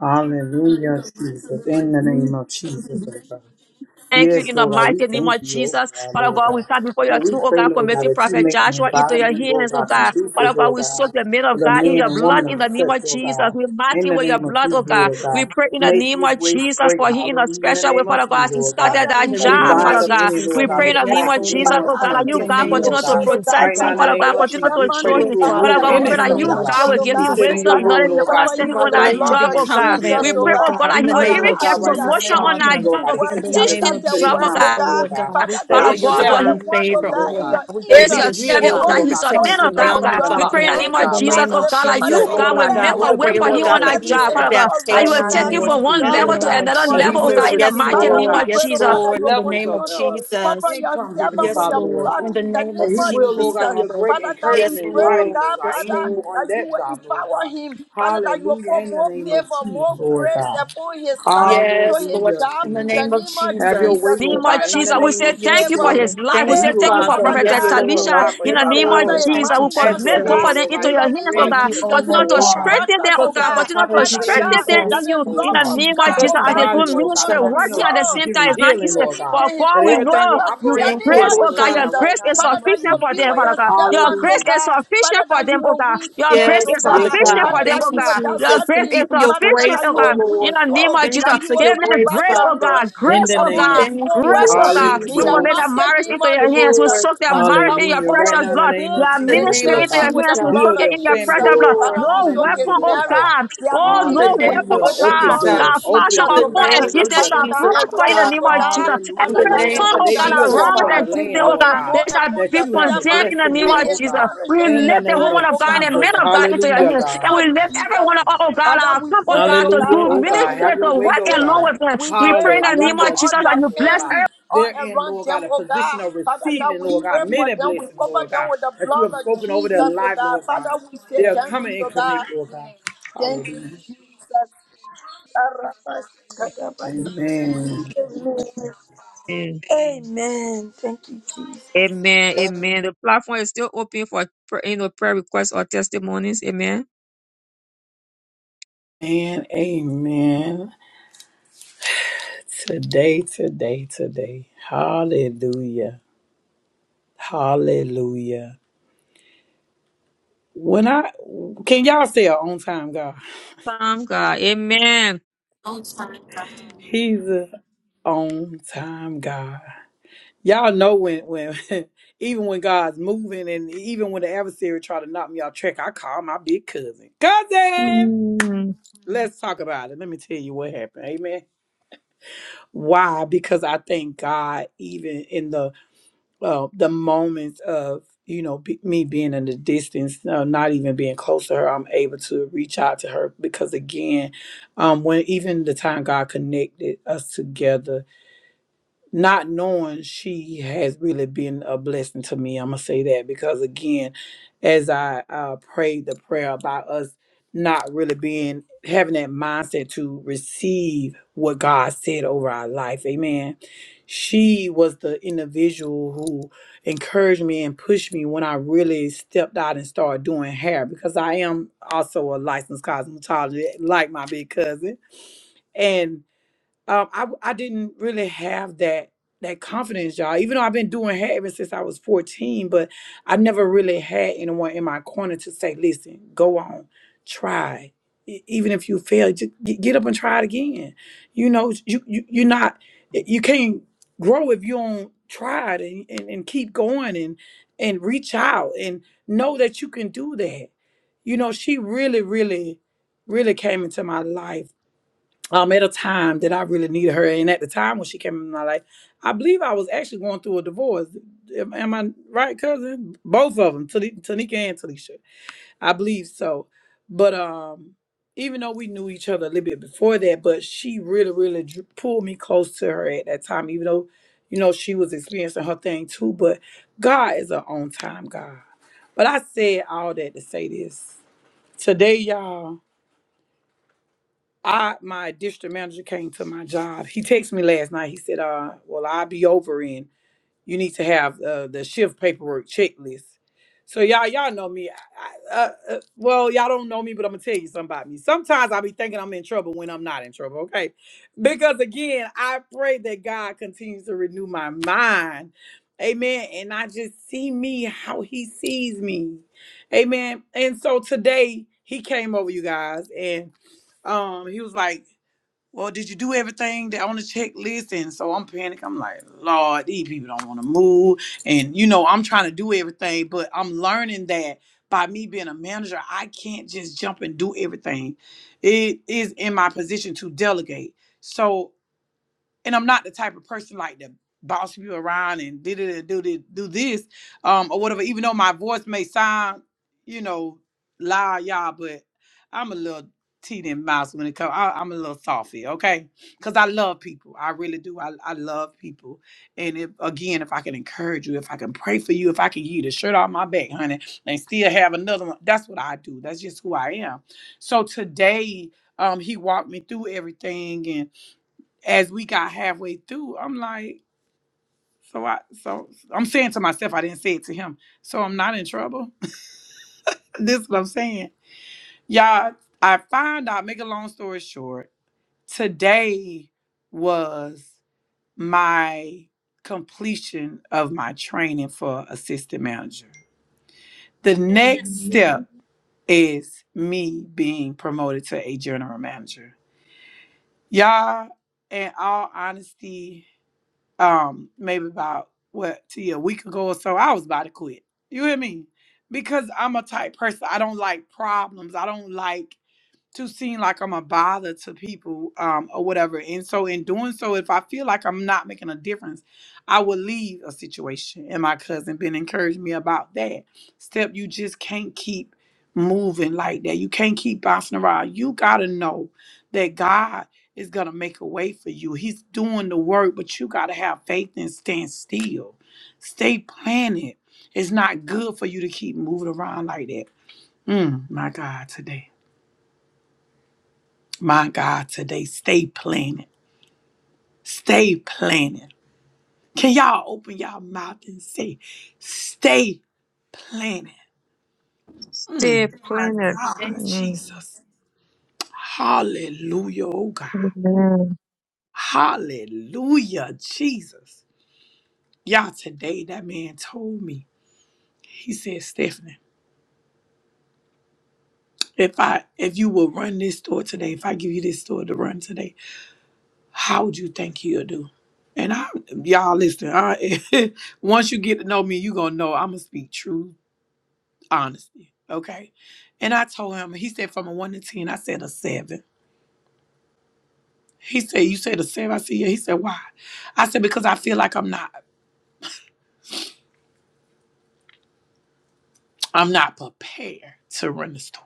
S1: Hallelujah, Jesus. In the name of Jesus. oh God.
S4: Thank you
S1: Yes,
S4: in the
S1: Lord God, we
S4: mighty name
S1: thank
S4: of
S1: you, Lord
S4: Jesus.
S1: God,
S4: Father
S1: Lord
S4: God, we
S1: God.
S4: come before your
S1: And we
S4: throne, oh
S1: pray,
S4: God,
S1: Lord God,
S4: committing
S1: that you
S4: Prophet
S1: make an
S4: Joshua into your
S1: environment, Lord
S4: hands, oh
S1: God,
S4: God.
S1: conducive,
S4: Father God,
S1: Lord
S4: we soak
S1: God,
S4: the men
S1: for
S4: of
S1: the
S4: God in
S1: man
S4: your
S1: and
S4: blood
S1: woman
S4: in
S1: of
S4: the name
S1: such,
S4: of
S1: Lord
S4: Jesus.
S1: God.
S4: We mark
S1: In
S4: him
S1: the
S4: with your
S1: name of
S4: blood, oh
S1: you,
S4: God.
S1: Lord
S4: We
S1: God.
S4: pray in the
S1: Make
S4: name
S1: his
S4: of
S1: way
S4: Jesus
S1: straight,
S4: for him in a
S1: hallelujah, in the
S4: special way,
S1: name of
S4: Father
S1: you,
S4: God, as he
S1: Lord God.
S4: started
S5: Father,
S2: In
S5: in
S4: that
S2: the
S5: the
S1: We
S2: name
S4: job,
S5: name
S2: of
S5: of
S1: bind
S4: Father
S1: up
S4: God.
S1: any,
S2: Jesus,
S4: We
S1: Lord
S5: Jesus,
S1: God,
S4: pray in
S2: Lord.
S5: oh
S4: the name
S2: Yes,
S5: God,
S4: of
S1: distraction,
S4: Jesus,
S2: Lord.
S1: anyone
S4: oh
S5: Father,
S1: come
S4: God,
S5: as
S4: that
S5: we
S2: In
S4: you,
S2: the
S1: against
S4: God,
S5: begin
S1: him,
S2: name
S5: to
S2: of
S1: Lord
S4: continue to
S1: God.
S5: pray, oh
S2: Jesus, oh
S5: God,
S4: protect
S1: Right now,
S4: him,
S1: in the
S5: Father,
S4: Father
S2: God.
S5: for
S1: name
S4: God,
S1: of
S5: your
S4: continue
S1: Jesus,
S4: to
S1: we
S5: servant,
S1: pray
S4: show
S2: Do
S1: that
S4: him
S2: it,
S1: you
S5: Father,
S2: Father
S1: remove
S4: Father God, we
S2: God,
S1: any
S2: in
S4: pray
S2: the
S5: Apostle
S4: that
S2: name
S1: stumbling
S4: you,
S2: of
S1: block.
S4: God,
S5: Joshua,
S4: will
S5: oh
S4: give
S1: You
S4: him
S5: God,
S2: Jesus,
S1: said in
S2: oh
S1: your
S4: wisdom,
S5: Father,
S1: word,
S4: knowledge,
S2: God.
S5: we
S4: and
S1: Lord God,
S5: cover
S2: And
S4: understanding
S5: him
S1: speak to
S5: with
S4: on
S2: Father,
S5: the
S4: our
S1: thy
S2: let him
S5: blood
S2: be
S4: job,
S1: mountain
S5: of
S1: and
S4: oh
S1: it shall
S4: God.
S1: be
S2: confident,
S5: Jesus,
S4: We
S2: oh
S5: oh
S4: pray,
S1: removed.
S2: Lord
S4: oh
S5: God,
S4: God,
S2: God,
S4: that
S2: in
S1: We
S4: he
S2: the
S4: will
S1: pray,
S5: Father,
S2: name
S4: even
S2: of
S1: Lord
S5: as
S1: God,
S4: get
S5: he
S1: right now
S2: Jesus,
S1: in
S5: has
S1: the
S4: promotion
S1: name of
S4: on our
S1: Jesus,
S2: Father.
S1: Lord
S4: job,
S5: begun
S1: God,
S4: oh
S1: that he
S2: In
S5: work,
S4: God.
S5: he
S2: the
S1: continue
S5: has
S4: Teach
S1: to
S2: name
S4: him
S2: of
S1: speak
S4: the
S1: to
S5: started
S4: job,
S1: his
S4: oh
S5: work, oh
S2: Jesus,
S1: mountain,
S4: God.
S2: oh
S5: God,
S1: Lord
S2: Lord
S1: God,
S2: God, we
S5: Father
S1: that
S2: pray for
S4: Father
S5: God,
S1: it
S2: your
S4: God,
S5: you
S1: shall
S4: Lord,
S1: be
S5: the
S2: divine
S4: he
S5: one, oh
S2: favor,
S1: removed,
S2: oh
S1: Lord
S5: God,
S2: Lord
S5: and
S2: God.
S1: God,
S5: your
S2: We
S1: that
S2: pray for
S4: is
S1: he
S4: your
S2: your
S5: angels.
S1: will
S5: will
S4: servant, oh
S2: shield
S5: go
S1: not,
S2: and
S4: God.
S2: your
S1: Lord
S4: He's
S1: God,
S4: a
S1: come
S5: before
S4: man
S2: protection
S1: into
S5: him
S4: of
S1: no
S4: God,
S5: to
S4: oh
S2: around
S5: his
S2: him,
S4: God.
S1: stumbling
S5: job
S4: We
S1: block
S4: pray
S2: Father.
S4: in
S1: on
S4: the
S5: and
S4: name
S1: that
S5: bring
S2: In
S4: of
S5: him
S2: the
S1: job,
S4: Jesus,
S5: back
S1: Lord
S2: name
S4: oh
S2: of
S1: God,
S4: God,
S5: safely.
S4: that
S5: Father,
S2: Jesus,
S1: that,
S4: you,
S5: and
S2: oh
S1: Lord
S4: God, will
S2: Lord
S1: God,
S5: clear
S1: he
S4: make
S2: God, we
S4: a
S1: will
S4: way
S5: every
S2: pray,
S1: be
S4: for
S2: Lord
S4: him
S5: road,
S2: God,
S4: on
S2: for
S4: our
S1: elevated,
S5: every
S2: easy
S4: job,
S1: Lord
S4: Father
S1: God,
S4: God.
S5: difficult
S4: That you
S1: right
S5: road,
S4: will
S5: oh
S1: now in
S2: adaptation,
S1: the
S4: take
S5: God,
S4: him
S5: to
S1: name
S2: Lord.
S4: from
S1: of
S5: his
S4: one
S1: Jesus,
S2: In
S5: job
S2: the
S4: level
S1: Lord
S5: in
S4: to
S5: the
S2: name
S1: God,
S2: of
S5: name
S4: another
S1: that he
S5: of
S4: level, oh
S1: will
S4: God,
S2: Jesus,
S5: Jesus.
S4: in the
S2: yes,
S1: receive,
S4: mighty
S5: Father,
S1: Lord
S4: name
S5: we
S2: Lord,
S4: of
S1: God
S5: pray,
S2: yes,
S5: oh
S4: Jesus.
S5: God,
S1: uh,
S5: that
S2: Lord. In
S5: you'll
S2: the
S1: levels
S2: name
S1: of,
S2: of
S5: continue to
S1: uh, of
S5: cover
S2: Jesus,
S5: your
S1: income, Heavenly
S5: servant with
S2: yes,
S1: Father,
S5: your
S1: Lord
S2: Lord.
S5: blood
S2: In
S1: God.
S2: the
S5: in the
S2: name
S1: And
S2: of
S5: name
S1: He
S5: of
S1: will, Lord
S2: Jesus,
S1: God,
S5: Jesus.
S1: be a
S2: Father.
S1: great
S5: Father God, we
S2: Yes,
S1: encouragement,
S5: pray, oh
S1: mighty,
S2: Lord.
S1: Lord
S5: God,
S1: God,
S2: Yes,
S1: in
S5: Father,
S1: you
S2: Lord.
S1: on
S5: that you
S1: that
S5: will
S1: job, Lord
S5: empower
S1: God.
S5: him. Father, that you will
S1: Hallelujah,
S5: pour
S1: in the
S5: more
S1: name of
S5: favor,
S1: Jesus,
S5: more
S1: Lord
S5: grace
S1: God.
S5: upon his life to
S2: Yes,
S5: his
S2: Lord.
S1: Hallelujah,
S5: job
S2: In the
S5: in the
S1: Jesus.
S2: name of
S5: name of
S1: Have your
S2: Jesus.
S1: way,
S5: Jesus.
S1: Lord
S4: name of
S5: Father,
S1: God, in
S5: that
S1: the
S4: Jesus.
S5: you
S4: We
S5: will
S1: name
S5: be
S4: say
S1: of
S4: thank
S2: Yes,
S4: you
S1: Jesus,
S4: for
S5: favor.
S1: Lord God.
S4: his
S2: Lord.
S4: life.
S1: That
S4: We
S2: Thank
S1: he
S4: say
S2: you,
S1: will
S5: Favor,
S4: thank you for
S2: Father.
S5: Father
S1: continue to
S4: Prophet
S1: be
S2: Yes,
S5: God
S1: able to
S5: through
S4: Talisha.
S2: Lord.
S5: a
S1: provide for
S4: In
S2: Yes,
S4: the
S1: his
S4: name
S1: family,
S4: of
S5: supervisor
S2: Lord.
S1: Lord
S5: and
S1: God,
S4: Jesus,
S2: Thank you,
S4: we
S1: as
S5: managers,
S1: the
S4: commit
S5: oh
S4: both
S1: head,
S5: God,
S4: of
S2: Jesus.
S4: them
S1: Lord God,
S4: into
S5: in
S1: as
S4: your
S1: you
S5: the name
S4: hands, oh
S1: created
S2: Thank
S5: of
S1: him
S4: God.
S2: you,
S1: to
S2: oh
S1: do
S5: Jesus,
S1: so,
S4: Continue
S5: and
S2: Lord
S4: to
S1: oh
S5: co
S1: God.
S2: God.
S4: strengthen
S5: workers,
S4: them,
S5: oh
S4: oh
S1: Touch him
S4: God.
S1: from the
S5: God.
S4: Continue
S1: top of
S4: to
S2: Thank
S1: his
S2: you,
S5: Father
S1: head and
S4: strengthen
S1: the
S5: God,
S1: soul
S4: them
S1: of
S5: that
S1: his
S4: in
S2: Jesus.
S5: the
S1: feet,
S4: you.
S2: Thank
S1: Lord
S4: In
S5: love
S2: you,
S4: the
S1: God.
S5: of
S2: Jesus.
S4: name of
S5: God,
S1: Touch
S5: oh
S4: Jesus,
S1: his
S4: as they
S2: Thank
S5: God,
S1: body,
S2: you,
S5: will
S4: do
S1: Lord
S5: continue
S1: God.
S4: ministry,
S5: to
S1: Continue
S4: working
S2: Jesus.
S4: at the
S1: to
S5: grow
S4: same
S1: give
S4: time
S1: him
S5: uh,
S4: is not
S1: healing,
S4: easy.
S5: between
S1: Lord
S5: him
S1: God.
S4: But
S5: and his
S4: God,
S1: That
S4: we
S5: co
S1: everything will
S4: know
S5: workers in
S4: you.
S1: operate
S5: the
S2: Thank
S5: name
S2: you,
S4: Grace,
S1: accordingly,
S5: of
S2: Lord
S4: oh God,
S1: Lord
S4: your
S1: God,
S2: God.
S5: Jesus.
S1: right
S4: grace
S1: now
S4: is
S1: in the
S5: Father,
S1: name of
S5: that you
S4: sufficient
S1: Jesus.
S5: will
S4: for
S5: be
S4: them,
S5: with
S4: Father
S5: your
S4: God. Your
S5: servant, oh
S4: grace
S1: Hallelujah.
S4: is
S5: God.
S4: sufficient
S5: Father,
S4: for
S5: that you
S4: them, oh
S5: will
S4: God.
S5: win
S4: Your
S5: souls,
S4: grace
S2: Yes,
S5: oh
S4: is
S2: Father
S1: Yes,
S5: God.
S1: oh
S4: sufficient
S2: God.
S5: Father,
S4: for
S1: God.
S4: them,
S2: Thank
S5: that
S4: oh
S5: you
S2: you,
S5: will
S4: God. Your
S2: Jesus.
S5: direct
S4: grace
S2: Thank you
S5: him.
S4: is
S2: for your
S5: Father God,
S4: sufficient,
S5: that
S2: grace,
S4: oh
S5: you
S2: oh
S4: God.
S5: will win
S4: In
S2: Lord.
S4: the name
S5: souls,
S4: of
S2: Thank
S4: Jesus,
S5: that
S2: you
S5: you
S2: for
S5: will
S2: your
S4: give
S5: bring
S4: them
S2: grace,
S5: back
S4: grace,
S5: your
S4: oh
S2: Father.
S4: God.
S5: lost
S1: In
S5: sheep
S4: Grace,
S1: the
S4: oh
S1: name
S5: among
S1: of
S5: his
S4: God.
S1: Jesus.
S2: Thank
S5: co
S2: you,
S4: Grace,
S2: Lord
S4: oh
S5: workers
S4: God,
S1: Hallelujah,
S5: in
S4: we
S5: the
S1: oh
S4: commit our
S2: Jesus.
S5: mighty
S4: marriage
S2: Thank
S5: name
S4: into
S5: of
S2: you,
S4: your hands. We
S5: Jesus.
S2: Lord.
S4: soak their
S5: Father
S4: marriage
S5: God,
S4: in
S5: we
S4: your
S1: Hallelujah.
S5: cover
S1: Right
S4: precious
S1: now, in
S5: his
S1: the
S4: blood.
S1: name
S5: home,
S1: of
S4: Your
S2: the
S5: his
S1: Jesus,
S4: ministry
S2: name
S1: Lord
S2: of
S4: into
S5: family
S4: your
S1: God,
S5: with
S2: Jesus.
S5: the
S4: hands. We
S5: blood
S4: soak
S1: build
S4: it
S5: of
S1: their
S4: in your
S2: Yes,
S1: family,
S4: precious
S5: Jesus.
S4: blood.
S1: Lord God.
S5: Father,
S2: Lord.
S5: we
S4: No
S5: soak his
S1: Hallelujah,
S4: weapon, oh
S1: Lord
S5: marriage,
S1: God.
S4: God,
S5: their
S4: Oh,
S2: In
S4: no
S2: the
S5: ministry
S2: name
S4: weapon,
S2: of
S1: Hallelujah.
S4: oh
S5: with the
S1: Open
S4: God,
S5: blood of
S1: doors,
S4: that
S2: Jesus.
S4: fashion
S1: open
S5: Jesus,
S2: In
S4: of
S2: the
S5: oh
S1: doors.
S4: fun
S5: God.
S2: name of
S4: existence
S1: Hallelujah,
S5: Father
S4: shall
S5: God,
S2: Jesus,
S1: Jesus.
S2: oh
S4: prosper in the
S2: God.
S5: arise,
S4: name
S5: oh
S4: of
S5: God.
S4: Jesus.
S2: In
S1: Hallelujah,
S5: Father
S2: the
S4: Every
S5: God,
S1: Lord
S5: and
S2: name
S1: God.
S4: tongue,
S1: That
S2: of
S5: put
S4: oh
S1: they
S4: God,
S5: down
S4: that
S5: your
S1: will
S2: Jesus,
S1: walk
S4: rise
S1: on the
S2: Father.
S5: anointing
S4: existence,
S1: land,
S5: more
S4: oh
S1: Lord
S4: God,
S5: and
S1: God,
S5: more
S4: they shall
S5: upon
S1: that
S4: be
S5: your
S1: you have
S4: condemned
S5: servant
S4: in
S1: blessed
S4: the
S1: them
S4: name
S1: with,
S5: and
S4: of
S5: his
S1: oh
S4: Jesus.
S1: God.
S5: marriage
S4: We
S5: and
S1: In the
S5: his
S4: lift the
S1: name
S5: wife,
S4: woman
S1: of
S4: of
S5: oh
S4: God and
S5: God,
S4: the
S1: Jesus.
S4: man of God
S5: prophetess,
S4: into
S5: in
S4: your
S5: the
S1: Hallelujah,
S4: hands.
S5: name
S4: And
S1: God.
S5: of
S4: we lift
S5: Jesus.
S4: everyone, oh oh God,
S5: Father,
S4: our
S5: we
S4: come, oh
S5: pray,
S4: God,
S5: Lord
S4: to
S1: Hallelujah,
S5: God,
S4: do
S1: oh
S5: Father, for
S1: God.
S5: your
S4: ministry,
S1: Have your
S4: to
S1: way,
S4: work
S1: oh
S4: along
S1: God.
S5: preservation.
S4: with them.
S5: We
S4: We
S5: pray,
S4: pray in the
S5: Father,
S4: name
S5: for
S4: of
S1: Hallelujah,
S5: all
S4: Jesus
S5: their
S4: that
S1: Jesus,
S4: you
S1: Lord
S4: bless
S1: God.
S5: family, all
S1: They're in,
S5: around
S1: Lord God,
S5: them,
S1: a
S5: oh
S1: position
S5: God.
S1: of
S5: Father God,
S1: receiving,
S5: we
S1: Lord
S5: pray
S1: God,
S5: for
S1: many
S5: them. We
S1: blessings,
S5: cover
S1: Lord
S5: them
S1: God,
S5: with the
S1: that you
S5: blood
S1: have
S5: of
S1: spoken over their
S5: Jesus, oh
S1: life,
S5: God.
S1: Lord
S5: Father,
S1: God.
S5: we say
S1: They are
S5: thank
S1: coming
S5: you,
S1: in
S5: oh God.
S1: connect, Lord God.
S5: Thank you,
S1: Hallelujah.
S5: Jesus.
S1: Amen.
S4: Amen.
S5: Amen. Thank you, Jesus.
S4: Amen. Amen. The platform is still open for pr- you know prayer requests or testimonies. Amen.
S1: And amen. Today, today, today. Hallelujah. Hallelujah. When I can y'all say a on time God?
S4: Thank God. Amen.
S2: On time, God.
S1: He's a on time God. Y'all know when when even when God's moving and even when the adversary try to knock me off track, I call my big cousin. Cousin,
S4: Mm.
S1: let's talk about it. Let me tell you what happened. Amen. Why? Because I thank God even in the uh, the moments of you know be, me being in the distance, uh, not even being close to her, I'm able to reach out to her because again, um, when even the time God connected us together not knowing she has really been a blessing to me. I'm gonna say that because again, as I uh, prayed the prayer about us not really being having that mindset to receive what God said over our life, Amen. She was the individual who encouraged me and pushed me when I really stepped out and started doing hair because I am also a licensed cosmetologist, like my big cousin, and um, I w- I didn't really have that that confidence, y'all. Even though I've been doing hair ever since I was 14, but I never really had anyone in my corner to say, "Listen, go on, try. E- Even if you fail, just get up and try it again." You know, you, you you're not you can't grow if you don't try it and, and, and keep going and and reach out and know that you can do that. You know, she really, really, really came into my life um, at a time that I really needed her. And at the time when she came in my life, I believe I was actually going through a divorce. Am, am I right, cousin? Both of them, Tanika and Talisha. I believe so. But um, even though we knew each other a little bit before that, but she really, really dr- pulled me close to her at that time, even though, you know, she was experiencing her thing too. But God is an on time God. But I said all that to say this. Today, y'all. I my district manager came to my job. He texted me last night. He said, "Uh, well, I'll be over in. You need to have uh, the shift paperwork checklist." So y'all, y'all know me. I, I, uh, uh, well, y'all don't know me, but I'm gonna tell you something about me. Sometimes thinking I'm in trouble when I'm not in trouble. Okay, because again, I pray that God continues to renew my mind. Amen, and I just see me how He sees me. Amen. And so today He came over, you guys, and um, he was like. Well, did you do everything that on the checklist? And so I'm panicking. I'm like, Lord, these people don't want to move. And you know, I'm trying to do everything, but I'm learning that by me being a manager, I can't just jump and do everything. It is in my position to delegate. So and I'm not the type of person like to boss you around and did it do this do this um or whatever even though my voice may sound you know loud y'all but I'm a little teeny mouse when it comes I'm a little softy okay because I love people I really do I, I love people and if again if I can encourage you if I can pray for you if I can give you the shirt off my back honey and still have another one that's what I do that's just who I am so today um he walked me through everything and as we got halfway through, I'm like, so I so I'm saying to myself, I didn't say it to him. So I'm not in trouble. this is what I'm saying. Y'all, I found out, make a long story short, today was my completion of my training for assistant manager. The next
S4: Amen.
S1: step is me being promoted to a general manager. Y'all, in all honesty, um maybe about what see a week ago or so i was about to quit you hear me because i'm a type person i don't like problems i don't like to seem like I'm a bother to people um, or whatever. And so, in doing so, if I feel like I'm not making a difference, I will leave a situation. And my cousin been encouraging me about that. Step, you just can't keep moving like that. You can't keep bouncing around. You got to know that God is going to make a way for you. He's doing the work, but you got to have faith and stand still. Stay planted. It's not good for you to keep moving around like that. Mm, my God, today. My God, today, stay planted. Stay planted. Can y'all open y'all mouth and say, stay planted?
S4: Stay
S1: Mm,
S4: planet.
S1: God,
S4: Mm.
S1: Jesus. Hallelujah, oh God.
S4: Amen.
S1: Hallelujah, Jesus. Y'all, today, that man told me, he said, Stephanie, if I if you will run this store today, if I give you this store to run today, how would you think you'll do? And I, y'all listen, I, once you get to know me, you going to know I'm going to speak truth honesty. Okay. And I told him, he said from a one to ten, I said a seven. He said, You said a seven? I said, Yeah. He said, Why? I said, Because I feel like I'm not I'm not prepared to run the store.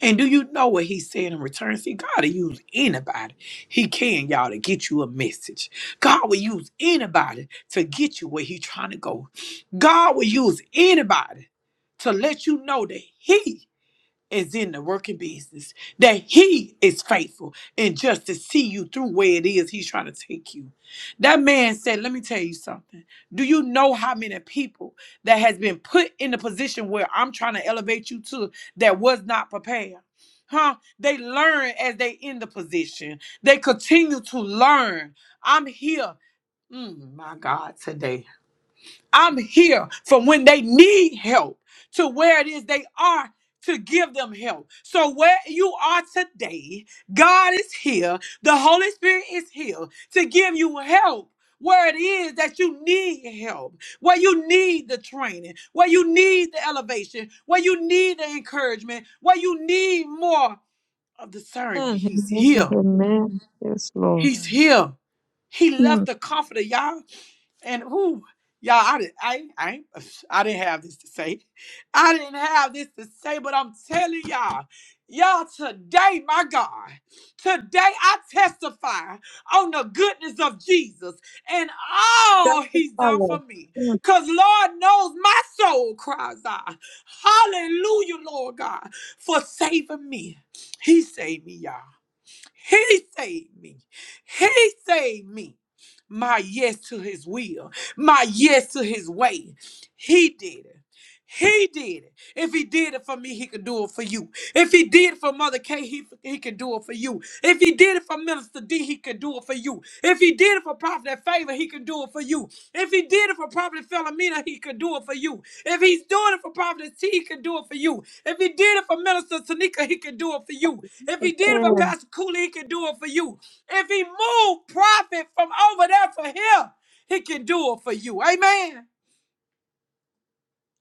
S1: And do you know what he said in return? See, God will use anybody. He can, y'all, to get you a message. God will use anybody to get you where He's trying to go. God will use anybody to let you know that He is in the working business, that he is faithful and just to see you through where it is he's trying to take you. That man said, Let me tell you something. Do you know how many people that has been put in the position where I'm trying to elevate you to that was not prepared? Huh? They learn as they in the position. They continue to learn. I'm here. Mm, my God, today. I'm here from when they need help to where it is they are to give them help. So where you are today, God is here. The Holy Spirit is here to give you help. Where it is that you need help, where you need the training, where you need the elevation, where you need the encouragement, where you need more of discernment. He's
S4: Amen.
S1: here.
S4: Amen. Yes, Lord.
S1: He's here. He left
S4: Mm.
S1: the comforter, y'all. And who y'all, I didn't, I, I, ain't- I didn't have this to say. I didn't have this to say, but I'm telling y'all, y'all today, my God, today I testify on the goodness of Jesus and
S4: That's
S1: all
S4: the
S1: He's done
S4: Father.
S1: for me,
S4: Mm.
S1: cause Lord knows my soul cries out, Hallelujah, Lord God, for saving me. He saved me, y'all. He saved me. He saved me my yes to his will, my yes to his way. He did it. He did it. If he did it for me, he could do it for you. If he did it for Mother K, he, he could do it for you. If he did it for Minister D, he could do it for you. If he did it for Prophet Favor, he could do it for you. If he did it for Prophet Philomena, he could do it for you. If he's doing it for Prophet T, he could do it for you. If he did it for Minister Tanika, he could do it for you. If he did it for
S4: Amen.
S1: Pastor Cooley, he could do it for you. If he moved profit from over there for him, he can do it for you. Amen.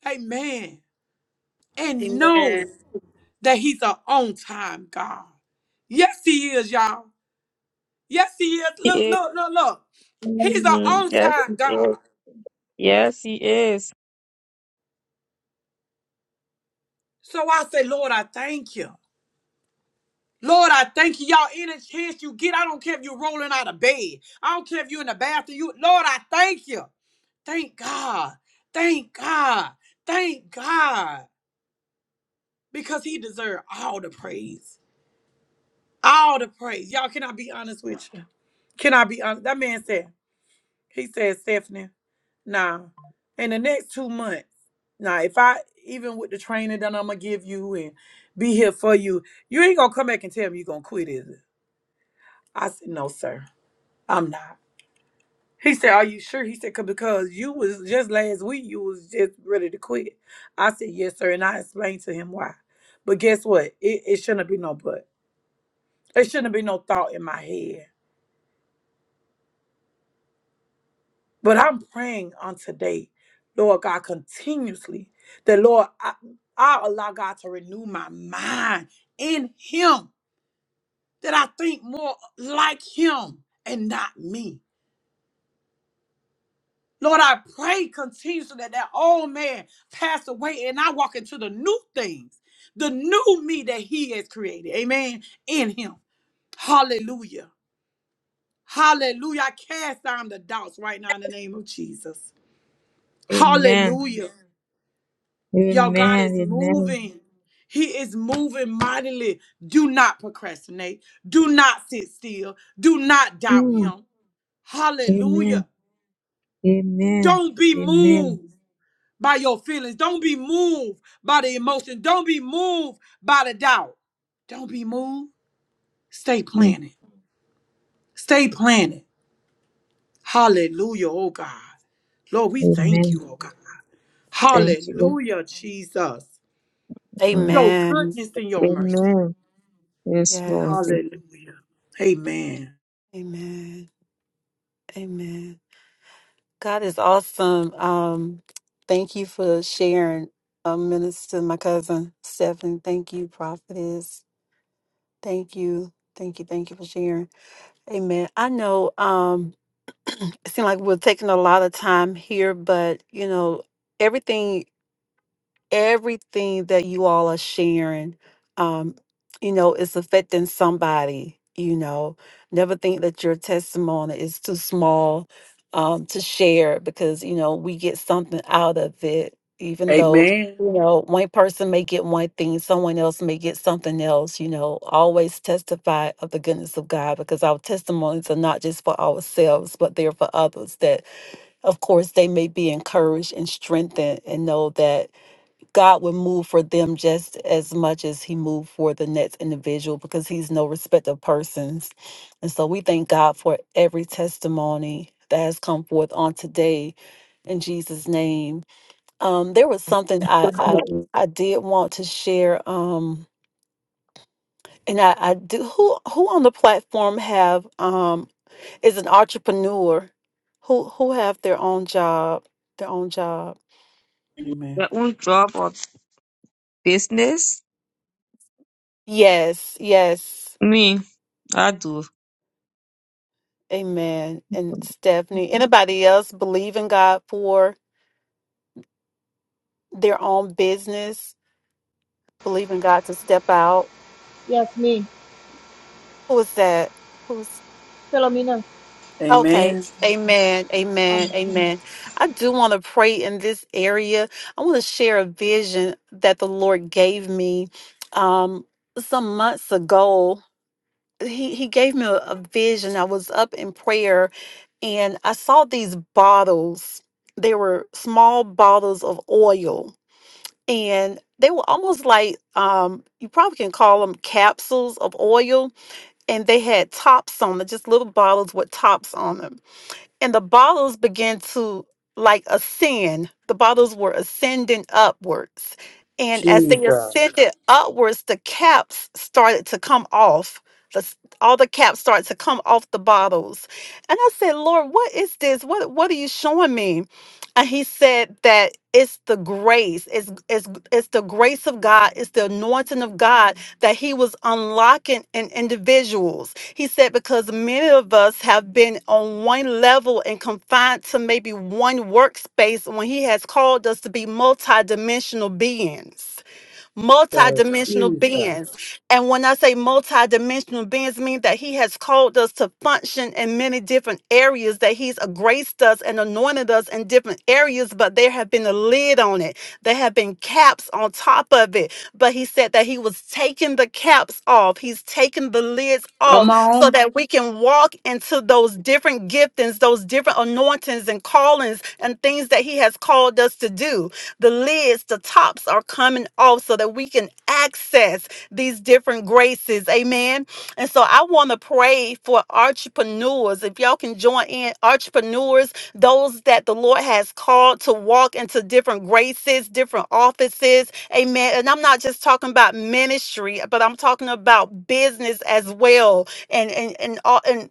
S1: Amen. And know
S2: Amen.
S1: that he's an on time God. Yes, he is, y'all. Yes, he is.
S4: He
S1: Look,
S4: is.
S1: look, look, look. He's an
S4: Mm.
S1: on
S4: Yes,
S1: time
S4: he is.
S1: God.
S4: Yes, he is.
S1: So I say, Lord, I thank you. Lord, I thank you. Y'all, any chance you get, I don't care if you're rolling out of bed. I don't care if you're in the bathroom. You, Lord, I thank you. Thank God. Thank God. Thank God. because he deserved all the praise. All the praise. Y'all, can I be honest with you? Can I be honest? That man said, he said, Stephanie, nah, in the next two months, nah, if I, even with the training that I'm going to give you and be here for you, you ain't going to come back and tell me you're going to quit, is it? I said, no, sir, I'm not. He said, are you sure? He said, 'Cause- because you was just last week, you was just ready to quit. I said, yes, sir. And I explained to him why. But guess what? It, it shouldn't be no but. It shouldn't be no thought in my head But I'm praying on today, Lord God, continuously that, Lord, I, I allow God to renew my mind in Him, that I think more like Him and not me. Lord, I pray continuously that that old man pass away and I walk into the new things, the new me that He has created. Amen. In Him. Hallelujah. Hallelujah. I cast down the doubts right now in the name of Jesus.
S4: Amen.
S1: Hallelujah. Y'all, God is
S4: Amen. Amen.
S1: moving. He is moving mightily. Do not procrastinate. Do not sit still. Do not doubt
S4: Mm.
S1: Him.
S4: Amen.
S1: Hallelujah.
S4: Amen.
S1: Don't be
S4: Amen.
S1: moved by your feelings. Don't be moved by the emotion. Don't be moved by the doubt. Don't be moved. Stay
S4: Mm.
S1: planted. Stay planted. Hallelujah, oh God. Lord, we thank
S4: Amen.
S1: you, oh God.
S4: Thank you. Lord.
S1: Hallelujah, Jesus.
S4: Mm.
S1: Your
S2: Amen.
S1: goodness and your mercy.
S4: Amen. Yes, Lord.
S2: Yes.
S4: Thank
S1: Hallelujah. Amen.
S2: Amen. Amen. God is awesome. Um, thank you for sharing, um, Minister, my cousin Stephen. Thank you, prophetess. Thank you. Thank you. Thank you for sharing. Amen. I know. Um, it seems like we're taking a lot of time here, but you know, everything everything that you all are sharing, um, you know, is affecting somebody, you know. Never think that your testimony is too small um to share because, you know, we get something out of it, even though
S1: Amen.
S2: you know, one person may get one thing, someone else may get something else. You know, always testify of the goodness of God because our testimonies are not just for ourselves, but they're for others that of course, they may be encouraged and strengthened and know that God will move for them just as much as He moved for the next individual because He's no respect of persons. And so we thank God for every testimony that has come forth on today in Jesus' name. Um, there was something I, I
S4: you.
S2: I did want to share. Um, and I, I do who who on the platform have um is an entrepreneur who who have their own job, their own job.
S1: Amen.
S4: Your own job or business?
S2: Yes, yes.
S4: Me. I do.
S2: Amen. And Stephanie, anybody else believe in God for their own business? Believe oh, who is that? Who's okay.
S1: Amen.
S2: Amen. Amen. Amen. I do want to pray in this area. I want to share a vision that the Lord gave me um some months ago. He he gave me a, a vision. I was up there and I saw these bottles. They were small bottles of oil and they were almost like um, you probably can call them capsules of oil and they had tops on them just little bottles with tops on them and the bottles began to like ascend. The bottles were ascending upwards. And as they
S1: Jesus. uh,
S2: ascended upwards, the caps started to come off. The, s- all the caps started to come off the bottles. And I said, Lord, what is this? What what are you showing me? And he said that it's the grace. It's, it's, it's the grace of God. It's the anointing of God that he was unlocking in individuals. He said, because many of us have been on one level and confined to maybe one workspace when he has called us to be multidimensional beings multidimensional
S1: Jesus.
S2: beings. And when I say multidimensional beings, mean that he has called us to function in many different areas, that he's graced us and anointed us in different areas, but there have been a lid on it. There have been caps on top of it. But he said that he was taking the caps off. He's taking the lids
S1: Come
S2: off so
S1: on.
S2: that we can walk into those different giftings, those different anointings and callings and things that he has called us to do. The lids, the tops are coming off so that we can access these different graces. Amen. And so I want to pray for entrepreneurs. If y'all can join in, entrepreneurs, those that the Lord has called to walk into different graces, different offices. Amen. And I'm not just talking about ministry, but I'm talking about business as well and and and all, and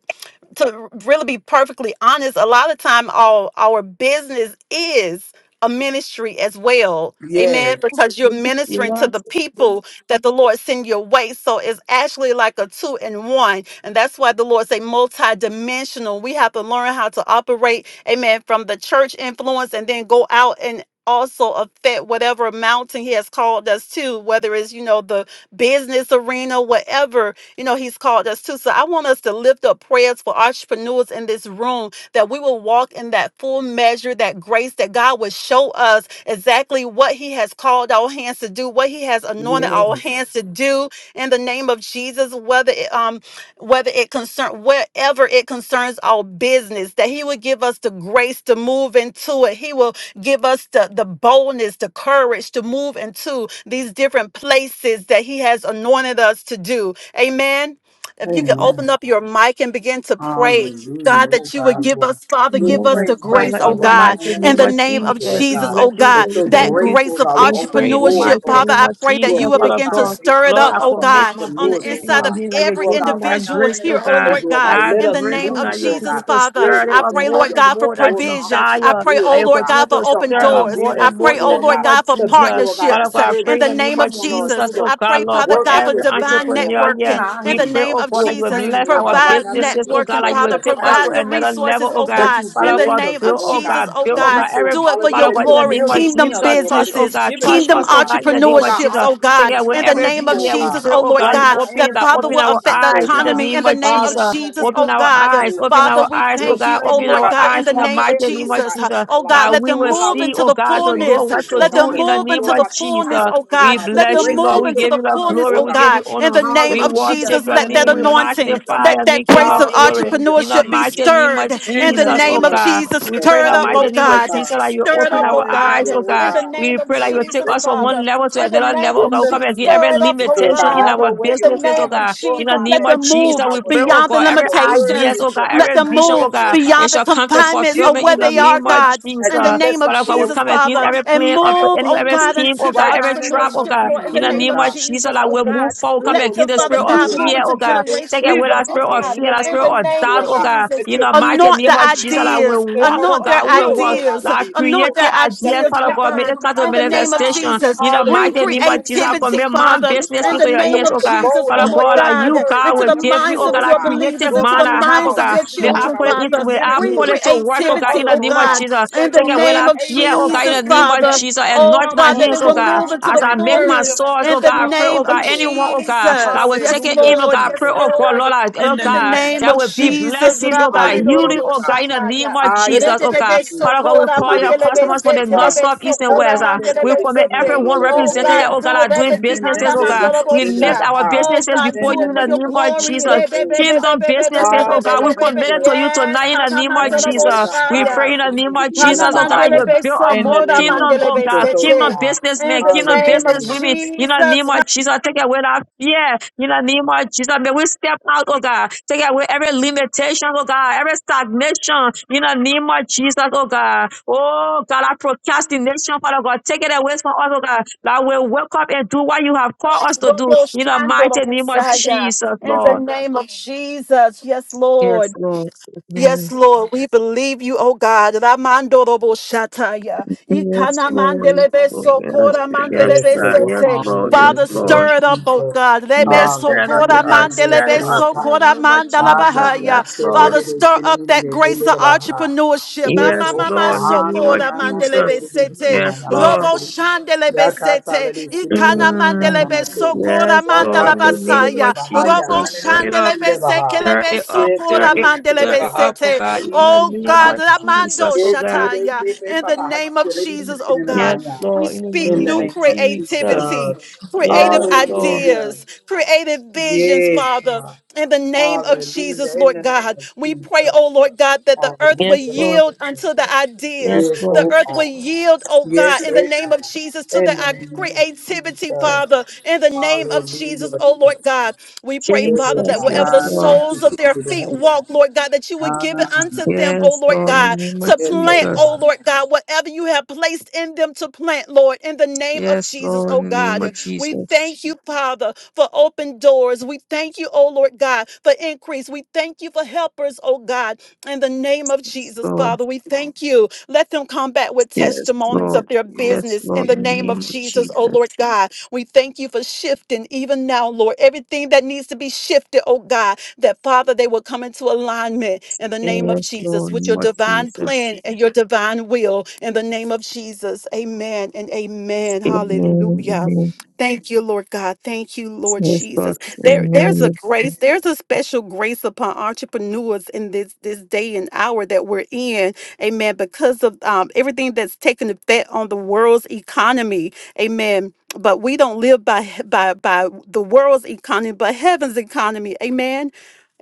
S2: to really be perfectly honest, a lot of time our our business is a ministry as well. Amen.
S1: Yes.
S2: Because you're
S4: Yes,
S2: ministering to
S4: yes,
S2: the people that the Lord send your way. So it's actually like a two and one. And that's why the Lord say multi-dimensional. We have to learn how to operate, amen, from the church influence and then go out and also affect whatever mountain he has called us to, whether it's, you know, the business arena, whatever you know, He's called us to. So I want us to lift up prayers for entrepreneurs in this room that we will walk in that full measure, that grace that God would show us exactly what He has called our hands to do, what He has anointed
S1: Yes.
S2: our hands to do in the name of Jesus, whether it, um whether it concern wherever it concerns our business, that He would give us the grace to move into it. He will give us the, the boldness, the courage to move into these different places that He has anointed us to do. Amen. If you could
S1: Amen.
S2: open up your mic and begin to pray
S1: Hallelujah.
S2: God,
S1: Oh
S2: that you would give
S1: God.
S2: us, Father,
S1: We
S2: give us
S4: Yes,
S1: pray,
S2: the
S1: Lord
S4: Father,
S2: grace, oh
S1: God,
S4: in the
S1: right
S2: God,
S1: now
S4: mighty
S1: in the
S2: in
S4: name
S1: name
S2: the
S1: of
S4: of
S2: name
S1: Jesus,
S2: of
S4: Jesus,
S1: Lord
S4: we
S2: Jesus,
S1: God,
S4: bless
S2: oh
S4: you,
S1: that
S2: God,
S4: we
S1: your
S2: that
S4: thank you.
S1: grace,
S2: grace
S1: Lord
S2: of
S1: God, will
S4: We pray
S1: open
S4: in the
S1: doors,
S2: entrepreneurship,
S4: mighty
S1: Lord
S2: Father,
S4: name
S2: I
S1: God.
S4: of
S2: pray that
S1: Will
S2: you
S4: Jesus,
S2: will
S1: build
S4: Father
S2: begin to
S4: God.
S2: stir
S1: foundations,
S2: it
S4: Lord,
S2: up,
S1: Lord
S4: I
S1: God,
S2: oh
S1: for
S4: commit
S2: God,
S4: my
S2: on
S1: entrepreneurs,
S2: the
S4: business
S1: Lord
S4: in
S2: inside
S4: your
S2: of
S1: God.
S4: hand. That you
S2: every
S1: Lord
S4: give
S1: God,
S4: me
S1: right
S4: that
S1: now
S2: individual
S1: in
S4: grace,
S1: the
S4: oh
S2: here,
S1: name
S2: oh
S1: of
S4: God.
S1: Jesus,
S2: Lord
S1: Lord God,
S2: God,
S4: That
S1: let
S2: in the
S1: us
S4: grace,
S2: name
S4: oh
S2: of
S1: move,
S4: God, you
S1: Lord
S2: Jesus,
S4: continue
S1: God,
S4: to
S2: Father.
S1: where it
S4: stir it
S2: I
S1: is,
S4: up
S1: Lord
S2: pray,
S1: God.
S4: more
S2: Lord
S1: You
S4: and
S2: God,
S1: open
S2: for
S4: more.
S1: up
S4: That
S1: doors
S2: provision.
S1: to
S2: I
S4: desire,
S2: pray,
S1: entrepreneurs,
S4: that
S2: oh
S4: you
S1: Lord
S2: Lord
S1: God,
S4: continue
S2: God, for
S4: to
S1: to
S2: open
S4: stir up
S1: own
S2: doors.
S4: more
S2: I
S4: and
S1: businesses,
S4: more
S2: pray,
S4: in
S2: oh
S4: the
S1: Lord
S2: Lord
S4: name
S1: God,
S4: of
S2: God, for
S1: to be,
S4: Jesus.
S1: Lord God,
S4: Father
S1: an
S4: God,
S2: partnerships uh,
S4: I
S2: in
S4: pray in
S1: encouragement
S2: the
S4: the
S1: to
S4: name
S2: name of
S4: of
S1: someone, Lord,
S2: Jesus.
S4: Jesus,
S1: through
S4: oh
S2: I
S4: God,
S2: pray,
S1: the
S4: Lord,
S2: Father
S4: for
S1: work
S2: God,
S1: that
S2: for
S4: every
S1: you're giving us,
S2: divine
S1: Lord
S4: entrepreneur
S1: God, in
S4: here.
S2: networking
S1: our
S2: in
S4: We
S2: the
S1: hands.
S4: pray,
S2: name
S4: oh
S2: of
S4: God,
S1: We're
S4: that you will
S2: Jesus.
S1: praying,
S4: bless
S1: Lord
S4: our
S1: God, right
S2: Provide
S1: now in the name
S4: businesses,
S1: of
S4: oh God,
S1: Jesus,
S2: networking, Father.
S4: that
S1: Lord,
S4: you
S1: for
S4: will
S2: Father.
S1: the
S4: take us to
S2: Provide
S1: talent
S2: the
S4: another level,
S2: resources,
S4: oh
S2: oh
S4: God
S1: that
S2: God,
S1: you
S2: in
S4: Father
S2: the
S1: blessed
S4: God,
S1: us
S2: name
S1: with,
S2: of
S4: build, oh
S1: Lord God.
S2: Jesus,
S4: God,
S2: oh
S1: The
S4: build, oh
S2: God.
S4: God,
S1: resource,
S4: every
S2: Do it for
S1: hallelujah,
S2: your
S4: Father
S1: that
S4: God, in
S1: you are
S4: the
S2: glory.
S4: name of
S1: building
S2: Kingdom
S1: in
S4: Jesus,
S1: us, Lord God,
S4: touch,
S1: that
S4: oh
S1: you've
S2: businesses,
S4: God,
S1: given us,
S4: touch
S2: kingdom
S1: oh
S4: us, oh
S1: God.
S4: God, in the name
S1: Lord
S4: of
S1: God,
S2: entrepreneurships,
S1: all
S2: oh
S4: Jesus.
S1: good
S4: Take
S2: God,
S1: things
S4: away
S2: in
S1: come
S2: the
S1: from
S4: every
S1: you,
S2: name of
S1: oh
S4: fear. We
S1: God.
S2: Jesus,
S4: pray,
S2: oh
S4: oh
S2: Lord
S4: God,
S1: Right
S4: you
S2: God.
S1: now, in
S4: open
S2: That
S1: the
S4: that,
S1: name
S2: Father
S1: of
S4: open
S2: will
S4: our
S2: affect
S1: Jesus,
S2: the
S1: oh
S4: eyes in the
S1: God.
S2: economy in
S4: name
S2: the
S4: of
S2: name of
S4: Jesus.
S1: Father, in the
S2: Jesus,
S1: name
S4: Open
S1: of
S2: oh
S4: our
S1: Jesus,
S2: God.
S4: eyes,
S1: Lord
S4: open
S1: God.
S2: Father,
S4: our
S2: we
S4: eyes, oh
S1: We're
S2: thank you,
S4: God,
S2: oh
S1: praying,
S4: open
S1: Lord
S2: Lord
S4: our
S1: God,
S2: God,
S1: that the
S2: in
S4: eyes
S2: the
S4: in the
S2: name of
S4: mighty
S1: prosperity,
S4: name
S1: Lord
S4: of
S2: Jesus.
S1: God, in
S4: Jesus.
S1: our
S2: Oh
S1: lives,
S2: God,
S4: That
S2: let
S4: we
S2: them
S4: will
S1: Lord God,
S2: move
S1: will
S4: see,
S2: into
S4: oh
S2: the
S1: come
S4: God,
S1: through the
S4: to
S2: fullness.
S4: know
S1: businesses,
S4: what to
S1: Lord
S2: Let
S1: God,
S4: do
S2: them
S1: the,
S4: in the
S2: move
S4: name
S1: Lord
S2: into the
S4: of
S1: God, the
S2: fullness,
S4: Jesus.
S1: talent,
S2: oh
S1: Lord
S2: God.
S4: We
S1: God, the
S2: Let
S4: bless
S2: them
S4: you,
S1: grace
S4: Lord.
S2: move
S1: you have
S4: We
S1: put
S2: into
S4: give
S2: the
S4: you the
S1: upon us,
S2: fullness,
S1: oh
S4: glory.
S2: oh
S4: We
S1: God.
S4: give
S2: God,
S4: you
S2: in
S4: honor.
S2: the name
S4: We
S2: of
S1: Hallelujah,
S4: worship
S2: Jesus.
S1: in
S4: your
S1: the
S2: Let that
S4: name.
S1: name
S4: We
S1: of
S2: anointing,
S1: Jesus.
S4: magnify
S2: let
S4: your
S2: that
S4: name, King
S2: grace of
S4: of
S2: of
S4: glory.
S1: Hallelujah,
S4: In the
S2: entrepreneurship be
S4: mighty
S1: Jesus.
S4: name
S2: stirred
S4: of
S2: in
S1: In
S2: the
S1: the
S4: Jesus, oh
S1: name
S2: name of
S1: of
S4: God.
S2: Jesus.
S4: We
S1: Jesus.
S4: pray
S2: Stir
S4: in
S2: it
S4: the
S2: up, oh
S4: mighty name of
S1: Hallelujah,
S2: God.
S4: Jesus
S1: God.
S4: that you
S2: Stir it
S4: open
S2: up,
S4: our
S2: oh God.
S4: eyes,
S1: Hallelujah,
S4: oh
S1: oh
S2: In
S4: God.
S2: the
S1: God.
S4: We
S2: name of
S4: pray that
S1: Lord,
S4: you
S1: we
S4: take
S2: Jesus,
S4: us
S1: thank
S4: from
S1: you
S2: Father.
S4: one level to
S2: In the
S4: another
S2: name
S4: level, oh
S2: of
S1: in
S4: God. We
S1: the
S4: come
S2: Jesus,
S1: name
S4: against
S1: of
S4: every
S2: stir it up,
S1: Jesus,
S2: oh
S1: Lord
S4: limitation
S1: God.
S4: in
S1: Have
S2: God.
S4: our
S1: your way,
S2: In the
S1: oh
S4: businesses, oh
S1: God.
S2: name of
S4: God.
S1: Lord
S4: In the
S2: Jesus,
S1: God,
S4: name
S2: let
S1: that
S4: of
S2: them
S1: we, Lord
S2: move
S4: Jesus,
S1: God,
S4: we
S1: will
S4: pray, oh
S2: beyond the
S4: God.
S1: depend on
S4: Every
S1: your word that
S4: ideas,
S1: is
S4: oh
S2: limitations.
S4: God,
S1: have
S2: Let
S4: every
S1: spoken
S2: them
S4: vision,
S1: over
S2: move
S4: oh
S1: us, Lord
S4: God,
S1: God.
S4: it
S2: beyond the
S4: shall come to
S1: That we
S2: confinements
S1: give
S2: of
S4: fulfillment
S1: you
S2: where
S4: in
S1: the
S4: the
S2: they are,
S4: name
S1: business,
S4: of
S2: God.
S1: that
S2: In
S4: Jesus.
S2: the
S1: you bless
S2: name
S1: us
S2: of
S4: Father
S1: with,
S4: God,
S1: that
S4: we
S1: we
S2: Jesus,
S4: come
S1: will
S4: against
S2: Father.
S1: honor
S4: every
S1: you
S2: And
S4: plan of the
S2: move,
S4: enemy,
S2: oh
S1: with
S4: every
S1: the
S2: God,
S1: business.
S4: scheme, oh
S2: into the
S4: God,
S1: Right now,
S4: every
S1: in the
S4: trap,
S1: name
S4: oh
S2: entrepreneurship,
S1: of
S4: God.
S2: Lord. In
S1: Jesus,
S2: the
S4: In the
S1: Lord
S2: name
S4: name
S2: of
S4: of
S1: God.
S4: Jesus,
S2: Jesus,
S1: How
S4: that
S1: you
S2: oh
S4: we
S2: God.
S4: move
S1: continue to
S4: forward, come
S2: Let
S1: grow us.
S4: against
S2: them,
S1: Give
S4: the
S1: us
S2: Father
S4: spirit of
S1: new
S2: God, move
S4: fear,
S2: into
S4: oh
S1: ideas,
S4: God. Take
S2: generational
S4: away
S2: wealth,
S1: business
S4: that
S2: oh
S4: spirit
S2: God.
S4: of
S1: plan
S2: God,
S1: in
S4: fear,
S1: the
S4: that
S1: name
S2: in
S4: spirit
S1: of
S2: the
S4: of
S1: Jesus,
S2: name
S4: doubt,
S1: Lord
S2: of
S4: oh
S1: God,
S4: God.
S2: Jesus.
S1: that
S4: In
S1: you're
S4: the mighty
S1: sending
S2: Anoint
S4: name
S2: the
S4: of
S1: destiny
S4: Jesus,
S1: helpers
S4: that we
S2: ideas,
S1: to
S4: walk,
S1: help
S4: oh
S2: anoint
S1: us
S2: their
S4: God, we
S1: build,
S4: walk.
S1: Lord God,
S2: ideas,
S1: the
S4: Like
S1: business,
S2: anoint
S1: Lord
S4: created
S2: their
S1: God, that
S4: ideas,
S2: ideas,
S1: the
S4: Father
S2: oh
S1: caps
S4: God, may
S1: are
S2: God,
S4: it
S1: coming
S4: come to
S2: in
S1: off,
S2: the
S1: Lord
S2: name of
S1: God.
S4: manifestation
S2: Jesus.
S4: in the
S2: Bring
S4: mighty name
S1: Hallelujah,
S4: of
S1: in
S4: Jesus.
S1: the
S4: I
S1: name
S2: creativity,
S1: of
S4: commit my
S1: Jesus,
S2: Father,
S1: Lord
S4: business
S2: in
S1: God,
S2: the
S4: into your
S1: that
S2: name
S1: we
S4: hands,
S2: of
S1: will
S4: oh God.
S2: Jesus,
S1: go
S2: oh
S1: and
S4: Father
S2: Lord
S4: God,
S1: grow and
S4: like
S2: God,
S4: you,
S1: flourish
S4: God,
S2: into
S4: will
S1: like
S2: the
S1: never
S4: give me,
S2: minds
S4: oh
S1: before,
S2: of
S4: God,
S1: oh
S2: your
S4: like
S1: God.
S2: believers,
S4: creative
S1: Lord
S2: into
S4: mind
S1: God,
S2: the
S4: I
S1: that
S4: have, oh
S2: minds
S1: our
S2: of
S4: God.
S2: your
S1: business,
S4: May I
S1: Lord
S2: children,
S1: God,
S4: put
S1: will
S4: it
S1: be
S4: into,
S2: Father.
S4: may I
S2: Bring
S4: put
S1: ministry
S4: it to work,
S1: to
S4: oh God,
S2: creativity,
S4: in
S1: others,
S4: the
S2: oh
S1: oh
S4: name of
S2: God,
S1: God.
S4: Jesus.
S2: in
S1: That,
S2: the
S1: Lord
S4: Take
S1: God,
S4: away
S1: we're
S2: name
S4: that
S2: of
S1: able,
S4: fear,
S1: Lord
S4: oh God,
S1: God,
S4: in
S1: to
S2: Jesus,
S4: the name
S1: reach
S4: of
S2: Father.
S1: back
S4: Jesus. And
S1: and
S2: Oh
S4: not
S1: help
S4: my
S2: God, that they
S1: others,
S4: hands, oh
S2: will
S1: Lord
S4: God.
S2: move
S1: God,
S2: into
S4: As
S2: the
S1: and
S4: I make my
S1: encourage them
S2: fullness
S1: and
S4: source,
S2: in
S1: lift
S4: oh
S2: the
S1: them
S4: God, I
S1: up
S4: pray,
S1: in
S4: oh
S2: name of
S1: you,
S4: God,
S1: Lord
S4: anyone,
S1: God.
S4: oh God, that
S2: Jesus.
S4: will take
S2: Yes,
S4: it
S1: Hallelujah,
S4: in, oh
S2: Lord.
S4: God, I
S2: Yes,
S4: pray,
S1: Jesus.
S4: oh God,
S2: Lord.
S4: Lord, I-
S1: In
S4: oh
S1: the
S2: In the
S1: name
S4: God,
S1: of
S2: name
S4: there
S2: of
S4: will be
S1: Jesus.
S2: Jesus,
S4: blessings, oh God,
S1: Hallelujah,
S4: healing,
S2: Rabandorobo
S4: oh
S1: God.
S4: God, in the
S2: Shataya.
S4: name of
S1: Aya,
S4: Jesus, oh God.
S2: Rededebe
S1: baby.
S4: Father God, we
S2: sokora
S1: Sisi,
S4: call
S1: lidi,
S4: your
S2: mandelebe
S1: sina,
S4: customers from the north,
S1: maha.
S2: setelebe
S4: south, east, and
S2: sokora
S4: west.
S1: Yaka,
S4: Uh,
S1: tele,
S4: we
S2: mandelebe
S1: lidi,
S4: commit
S1: sini, na,
S2: sete.
S4: everyone
S1: lolo,
S2: Oh
S4: represented here,
S2: God,
S1: bohoya.
S4: oh God,
S2: do it,
S4: are doing
S2: Rebeki
S1: Amen.
S4: businesses,
S2: anda
S4: oh
S1: Mete,
S4: God.
S1: liti,
S2: mandorobo
S4: We
S1: lili, la,
S4: lift
S2: sha.
S4: our
S1: baha.
S2: Oh
S4: businesses
S2: God,
S4: before
S1: In
S2: do
S4: you
S2: it
S1: the
S4: in
S2: for
S4: the
S2: your
S1: name of
S4: name of
S2: glory.
S4: Jesus
S1: Jesus, oh God.
S4: kingdom businesses, oh God. We
S2: Rebebebebebebebebebebebe.
S4: commit it
S1: Hallelujah,
S4: to you
S2: Yes,
S1: Jesus.
S4: tonight in the
S2: Hana
S4: name of
S1: In the name of
S4: Jesus. We
S1: Baha,
S2: shaya.
S4: pray in the name
S1: Katalidi,
S4: of
S1: sini, no, la,
S2: Hana
S4: Jesus, oh God, that you
S1: bahaya.
S4: will build a
S1: In
S4: more
S1: the
S2: sokora
S1: name of
S4: kingdom, oh
S2: mandelebe
S1: Jesus,
S4: God,
S1: oh
S4: kingdom
S2: sete.
S1: God.
S2: In
S4: businessmen,
S2: the
S4: kingdom
S2: name of
S4: businesswomen,
S1: Hallelujah.
S4: in the name
S2: Jesus,
S4: of Jesus. Take away that fear, in the name of Jesus. May we step out, oh God. Take away every limitation, oh God, every stagnation, in the name of Jesus, oh God. Oh God, I procrastination, Father God. Take it away from us, oh God. That we wake up and do what you have called us to do,
S2: Robo
S4: in the
S2: shando
S4: mighty
S2: robo
S4: name of
S2: saya.
S4: Jesus,
S2: In the
S4: Lord.
S2: name of Jesus. Yes,
S4: Yes,
S2: Lord.
S4: Lord.
S2: Yes,
S4: Amen.
S2: Lord, we believe you, oh God. Ramando robo shataya.
S4: Yes,
S2: Ikana
S4: Lord. Yes,
S2: mandelebe
S4: Lord. Yes,
S2: sokora
S4: yes,
S1: Yes,
S2: mandelebe
S4: God.
S1: Lord.
S4: Yes,
S2: sete.
S4: Lord. Yes,
S2: Father,
S1: Hallelujah,
S4: Lord.
S2: stir it up, oh
S1: Jesus.
S2: God. Lebe
S4: Yes, stand up in
S2: sokora
S1: Hallelujah.
S4: us.
S1: Yes,
S4: Stand it
S2: mandelebe
S4: up
S1: Lord.
S4: in
S1: Ah,
S4: the
S2: sokora
S4: name of
S1: ah, na,
S4: Jesus.
S2: mandalabahaya.
S1: na,
S4: Yes,
S1: se, le,
S4: Lord.
S2: Father,
S1: le, le,
S2: stir
S1: se, le,
S2: up
S1: le, le,
S2: that
S1: le,
S2: grace
S1: le,
S2: of
S1: le, ba, ha.
S2: entrepreneurship.
S1: Yes,
S4: Yes,
S1: oka
S2: Amamama
S4: Lord. In the name
S1: hana
S4: of
S2: sokora
S1: na na
S4: Jesus.
S1: siri
S2: mandelebe
S1: di di di
S2: sete.
S1: na
S4: Yes,
S1: na na na
S4: Lord.
S2: Robo
S1: siri.
S2: shandelebe
S1: Ya ka sa la di
S2: sete.
S1: siri di di
S2: Kana
S1: di na na
S4: Mm.
S1: na
S2: mandelebe
S1: siri.
S2: sokora
S4: Yes,
S1: Ya
S4: Lord.
S2: mandala
S1: ka
S4: In
S1: se
S4: the
S1: se di
S4: name
S1: di di
S2: basaya.
S4: of
S1: baha ya
S2: Robo
S1: na
S4: Jesus.
S1: na di
S4: Stir it up.
S1: siri di
S2: shandelebe
S1: baha.
S4: Stir
S2: sekelebe
S4: it
S1: Ye
S4: up.
S1: se
S4: Stir
S2: sokora
S1: di di
S4: it.
S1: siri di
S4: Stir
S2: mandelebe
S4: it
S1: baha
S4: up, oh
S1: ka
S2: sete.
S1: sa la
S4: God.
S1: di
S4: In the
S2: Oh
S1: siri na
S4: name
S1: na
S2: God,
S4: of
S1: na.
S2: Ramando
S4: Jesus,
S1: Ye
S4: oh
S1: se
S4: God.
S1: di
S2: Shataya.
S1: di pe
S2: In
S1: pa
S2: the
S1: baha
S2: name of
S1: siri di di
S2: Jesus, oh
S1: siri na ma
S2: God,
S4: Yes,
S1: ya.
S2: we
S4: Lord. In the
S2: speak
S1: In the
S4: name
S2: new
S4: of
S1: name of
S4: Jesus.
S2: creativity,
S1: Jesus.
S2: creative
S4: Yes, Lord.
S1: Hallelujah.
S2: ideas, creative visions,
S1: Yes,
S2: Father.
S1: God.
S2: In the name of
S1: Hallelujah.
S2: Jesus,
S1: In
S2: Lord
S1: the name
S2: God,
S1: of
S2: we pray,
S1: Jesus.
S2: oh Lord God, that the earth will
S4: Yes,
S1: Hallelujah.
S4: Lord.
S2: yield
S1: Jesus.
S2: unto the
S4: Yes,
S2: ideas.
S1: Yes,
S4: Lord.
S2: The
S1: oh
S2: earth
S1: God.
S2: will yield, oh
S1: Yes,
S2: God, in the
S1: oh
S2: name
S1: God.
S2: of Jesus, to the
S1: In the
S2: uh,
S1: name of
S2: creativity,
S1: Jesus.
S2: Father. In the name of
S1: Hallelujah.
S2: Jesus, oh Lord God, we pray,
S1: Let
S2: Father,
S1: it
S2: that
S4: Jesus.
S2: wherever
S4: Yes,
S2: the
S1: behind us.
S4: Lord.
S1: You
S2: soles
S1: see
S2: of
S1: it
S2: their feet
S1: behind us.
S2: walk, Lord God, that you would give it unto them, oh
S4: Yes,
S2: Lord
S4: Lord. In the
S2: God,
S4: name of
S2: to
S1: Yes, oh
S2: plant,
S4: Jesus.
S2: oh
S1: God.
S2: Lord God, whatever you have placed in them to plant, Lord, in the name of
S4: Yes,
S2: Jesus,
S4: Lord.
S2: oh
S4: In the name
S2: God.
S4: of
S2: We
S4: Jesus.
S2: thank you, Father, for open doors. We thank you, oh Lord God, for increase. We thank you for helpers, oh God, in the name of
S4: Yes,
S2: Jesus,
S4: Lord.
S2: Father. We thank you. Let them come back with
S4: Yes,
S2: testimonies
S4: Lord.
S2: of their
S4: Yes,
S2: business in
S4: Lord.
S2: the
S4: In the
S2: name of
S4: name of
S2: Jesus, oh
S4: Jesus.
S2: Lord God. We thank you for shifting even now, Lord. Everything that needs to be shifted, oh God, that Father, they will come into alignment in the name of
S4: Yes,
S2: Jesus
S4: Lord.
S2: with
S4: In the
S2: your
S4: name of
S2: divine
S4: Jesus.
S2: plan and your divine will in the name of Jesus. Amen and amen.
S4: Amen.
S2: Hallelujah.
S4: Amen.
S2: Thank you, Lord God. Thank you, Lord
S4: Yes, God.
S2: Jesus. There, there's a
S4: Amen.
S2: grace, there's a special grace upon entrepreneurs in this this day and hour that we're in. Amen. Because of um, everything that's taken effect on the world's economy. Amen. But we don't live by by by the world's economy, but heaven's economy. Amen.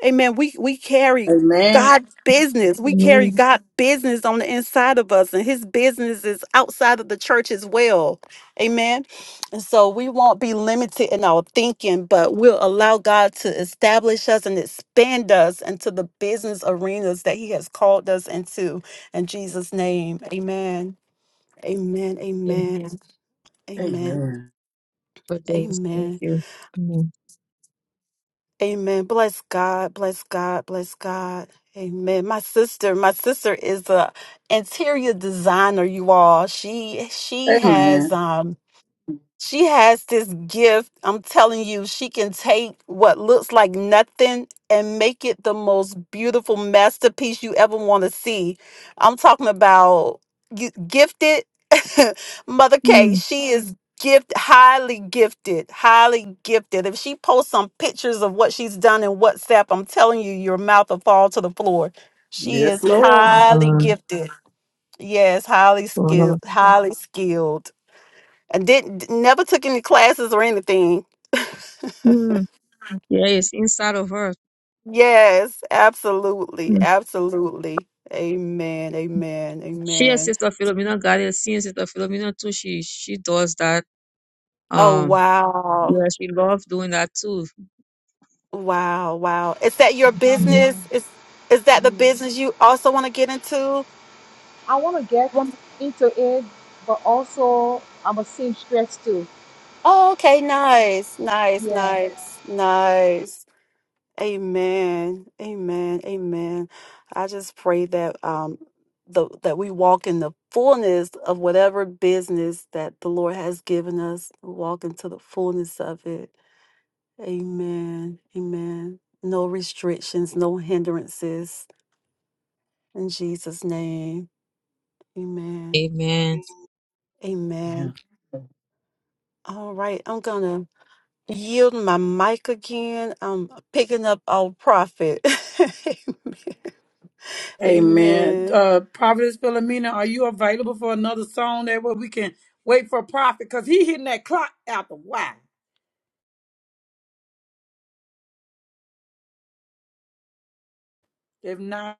S2: Amen. We we carry God's business. We carry
S4: Amen.
S2: God business on the inside of us, and His business is outside of the church as well. Amen. And so we won't be limited in our thinking, but we'll allow God to establish us and expand us into the business arenas that He has called us into. In Jesus' name, Amen. Amen.
S4: Amen.
S2: Amen. Amen.
S1: Amen.
S4: God, yes, Thank
S2: Amen.
S4: you. Amen.
S2: Amen. Bless God. Bless God. Bless God. Amen. My sister, my sister is a interior designer, you all. She she has
S1: Amen.
S2: um she has this gift. I'm telling you, she can take what looks like nothing and make it the most beautiful masterpiece you ever want to see. I'm talking about you- gifted Mother K.
S4: Hmm.
S2: She is gift highly gifted, highly gifted. If she posts some pictures of what she's done in WhatsApp, I'm telling you, your mouth will fall to the floor. She
S1: Yes,
S2: is
S1: Lord.
S2: highly
S4: Ah,
S2: gifted. Yes, highly skilled,
S4: God.
S2: highly skilled. I didn't never took any classes or anything.
S4: Hmm. Yeah, it's inside of her.
S2: Yes, absolutely, absolutely. Amen, amen,
S4: She and
S2: amen.
S4: Sister Philomena got it. Seeing Sister Philomena too, she she does that.
S2: Oh
S4: Um,
S2: wow,
S4: yeah, she loves doing that too.
S2: wow, wow. Is that your
S4: Mhm.
S2: business? Is is that the business you also want to get into? Yes. Oh, okay, nice, nice, nice, nice, Amen. Amen. Amen. I just pray that um the that we walk in the fullness of whatever business that the Lord has given us. Walk into the fullness of it. Amen. Amen. No restrictions, no hindrances. In Jesus' name. Amen.
S4: Amen.
S1: Yeah.
S2: Amen. All right. I'm gonna yield my mic again. I'm picking up our prophet.
S1: Amen.
S2: Amen.
S1: Uh, Prophetess Philomena, are you available for another song that way we can wait for a prophet? Because he hitting that clock out the wide. If not,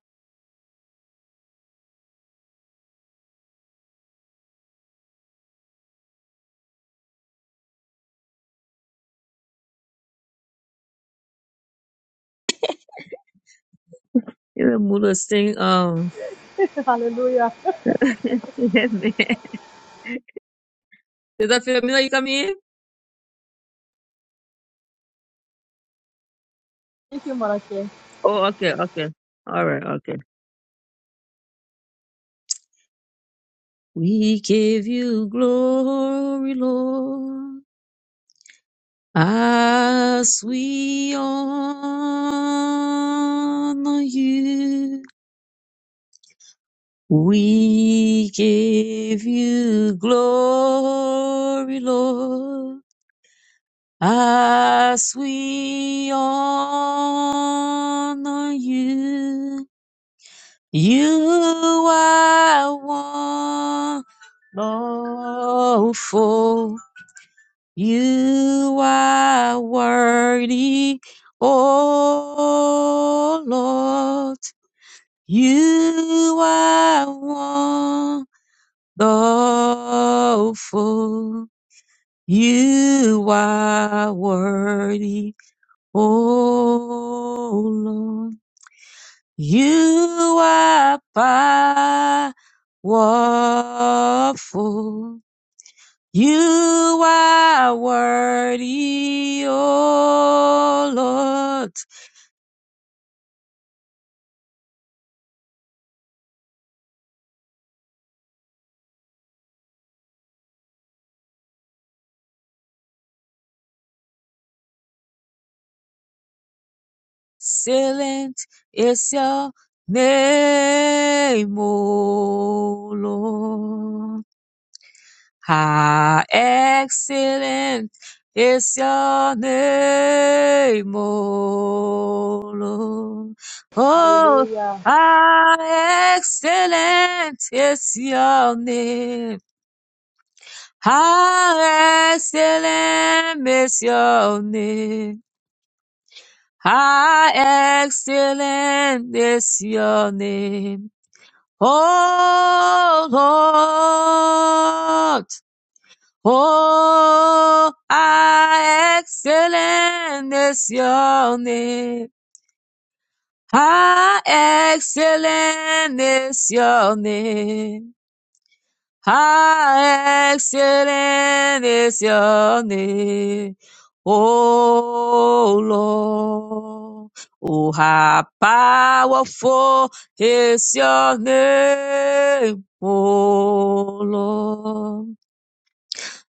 S4: You know, Mula sing. Um, Amen. Sister Philomena, you come in? Oh, okay, okay, all right, okay. We give you glory, Lord, as we honor you. We give you glory, Lord, as we honor you. You are wonderful. You are worthy, oh Lord. You are Oh, full, you are worthy, oh Lord. You are powerful. You are worthy, oh Lord. Silent is your name, oh Lord. How excellent is your name, O Lord. Oh, how excellent is your name. How excellent is your name. How excellent is your name. Oh, Lord. Oh, how excellent is your name. How excellent is your name. How excellent is your name. Oh Lord. Oh, how powerful is your name. Oh Lord.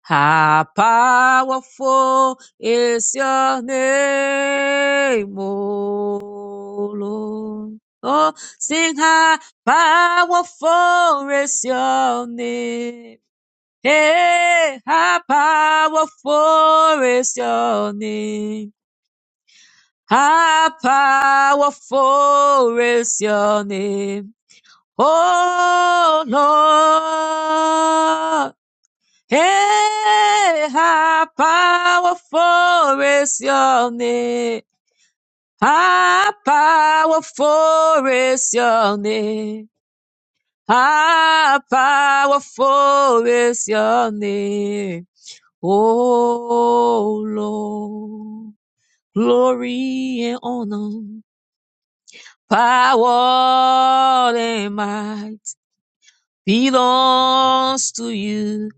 S4: How powerful is your name, O Lord. Oh, sing how powerful is your name. Hey, how powerful is your name. How powerful is your name. Oh, Lord. Hey, how powerful is your name? How powerful is your name? How powerful is your name? Oh Lord, glory and honor, power and might belongs to you,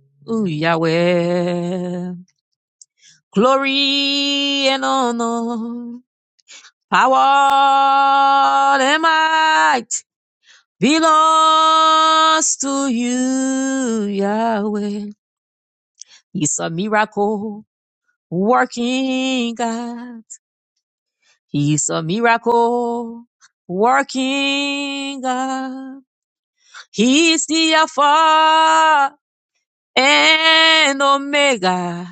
S4: Yahweh. Glory and honor, power and might belongs to you, Yahweh. He's a miracle working God. He's a miracle working God. He's the Alpha and Omega.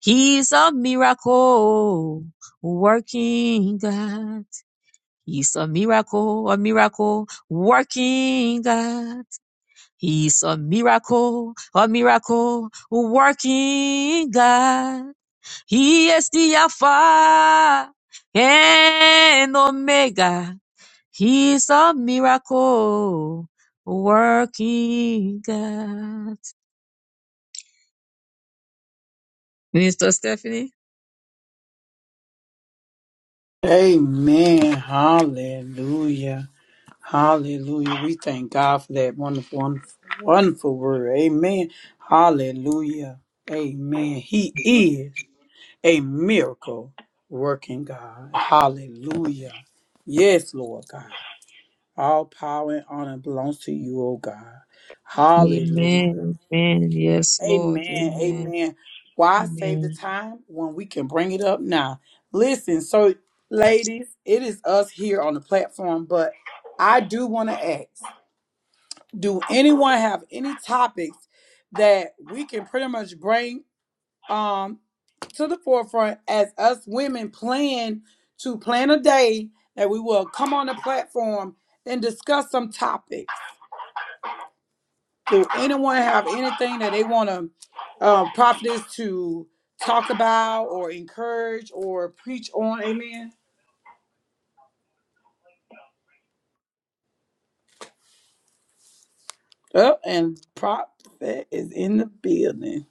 S4: He's a miracle working God. He's a miracle, a miracle working God. He's a miracle, a miracle working God. He is the Alpha and Omega. He's a miracle working God. Minister Stephanie.
S1: Amen. Hallelujah. Hallelujah. We thank God for that wonderful, wonderful, wonderful word. Amen. Hallelujah. Amen. He is a miracle working God. Hallelujah. Yes, Lord God. All power and honor belongs to you, O God. Hallelujah.
S4: Amen. Amen. Yes, Lord.
S1: Amen.
S4: Amen.
S1: Amen. Why save the
S4: Amen.
S1: time when we can bring it up now? Listen, so ladies, it is us here on the platform, but I do want to ask do anyone have any topics that we can pretty much bring um to the forefront as us women plan to plan a day that we will come on the platform and discuss some topics do anyone have anything that they want to um prophetess to talk about or encourage or preach on amen oh and prophet is in the building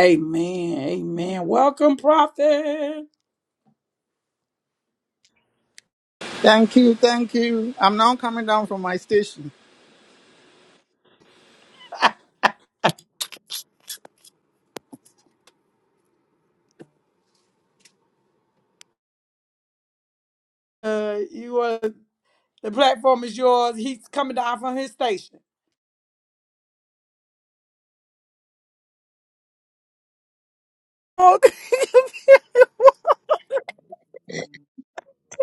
S1: amen amen welcome prophet
S6: Thank you, thank you. I'm now coming down from my station.
S1: uh, you are The platform is yours. He's coming down from his station.
S2: Amen.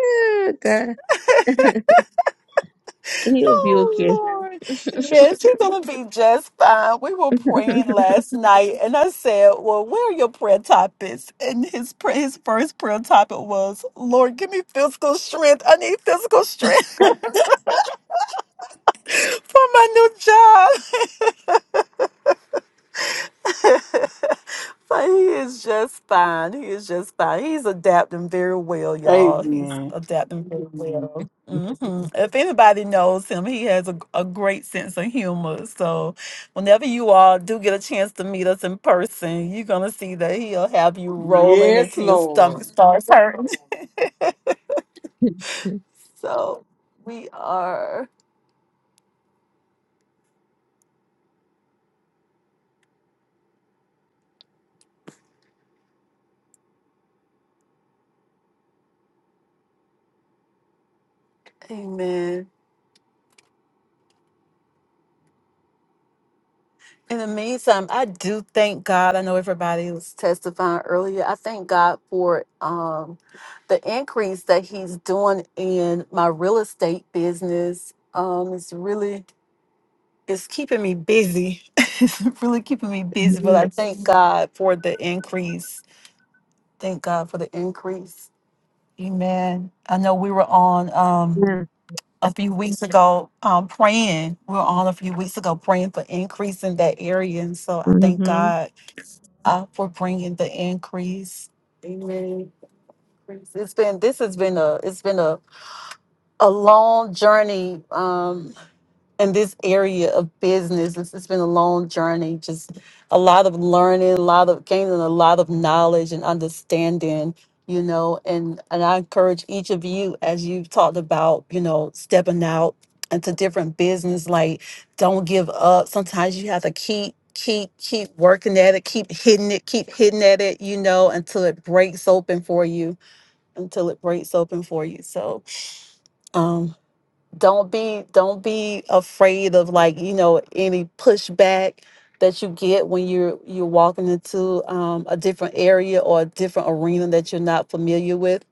S4: Yeah, God, he'll be okay.
S2: Oh Lord. Yes, he's gonna be just fine. We were praying last night and I said, Well, where are your prayer topics? And his pra- his first prayer topic was, Lord, give me physical strength. I need physical strength for my new job. But he is just fine. He is just fine. He's adapting very well, y'all. He's
S1: Amen.
S2: adapting very well. hmm If anybody knows him, he has a, a great sense of humor. So, whenever you all do get a chance to meet us in person, you're going to see that he'll have you rolling
S1: Yes,
S2: until your stomach
S1: Lord.
S2: starts hurt. So, we are. Amen. In the meantime, I do thank God. I know everybody was testifying earlier. I thank God for um, the increase that He's doing in my real estate business. Um, it's really it's keeping me busy. it's really keeping me busy. But I
S4: Amen.
S2: thank God for the increase. Thank God for the increase. Amen. I know we were on um, a few weeks ago um, praying. We were on a few weeks ago praying for increase in that area, and so I thank
S4: hmm
S2: God uh, for bringing the increase. Amen. It's been this has been a it's been a a long journey. Um, in this area of business. it has been a long journey, just a lot of learning, a lot of gaining a lot of knowledge and understanding, you know, and, and I encourage each of you as you've talked about, you know, stepping out into different business, like don't give up. Sometimes you have to keep keep keep working at it, keep hitting it, keep hitting at it, you know, until it breaks open for you. Until it breaks open for you. So Um, don't be don't be afraid of like you know any pushback that you get when you're you're walking into um, a different area or a different arena that you're not familiar with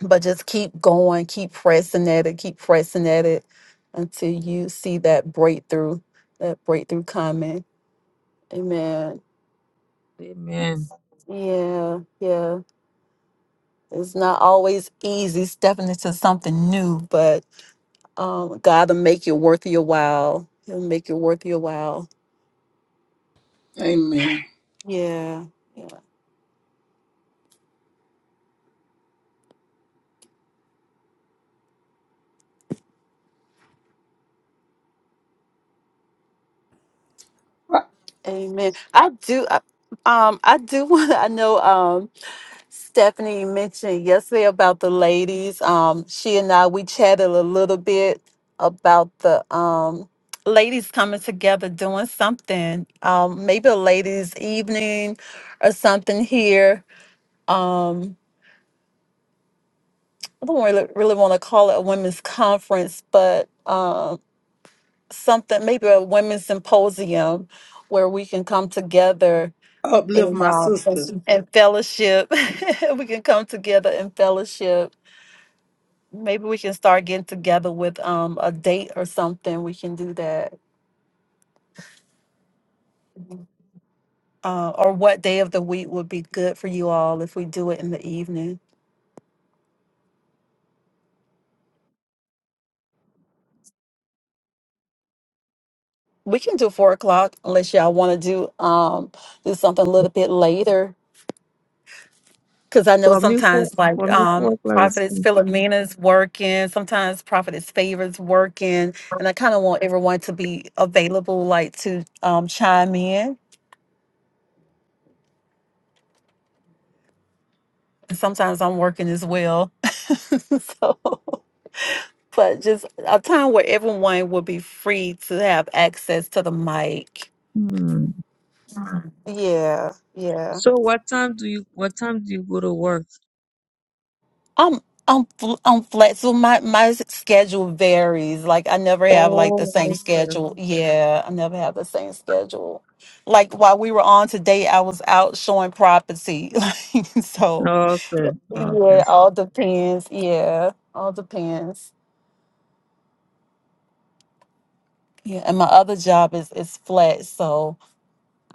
S2: but just keep going keep pressing at it keep pressing at it until you see that breakthrough that breakthrough coming amen
S4: Amen.
S2: yeah yeah it's not always easy stepping into something new but. Um, God will make it worth your while. He'll make it worth your while.
S1: Amen.
S2: Yeah. Yeah. Amen. I do. I, um, I do want. I know. Um, Stephanie mentioned yesterday about the ladies. Um, she and I we chatted a little bit about the um ladies coming together doing something. Um, maybe a ladies' evening or something here. Um, I don't really really want to call it a women's conference, but um, something, maybe a women's symposium where we can come together
S1: Uplift my sister.
S2: and fellowship. we can come together and fellowship. Maybe we can start getting together with um a date or something. We can do that. Uh, or what day of the week would be good for you all if we do it in the evening? We can do four o'clock unless y'all want to do um do something a little bit later Because I know
S4: For me four
S2: sometimes,
S4: for
S2: like,
S4: me
S2: um,
S4: four o'clock is
S2: Prophetess
S4: fine.
S2: Philomena's working, sometimes Prophetess Favor's working, and I kind of want everyone to be available, like, to um, chime in. And sometimes I'm working as well. so, but just a time where everyone will be free to have access to the mic.
S4: Hmm.
S2: Yeah, yeah.
S4: So what time do you what time do you go to work?
S2: I'm I'm fl- I'm flexible. My my schedule varies. Like I never have like the same
S4: Oh okay.
S2: schedule. Yeah, I never have the same schedule. Like while we were on today, I was out showing property. Like so,
S4: Okay. Okay.
S2: yeah, all depends. Yeah, all depends. Yeah, and my other job is is flat, so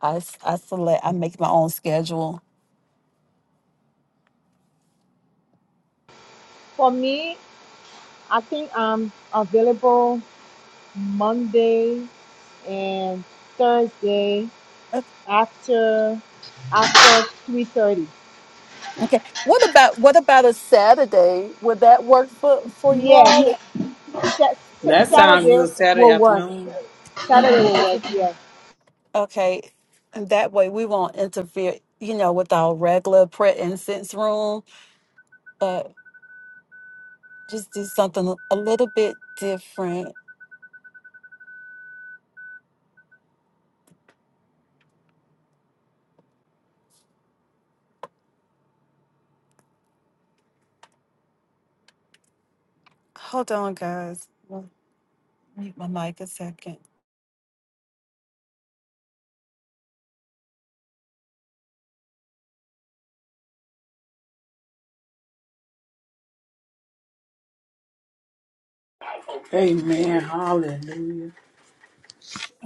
S2: I s- I select I make my own schedule.
S7: I think I'm available Monday and Thursday after after three thirty.
S2: Okay. What about what about a Saturday? Would that work for for you
S7: Yes,
S2: all?
S1: That sounds
S7: Saturday
S1: good Saturday
S7: will work.
S1: afternoon.
S7: Saturday will work.
S2: Mm-hmm.
S7: Yes,
S2: Okay. And that way we won't interfere, you know, with our regular prayer incense room, but just a little bit different. Hold on, guys. I'll Mute my mic a second.
S1: Amen. Hallelujah.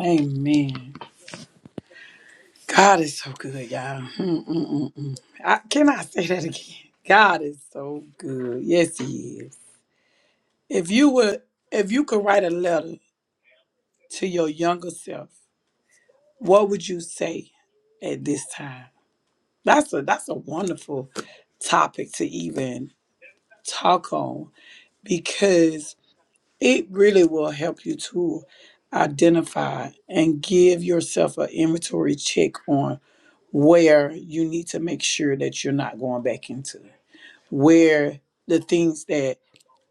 S1: Amen. God is so good, y'all. Mm, mm, mm. mm. I, can I say that again? God is so good. Yes, He is. If you would, if you could write a letter to your younger self, what would you say at this time? That's a that's a wonderful topic to even talk on because it really will help you to identify and give yourself an inventory check on where you need to make sure that you're not going back into where the things that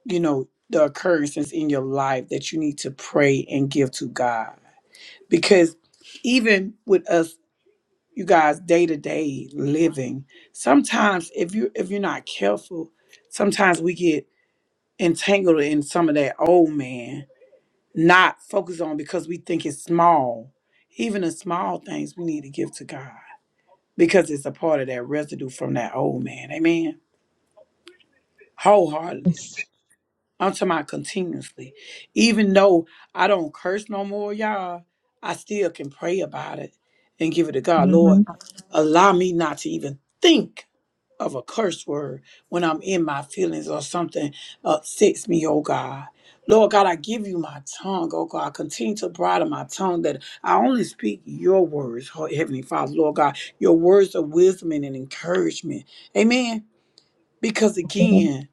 S1: you know the occurrences in your life that you need to pray and give to God because even with us you guys day-to-day living sometimes if you if you're not careful sometimes we get entangled in some of that old man not focused on because we think it's small even the small things we need to give to god because it's a part of that residue from that old man amen wholeheartedly i'm talking about continuously even though i don't curse no more y'all i still can pray about it and give it to god lord
S4: Mm-hmm.
S1: allow me not to even think of a curse word when I'm in my feelings or something upsets me, oh God. Lord God, I give you my tongue, oh God. Continue to bridle my tongue that I only speak your words, oh Heavenly Father, Lord God, your words of wisdom and encouragement. Amen. Because again,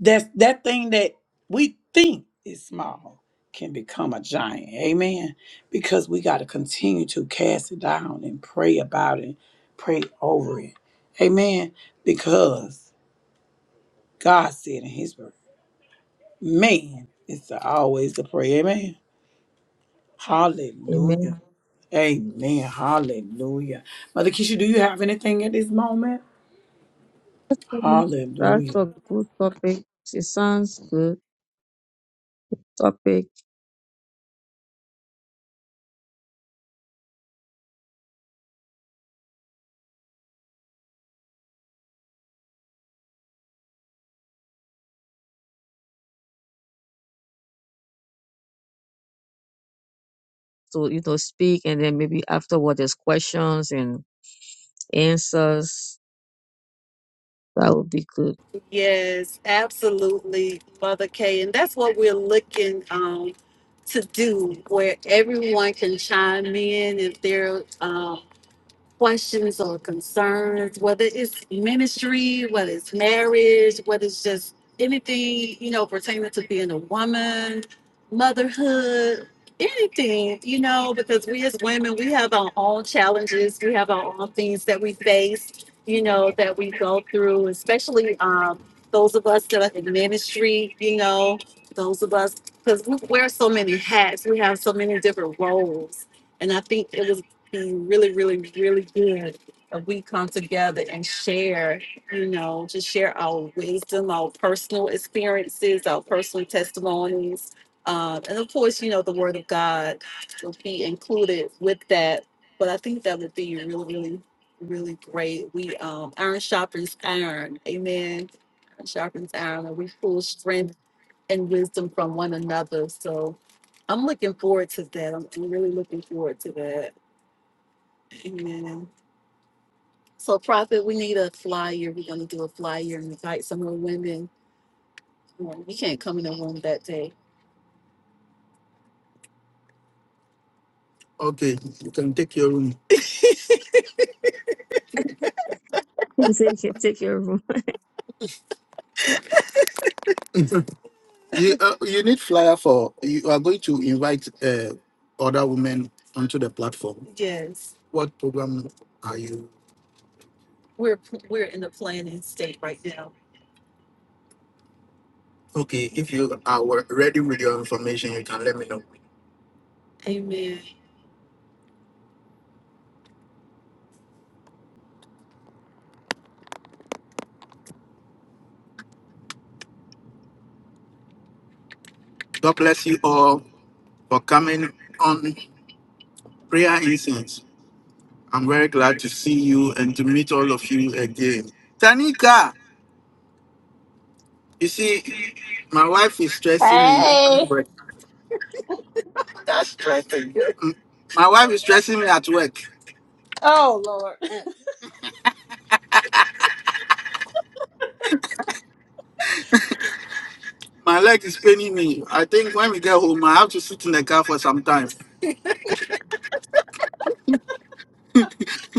S1: that's that thing that we think is small can become a giant. Amen. Because we got to continue to cast it down and pray about it, pray over it. Amen. Because God said in his word, man, it's the- always the prayer. Amen. Hallelujah.
S4: Amen.
S1: Amen. Hallelujah. Mother Keisha, do you have anything at this moment?
S4: That's a
S1: Hallelujah.
S4: good topic. It sounds good topic to you know speak and then maybe afterward there's questions and answers. That would be good.
S2: Yes, absolutely, Mother Kay. And that's what we're looking um, to do, where everyone can chime in if they're questions or concerns, whether it's ministry, whether it's marriage, whether it's just anything, you know, pertaining to being a woman, motherhood, anything, you know, because we as women, we have our own challenges, we have our own things that we face, you know, that we go through, especially um, those of us that are in ministry, you know, those of us, because we wear so many hats, we have so many different roles. And I think it was be really, really, really good if we come together and share, you know, just share our wisdom, our personal experiences, our personal testimonies. Um, and of course, you know, the word of God will be included with that. But I think that would be really, really, really great. We um iron sharpens iron. Amen. Iron sharpens iron and we pull strength and wisdom from one another. So I'm looking forward to that. I'm I'm really looking forward to that. Amen. So, Prophet, we need a flyer. We're going to do a flyer and invite some of the women. Okay, you can take your room.
S4: Take your take your room.
S2: You uh, you need flyer for you are going to invite uh, other women onto the platform. What program are you? We're Okay, if you are ready with your information, you can let me know. God bless you all for coming on prayer incense. I'm very glad to see you and to meet all of you again. Tanika. You see, my wife is stressing me at
S3: Hey!
S2: work. That's stressing you. My wife is stressing me at work.
S3: Oh Lord,
S2: My leg is paining me. I think when we get home, I have to sit in the car for some time.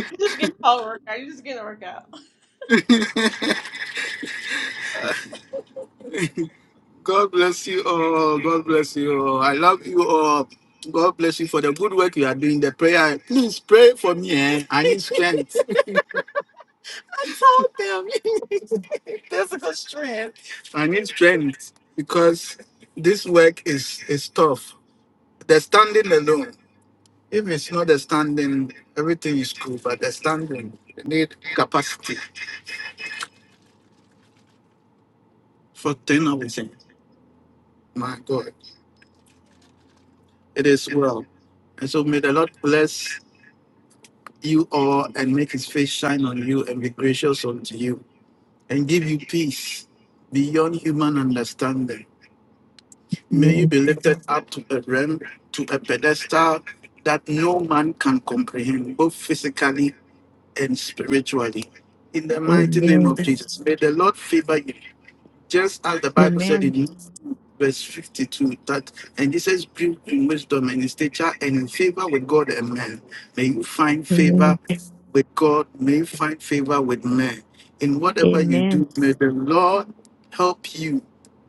S3: you just get a whole workout. You just get a workout.
S2: God bless you all. God bless you all. I love you all. God bless you for the good work you are doing. The prayer. Please pray for me. Eh? I need strength. I need strength because this work is is tough. They're standing alone. If it's not the standing, everything is cool, but the standing they need capacity for doing everything. My God, it is well. And so may the Lord bless you all and make his face shine on you and be gracious unto you and give you peace beyond human understanding. May you
S4: Amen.
S2: be lifted up to a realm, to a pedestal that no man can comprehend, both physically and spiritually. In the mighty name
S4: Amen.
S2: of Jesus, may the Lord favor you just as the Bible said
S4: Amen.
S2: it verse 52 that and jesus grew in wisdom and in stature and in favor with god and men may you find favor
S4: Amen.
S2: with god may you find favor with men in whatever you
S4: Amen.
S2: do may the lord help you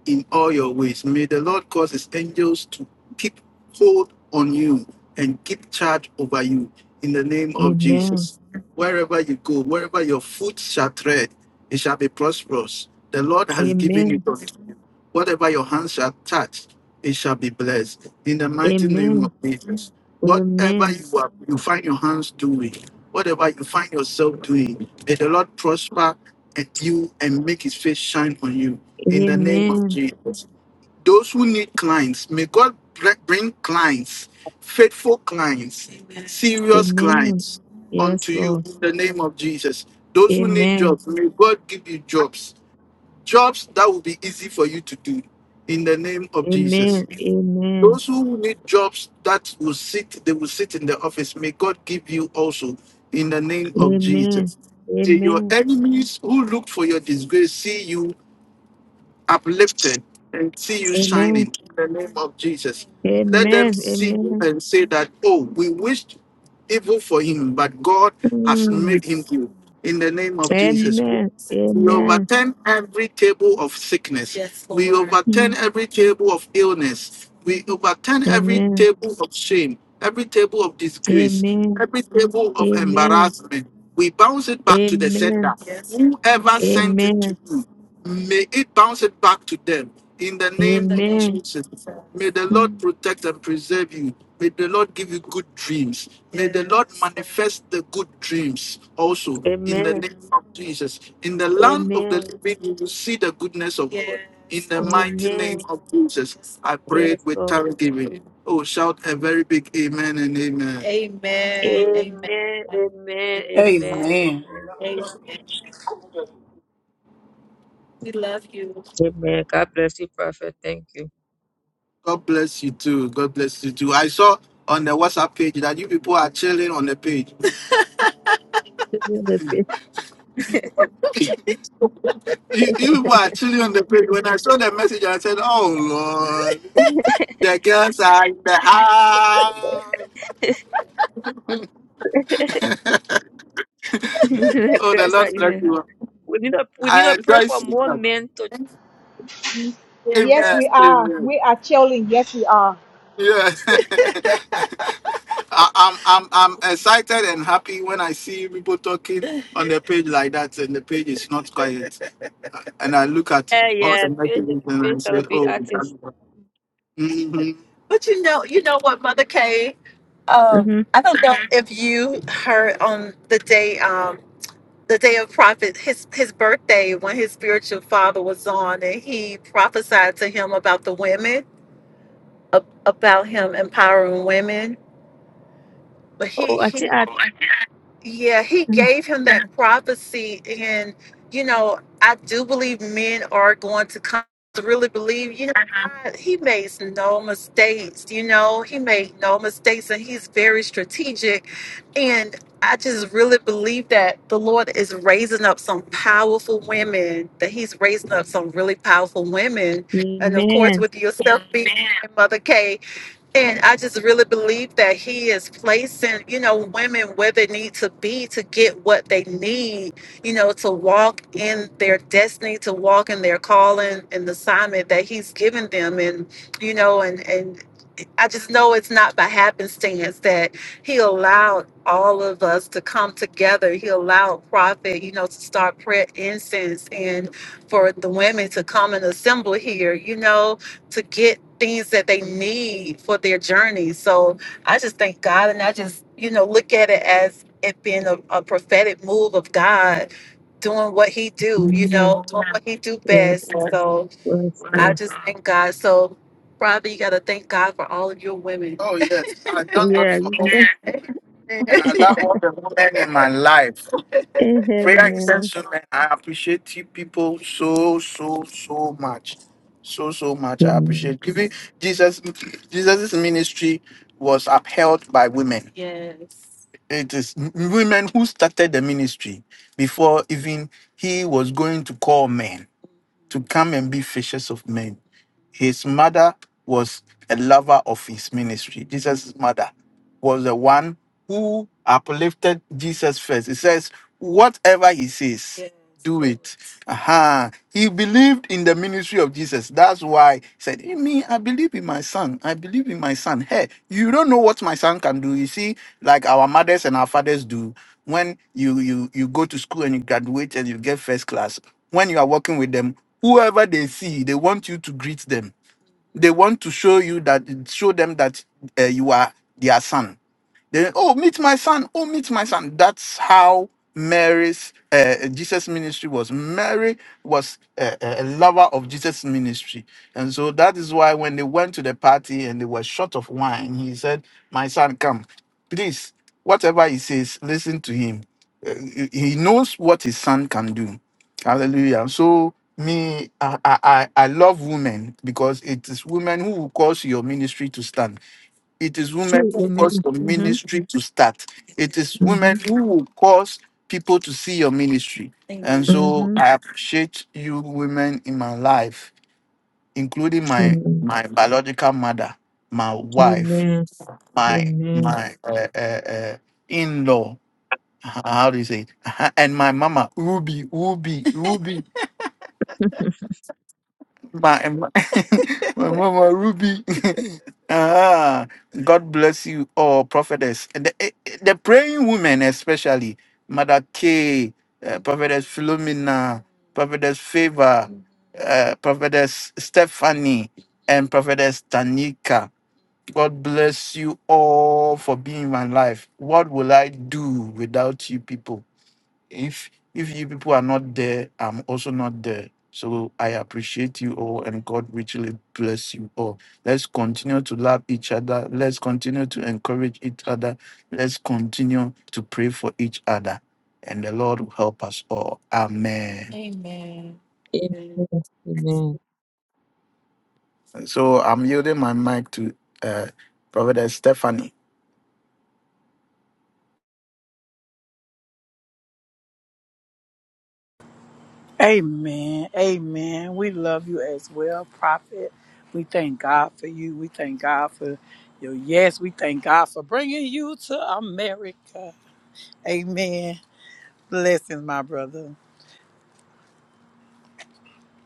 S2: in all your ways may the lord cause his angels to keep hold on you and keep charge over you in the name of
S4: Amen.
S2: jesus wherever you go wherever your foot shall tread it shall be prosperous the lord has given you
S4: Amen.
S2: authority. Whatever your hand shall touch, it shall be blessed. In the mighty name of
S4: Amen.
S2: Jesus. Whatever
S4: Amen.
S2: you are, you find your hands doing, whatever you find yourself doing, may the Lord prosper and you and make his face shine on you. In the name of
S4: Amen.
S2: Jesus. Those who need clients, may God br- bring clients, faithful clients, Amen. serious
S4: Amen.
S2: clients
S4: Yes,
S2: unto you
S4: Lord.
S2: in the name of Jesus. Those who need
S4: Amen.
S2: jobs, may God give you jobs Jobs that will be easy for you to do in the name of Jesus.
S4: Amen. Amen.
S2: Those who need jobs that will sit, they will sit in the office. May God give you also in the name of
S4: Amen.
S2: Jesus. May your
S4: Amen.
S2: enemies who look for your disgrace see you uplifted and see you shining in the name of Jesus. Let them
S4: Amen.
S2: see you
S4: Amen.
S2: and say that, oh, we wished evil for him, but God
S4: Amen.
S2: has
S4: Mm.
S2: made him good in the name of Jesus.
S4: Amen.
S2: We
S4: Amen.
S2: overturn every table of sickness. Yes, Lord. we overturn
S4: Mm.
S2: every table of illness. We overturn every
S4: Amen.
S2: table of shame, every table of disgrace,
S4: Amen.
S2: every table of embarrassment. We bounce it back to the sender.
S4: Amen.
S2: Yes. Whoever sent it to
S4: Amen.
S2: you, May it bounce it back to them in the
S4: Amen.
S2: name of
S4: Amen.
S2: Jesus. May the Lord
S4: Mm.
S2: protect and preserve you. May the Lord give you good dreams. May the Lord manifest the good dreams also in the
S4: Amen.
S2: name of Jesus. In the land of the
S4: Amen.
S2: living, you will see the goodness of God. In the mighty name
S4: Amen.
S2: of Jesus, I prayed
S4: Yes,
S2: with
S4: Lord.
S2: thanksgiving. Oh, shout a very big amen and amen. Amen. Amen.
S4: Amen. Amen.
S2: Amen.
S4: Amen.
S1: Amen.
S4: Amen.
S2: Amen. We love you.
S4: Amen. God bless you, Prophet. Thank you.
S2: God bless you too. God bless you too. I saw on the WhatsApp page that you people are chilling on the page. you, you people are chilling on the page. When I saw the message, I said, Oh Lord,
S4: Christ
S2: the girls are in the house. oh, the Lord
S4: that you
S2: bless
S4: may have.
S2: you.
S4: We need to we need
S2: I
S4: to pray
S2: enjoy
S4: for
S2: seeing
S4: more
S2: them.
S4: men to
S2: Amen.
S7: yes,
S2: Yeah.
S7: we are.
S2: Amen.
S7: We are chilling. Yes, we are.
S2: Yeah. I, I'm I'm I'm excited and happy when I see people talking on the page like that and the page is not quiet. and I look at
S4: yeah
S2: all the
S4: yeah faith
S2: messages and I
S4: faith that will
S2: say,
S4: be artists.
S2: oh, mm-hmm. Okay. Um,
S4: Mm-hmm.
S2: I don't know if you heard on the day, um, the day of prophet, his his birthday, when his spiritual father was on, and he prophesied to him about the women. about but he.
S4: Oh, I think I,
S2: Yeah, he gave him that prophecy, and you know, I do believe men are going to come to really believe. You know, God, he makes no mistakes. You know, he made no mistakes, and he's very strategic. And I just really believe that the Lord is raising up some powerful women. That He's raising up some really powerful women, and of course,
S4: Amen.
S2: with yourself being Mother K. And I just really believe that he is placing, you know, women where they need to be to get what they need, you know, to walk in their destiny, to walk in their calling and the assignment that he's given them. And, you know, and, and I just know it's not by happenstance that he allowed all of us to come together. He allowed Prophet, you know, to start prayer incense and for the women to come and assemble here, you know, to get things that they need for their journey. So I just thank God and I just, you know, look at it as it being a, a prophetic move of God, doing what he do, you
S4: Yes,
S2: know, doing what he do
S4: yes,
S2: best. So
S4: yes.
S2: I
S4: Lord.
S2: just thank God. So, Robbie, you got to thank God for all of your women. Oh yes, I thank God
S4: Yeah.
S2: for all women. I love all the women in my life. Prayer
S4: Amen.
S2: incense women. I appreciate you people so so so much, so so much. I
S4: Amen.
S2: appreciate giving Jesus. Jesus's ministry was upheld by women. Yeah. It is women who started the ministry before even he was going to call men to come and be fishers of men. His mother was a lover of his ministry. Jesus' mother was the one who uplifted Jesus first. It says, whatever he says, Yes. do it. Aha. He believed in the ministry of Jesus. That's why he said, "Eh, Me, I believe in my son. I believe in my son. Hey, you don't know what my son can do. You see, like our mothers and our fathers do. When you you you go to school and you graduate and you get first class, when you are working with them, whoever they see, they want you to greet them. They want to show you that show them that uh, you are their son. Then, oh, meet my son. Oh, meet my son. That's how Mary's uh, Jesus ministry was. Mary was a, a a lover of Jesus ministry, and so that is why when they went to the party and they were short of wine, he said, "My son, come, please. Whatever he says, listen to him. Uh, he he knows what his son can do." Hallelujah. So me, I, I, I I love women because it is women who will cause your ministry to stand it is women
S4: True.
S2: who
S4: Amen.
S2: cause your
S4: Mm-hmm.
S2: ministry to start. It is
S4: Mm-hmm.
S2: women who will cause people to see your ministry. And Amen. so
S4: Mm-hmm.
S2: I appreciate you women in my life, including my
S4: Amen.
S2: my biological mother, my wife,
S4: Amen.
S2: my
S4: Amen.
S2: my uh, uh, uh, in-law. How do you say it? And my mama, Ruby, Ruby, Ruby.
S4: Amen.
S2: my, my, my mama Ruby. ah, God bless you all, prophetess. And The, eh, eh, the praying women, especially Mother K, uh, Prophetess Philomena, Prophetess Favor, uh, Prophetess Stephanie, and Prophetess Tanika. God bless you all for being in my life. What will I do without you people? if if you people are not there, I'm also not there. So I appreciate you all and God richly bless you all. Let's continue to love each other. Let's continue to encourage each other. Let's continue to pray for each other. And the Lord will help us all. Amen. Amen. Amen.
S4: Amen.
S2: So I'm yielding my mic to uh Prophet Stephanie.
S1: Amen. Amen. We love you as well, Prophet. We thank God for you. We thank God for your yes. We thank God for bringing you to America. Amen. Blessings, my brother.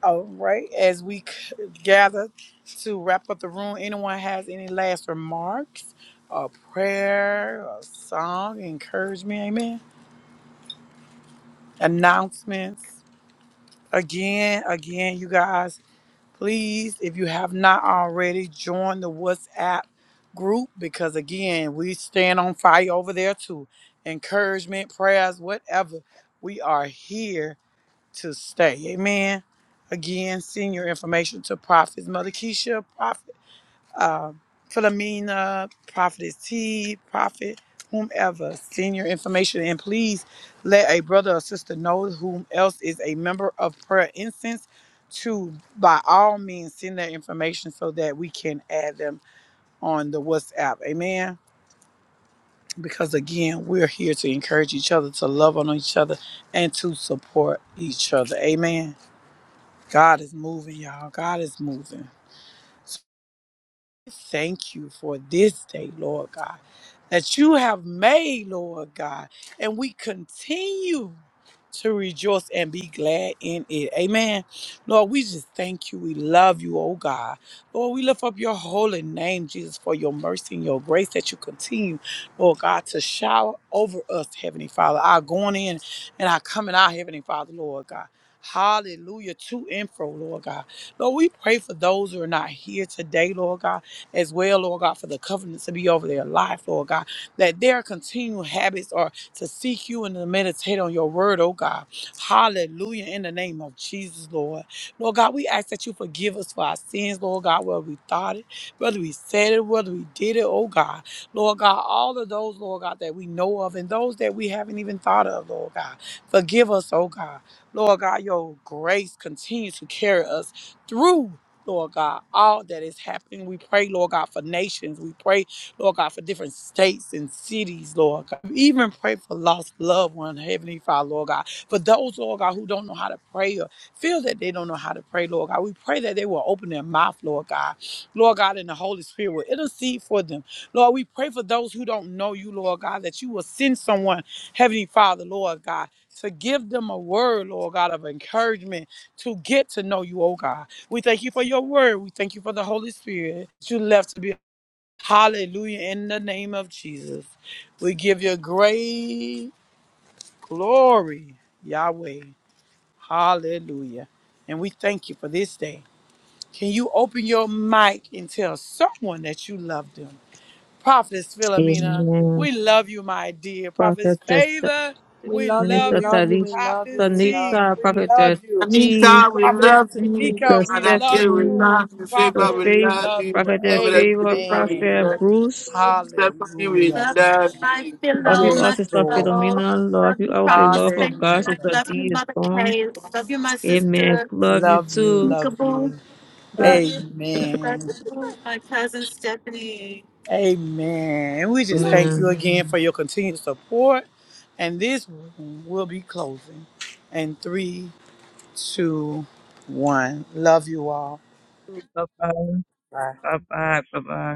S1: All right. As we c- gather to wrap up the room, anyone has any last remarks a prayer a song, encouragement? Amen. Announcements. Again, again, you guys. Please, if you have not already, join the WhatsApp group because again, we stand on fire over there too. Encouragement, prayers, whatever. We are here to stay. Amen. Again, send your information to Prophets Mother Keisha, Prophet uh, Philomena, Prophetess T, Prophet, whomever. Send your information and please let a brother or sister know whom else is a member of Prayer Incense to by all means send their information so that we can add them on the WhatsApp. Amen. Because again, we're here to encourage each other, to love on each other, and to support each other. Amen. God is moving, y'all. God is moving. thank you for this day, Lord God, that you have made, Lord God. And we continue to rejoice and be glad in it. Amen. Lord, we just thank you. We love you, oh God. Lord, we lift up your holy name, Jesus, for your mercy and your grace that you continue, Lord God, to shower over us, Heavenly Father. Our going in and our coming out, Heavenly Father, Lord God. Hallelujah to and fro, Lord God. Lord, we pray for those who are not here today, Lord God as well, Lord God, for the covenants to be over their life, Lord God, that their continual habits are to seek you and to meditate on your word, oh God. Hallelujah, in the name of Jesus, Lord. Lord God, we ask that you forgive us for our sins, Lord God, whether we thought it, whether we said it, whether we did it, oh God. Lord God, all of those, Lord God, that we know of and those that we haven't even thought of, Lord God. Forgive us, oh God. Lord God, your grace continues to carry us through. Lord God, all that is happening. We pray, Lord God, for nations. We pray, Lord God, for different states and cities, Lord God. We even pray for lost loved ones, Heavenly Father, Lord God. For those, Lord God, who don't know how to pray or feel that they don't know how to pray, Lord God, we pray that they will open their mouth, Lord God. Lord God, and the Holy Spirit will intercede for them. Lord, we pray for those who don't know you, Lord God, that you will send someone, Heavenly Father, Lord God, to give them a word, Lord God, of encouragement get to know you, oh God. We thank you for your word. We thank you for the Holy Spirit that you left to be in the name of Jesus. Give your great glory, Yahweh. Hallelujah. And we thank you for this day. Can you open your mic and tell someone that you love them? Prophetess Philomena,
S4: Amen.
S1: we love you, my dear. Prophetess
S4: Prophetess
S1: Favor, we love
S4: Minister
S1: you.
S4: Tarish,
S1: Prophetess T,
S4: Tanika,
S1: we
S4: Prophetess
S1: love you.
S4: T,
S1: Prophetess
S4: Sister
S1: Tamika, we love you.
S4: Stephanie, Sister
S1: Prophet, we
S4: Faith,
S1: love you.
S4: Prophetess Favor,
S1: Amen.
S4: Prophet Bruce.
S1: Hallelujah.
S2: Love you, my
S4: Love you
S2: pillow,
S4: all,
S2: my
S1: Yes,
S4: Sister
S1: Lord.
S2: pillow.
S4: Philomena. Love
S2: Love
S4: you
S2: you,
S4: all with the
S2: Prophetess
S4: love of God.
S2: Favor.
S1: Hallelujah.
S4: Sister
S2: Love you,
S4: D is
S2: Mother
S4: gone.
S2: Kay. Love you, my
S4: Amen.
S2: sister,
S4: Love you
S1: Love you,
S4: too.
S1: love
S2: Nikaboo.
S1: you.
S4: The-
S2: Love
S1: Amen.
S2: you, my cousin Stephanie.
S1: Amen. And we just thank you
S4: Amen.
S1: again for your continued support. And this room will be closing in three, two, one. Love you all.
S4: Bye bye. Bye bye. Bye bye.